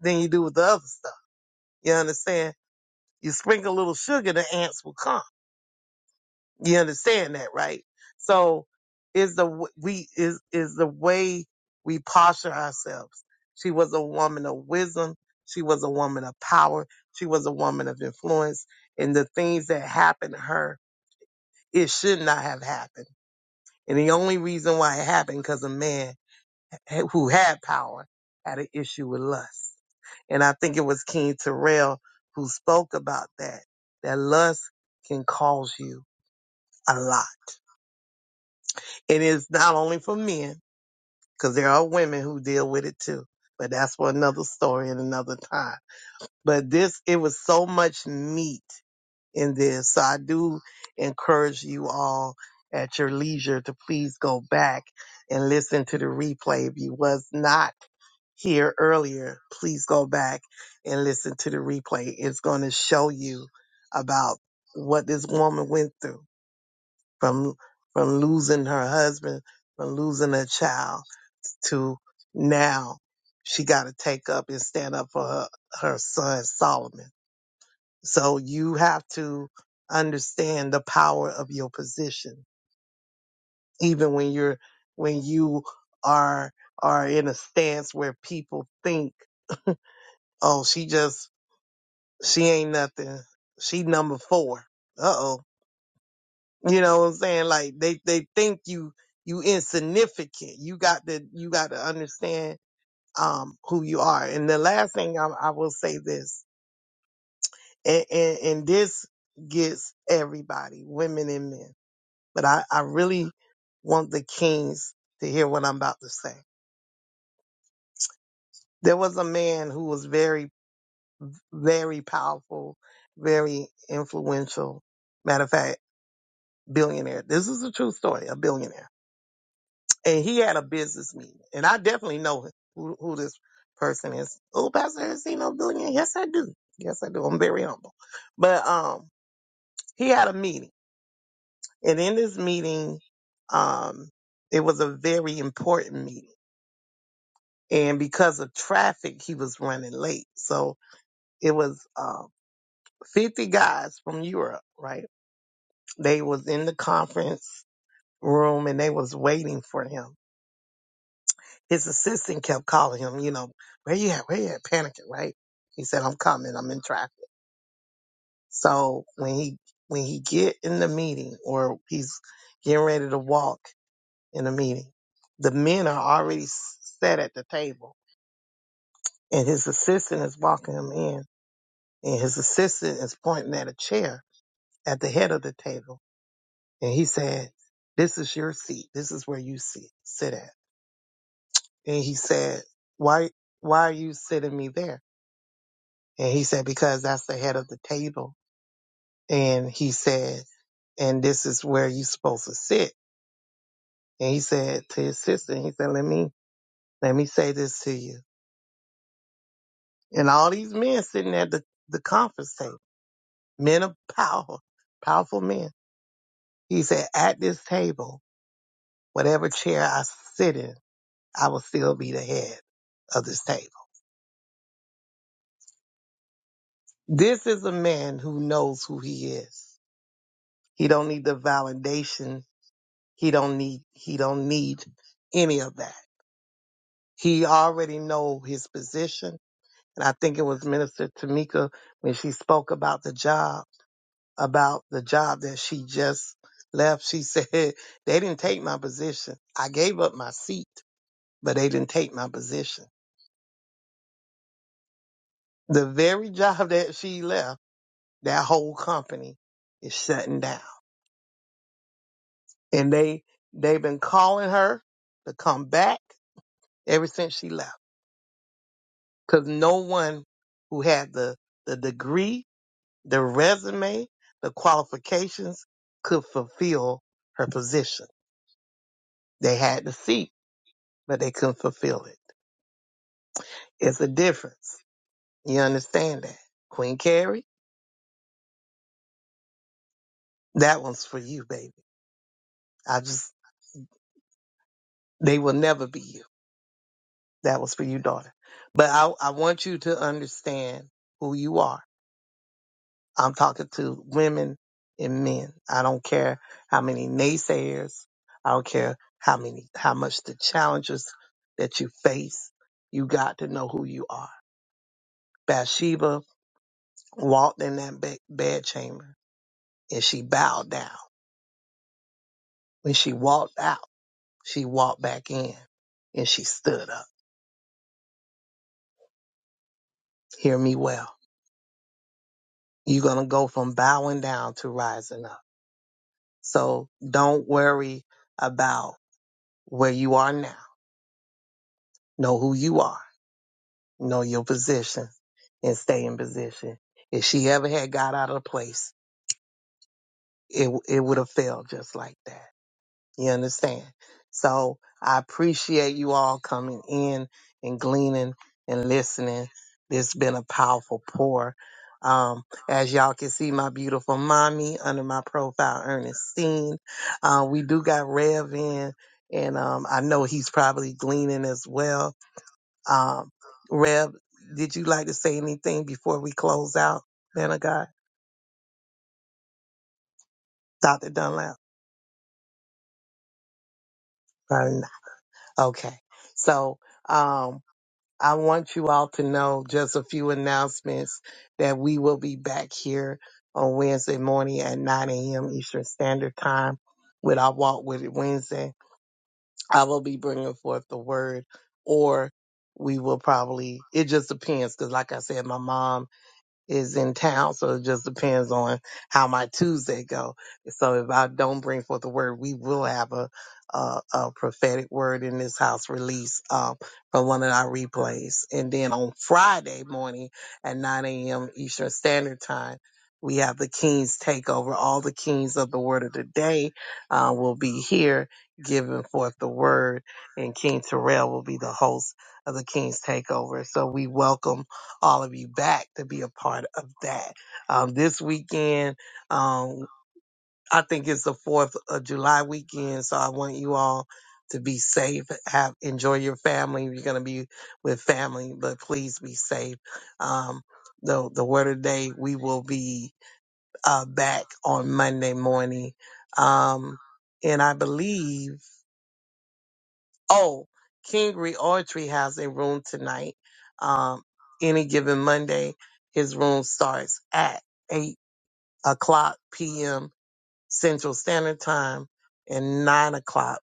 than you do with the other stuff. You understand? You sprinkle a little sugar, the ants will come. You understand that, right? So is the w- we is is the way we posture ourselves. She was a woman of wisdom. She was a woman of power. She was a woman of influence. And the things that happened to her, it should not have happened. And the only reason why it happened because a man who had power had an issue with lust. And I think it was King Terrell who spoke about that. That lust can cause you a lot. It is not only for men, because there are women who deal with it too. But that's for another story and another time. But this, it was so much meat in this. So I do encourage you all at your leisure to please go back and listen to the replay. If you was not here earlier, please go back and listen to the replay. It's going to show you about what this woman went through from from losing her husband, from losing a child to now she got to take up and stand up for her, her son Solomon. So you have to understand the power of your position, even when you're when you are are in a stance where people think, oh, she just she ain't nothing, she number four. Uh oh You know what I'm saying? Like they, they think you, you insignificant. You got to, you got to understand, um, who you are. And the last thing I, I will say this, and, and, and this gets everybody, women and men, but I, I really want the kings to hear what I'm about to say. There was a man who was very, very powerful, very influential. Matter of fact, billionaire. This is a true story, a billionaire and he had a business meeting. And I definitely know who, who this person is. Oh, Pastor Ersino Billion. Yes, I do. Yes, I do. I'm very humble. But um, he had a meeting. And in this meeting, um, it was a very important meeting. And because of traffic, he was running late. So it was uh, 50 guys from Europe, right? They was in the conference room and they was waiting for him His assistant kept calling him, you know, where you at? Where you at? Panicking, right? He said, I'm coming. I'm in traffic. So when he, when he get in the meeting or he's getting ready to walk in the meeting, the men are already s- set at the table and his assistant is walking him in and his assistant is pointing at a chair at the head of the table. And he said, this is your seat. This is where you sit, sit at. And he said, why, why are you sitting me there? And he said, because that's the head of the table. And he said, and this is where you're supposed to sit. And he said to his sister, he said, let me, let me say this to you. And all these men sitting at the, the conference table, men of power, powerful men. He said, at this table, whatever chair I sit in, I will still be the head of this table. This is a man who knows who he is. He don't need the validation. He don't need, he don't need any of that He already know his position. And I think it was Minister Tamika when she spoke about the job, about the job that she just left. She said, they didn't take my position. I gave up my seat, but they didn't take my position. The very job that she left, that whole company is shutting down. And they, they've been calling her to come back ever since she left. Cause no one who had the, the degree The resume, the qualifications could fulfill her position. They had the seat, but they couldn't fulfill it. It's a difference. You understand that? Queen Carrie, that one's for you, baby. I just, they will never be you. That was for you, daughter. But I, I want you to understand who you are I'm talking to women and men. I don't care how many naysayers. I don't care how many, how much the challenges that you face. You got to know who you are. Bathsheba walked in that bed, bed chamber and she bowed down. When she walked out, she walked back in and she stood up. Hear me well. You're going to go from bowing down to rising up. So don't worry about where you are now. Know who you are know your position and stay in position. If she ever had got out of the place, it it would have failed just like that. You understand? So I appreciate you all coming in and gleaning and listening. It's been a powerful pour. Um, as y'all can see, my beautiful mommy under my profile, Ernestine. Uh, we do got Rev in, and um, I know he's probably gleaning as well. Um, Rev, did you like to say anything before we close out, man of God? Dr. Dunlap? Or not? Okay. So um, I want you all to know just a few announcements that we will be back here on Wednesday morning at 9 a.m. Eastern Standard Time with our Walk With It Wednesday. I will be bringing forth the word or we will probably, it just depends because like I said, my mom is in town, so it just depends on how my Tuesday go. So if I don't bring forth the word, we will have a a, a prophetic word in this house release um, from one of our replays, and then on Friday morning at 9 a.m. Eastern Standard Time. We have the Kings takeover. All the Kings of the Word of the Day uh, will be here giving forth the word, and King Terrell will be the host of the King's Takeover. So we welcome all of you back to be a part of that. Um, this weekend, um, I think it's the 4th of July weekend, so I want you all to be safe, have enjoy your family. You're going to be with family, but please be safe. Um, the, the word of the day, we will be uh, back on Monday morning. Um, and I believe Oh, King Reortry has a room tonight. Um, any given Monday, his room starts at 8 o'clock p.m. Central Standard Time and 9 o'clock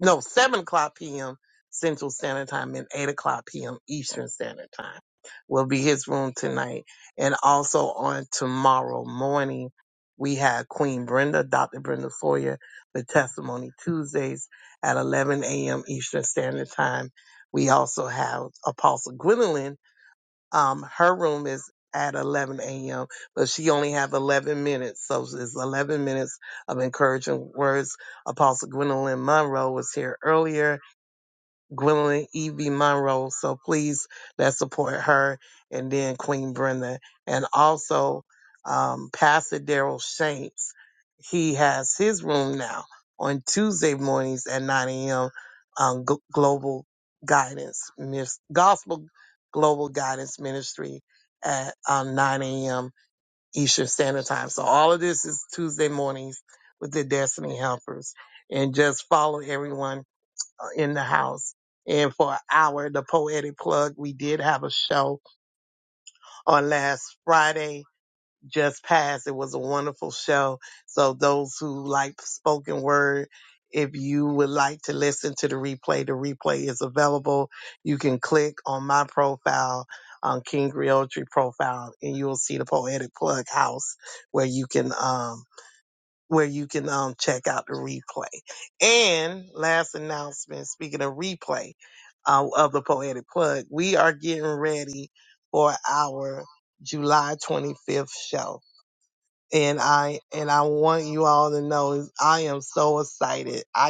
no, 7 o'clock p.m. Central Standard Time and 8 o'clock p.m. Eastern Standard Time will be his room tonight. And also on tomorrow morning, we have Queen Brenda, Dr. Brenda Foyer, the Testimony Tuesdays at 11 a.m. Eastern Standard Time. We also have Apostle Gwendolyn um, her room is at 11 a.m., but she only have 11 minutes. So it's 11 minutes of encouraging words. Apostle Gwendolyn Monroe was here earlier Gwendolyn E.B. Monroe. So please let's support her and then Queen Brenda. And also um, Pastor Daryl Shanks. He has his room now on Tuesday mornings at 9 a.m. Um, G- Global Guidance, Mis- Gospel Global Guidance Ministry at um, 9 a.m. Eastern Standard Time. So all of this is Tuesday mornings with the Destiny Helpers. And just follow everyone in the house. And for an hour, the poetic plug, we did have a show on last Friday, just passed. It was a wonderful show. So those who like spoken word, if you would like to listen to the replay, the replay is available. You can click on my profile, on King Griotri profile, and you will see the Poetic Plug house where you can um, where you can um, check out the replay. And last announcement, speaking of replay uh, of the Poetic Plug, we are getting ready for our July 25th show. And I and I want you all to know is I am so excited. I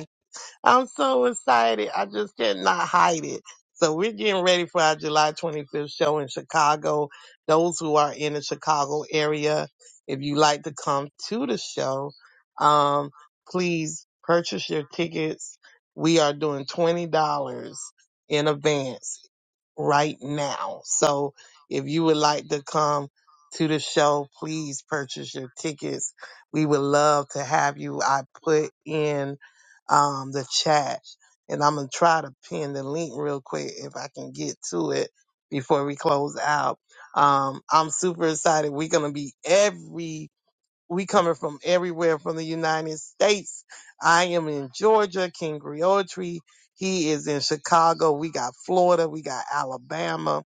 I'm so excited. I just cannot hide it. So we're getting ready for our July 25th show in Chicago. Those who are in the Chicago area, if you like to come to the show, um, please purchase your tickets. We are doing $20 in advance right now. So if you would like to come to the show, please purchase your tickets. We would love to have you. I put in um, the chat and I'm going to try to pin the link real quick if I can get to it before we close out. Um, I'm super excited. We're going to be everywhere we coming from everywhere from the United States. I am in Georgia, King Griotri. He is in Chicago. We got Florida. We got Alabama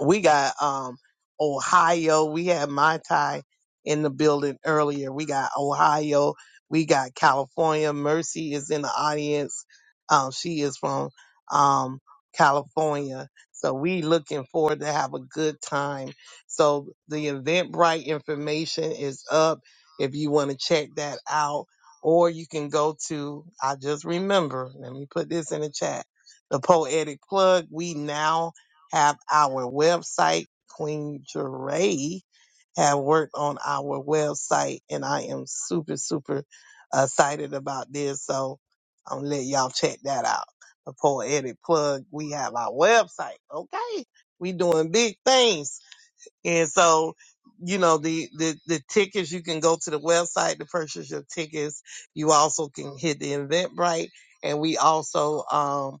we got um Ohio. We had my tie in the building earlier. We got Ohio. We got California. Mercy is in the audience. Um, she is from um California. So we looking forward to have a good time. So the Eventbrite information is up if you want to check that out. Or you can go to I just remember, let me put this in the chat. The poetic plug. We now have our website. Queen Jeray have worked on our website, and I am super, super uh, excited about this. So I'm gonna let y'all check that out. The poetic plug. We have our website. Okay, we doing big things, and so you know the the the tickets. You can go to the website to purchase your tickets. You also can hit the Eventbrite, and we also um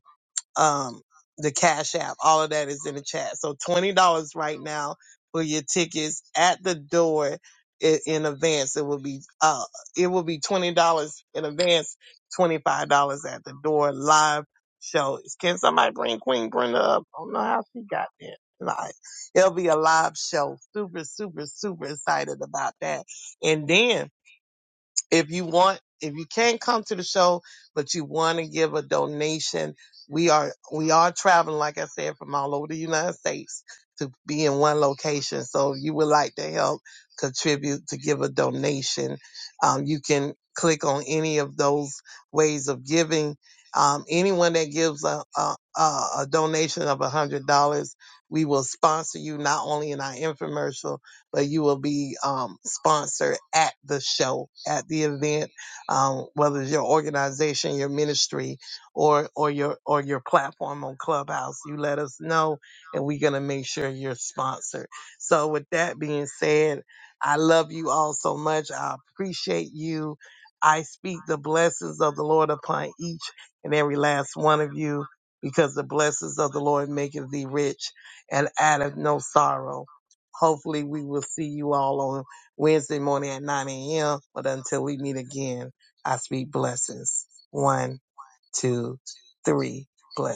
um, the Cash App. All of that is in the chat. So twenty dollars right now for your tickets at the door in, in advance. It will be uh, it will be twenty dollars in advance, twenty five dollars at the door live show. Can somebody bring Queen Brenda up? I don't know how she got there. Like, it'll be a live show. Super, super, super excited about that. And then if you want if you can't come to the show but you want to give a donation we are we are traveling like i said from all over the united states to be in one location so if you would like to help contribute to give a donation um, you can click on any of those ways of giving um, anyone that gives a, a, a a donation of a hundred dollars we will sponsor you not only in our infomercial but you will be um, sponsored at the show, at the event, um, whether it's your organization, your ministry, or or your or your platform on Clubhouse. You let us know, and we're gonna make sure you're sponsored. So, with that being said, I love you all so much. I appreciate you. I speak the blessings of the Lord upon each and every last one of you, because the blessings of the Lord maketh thee rich and addeth no sorrow Hopefully, we will see you all on Wednesday morning at 9 a.m. But until we meet again, I speak blessings. One, two, three. Bless.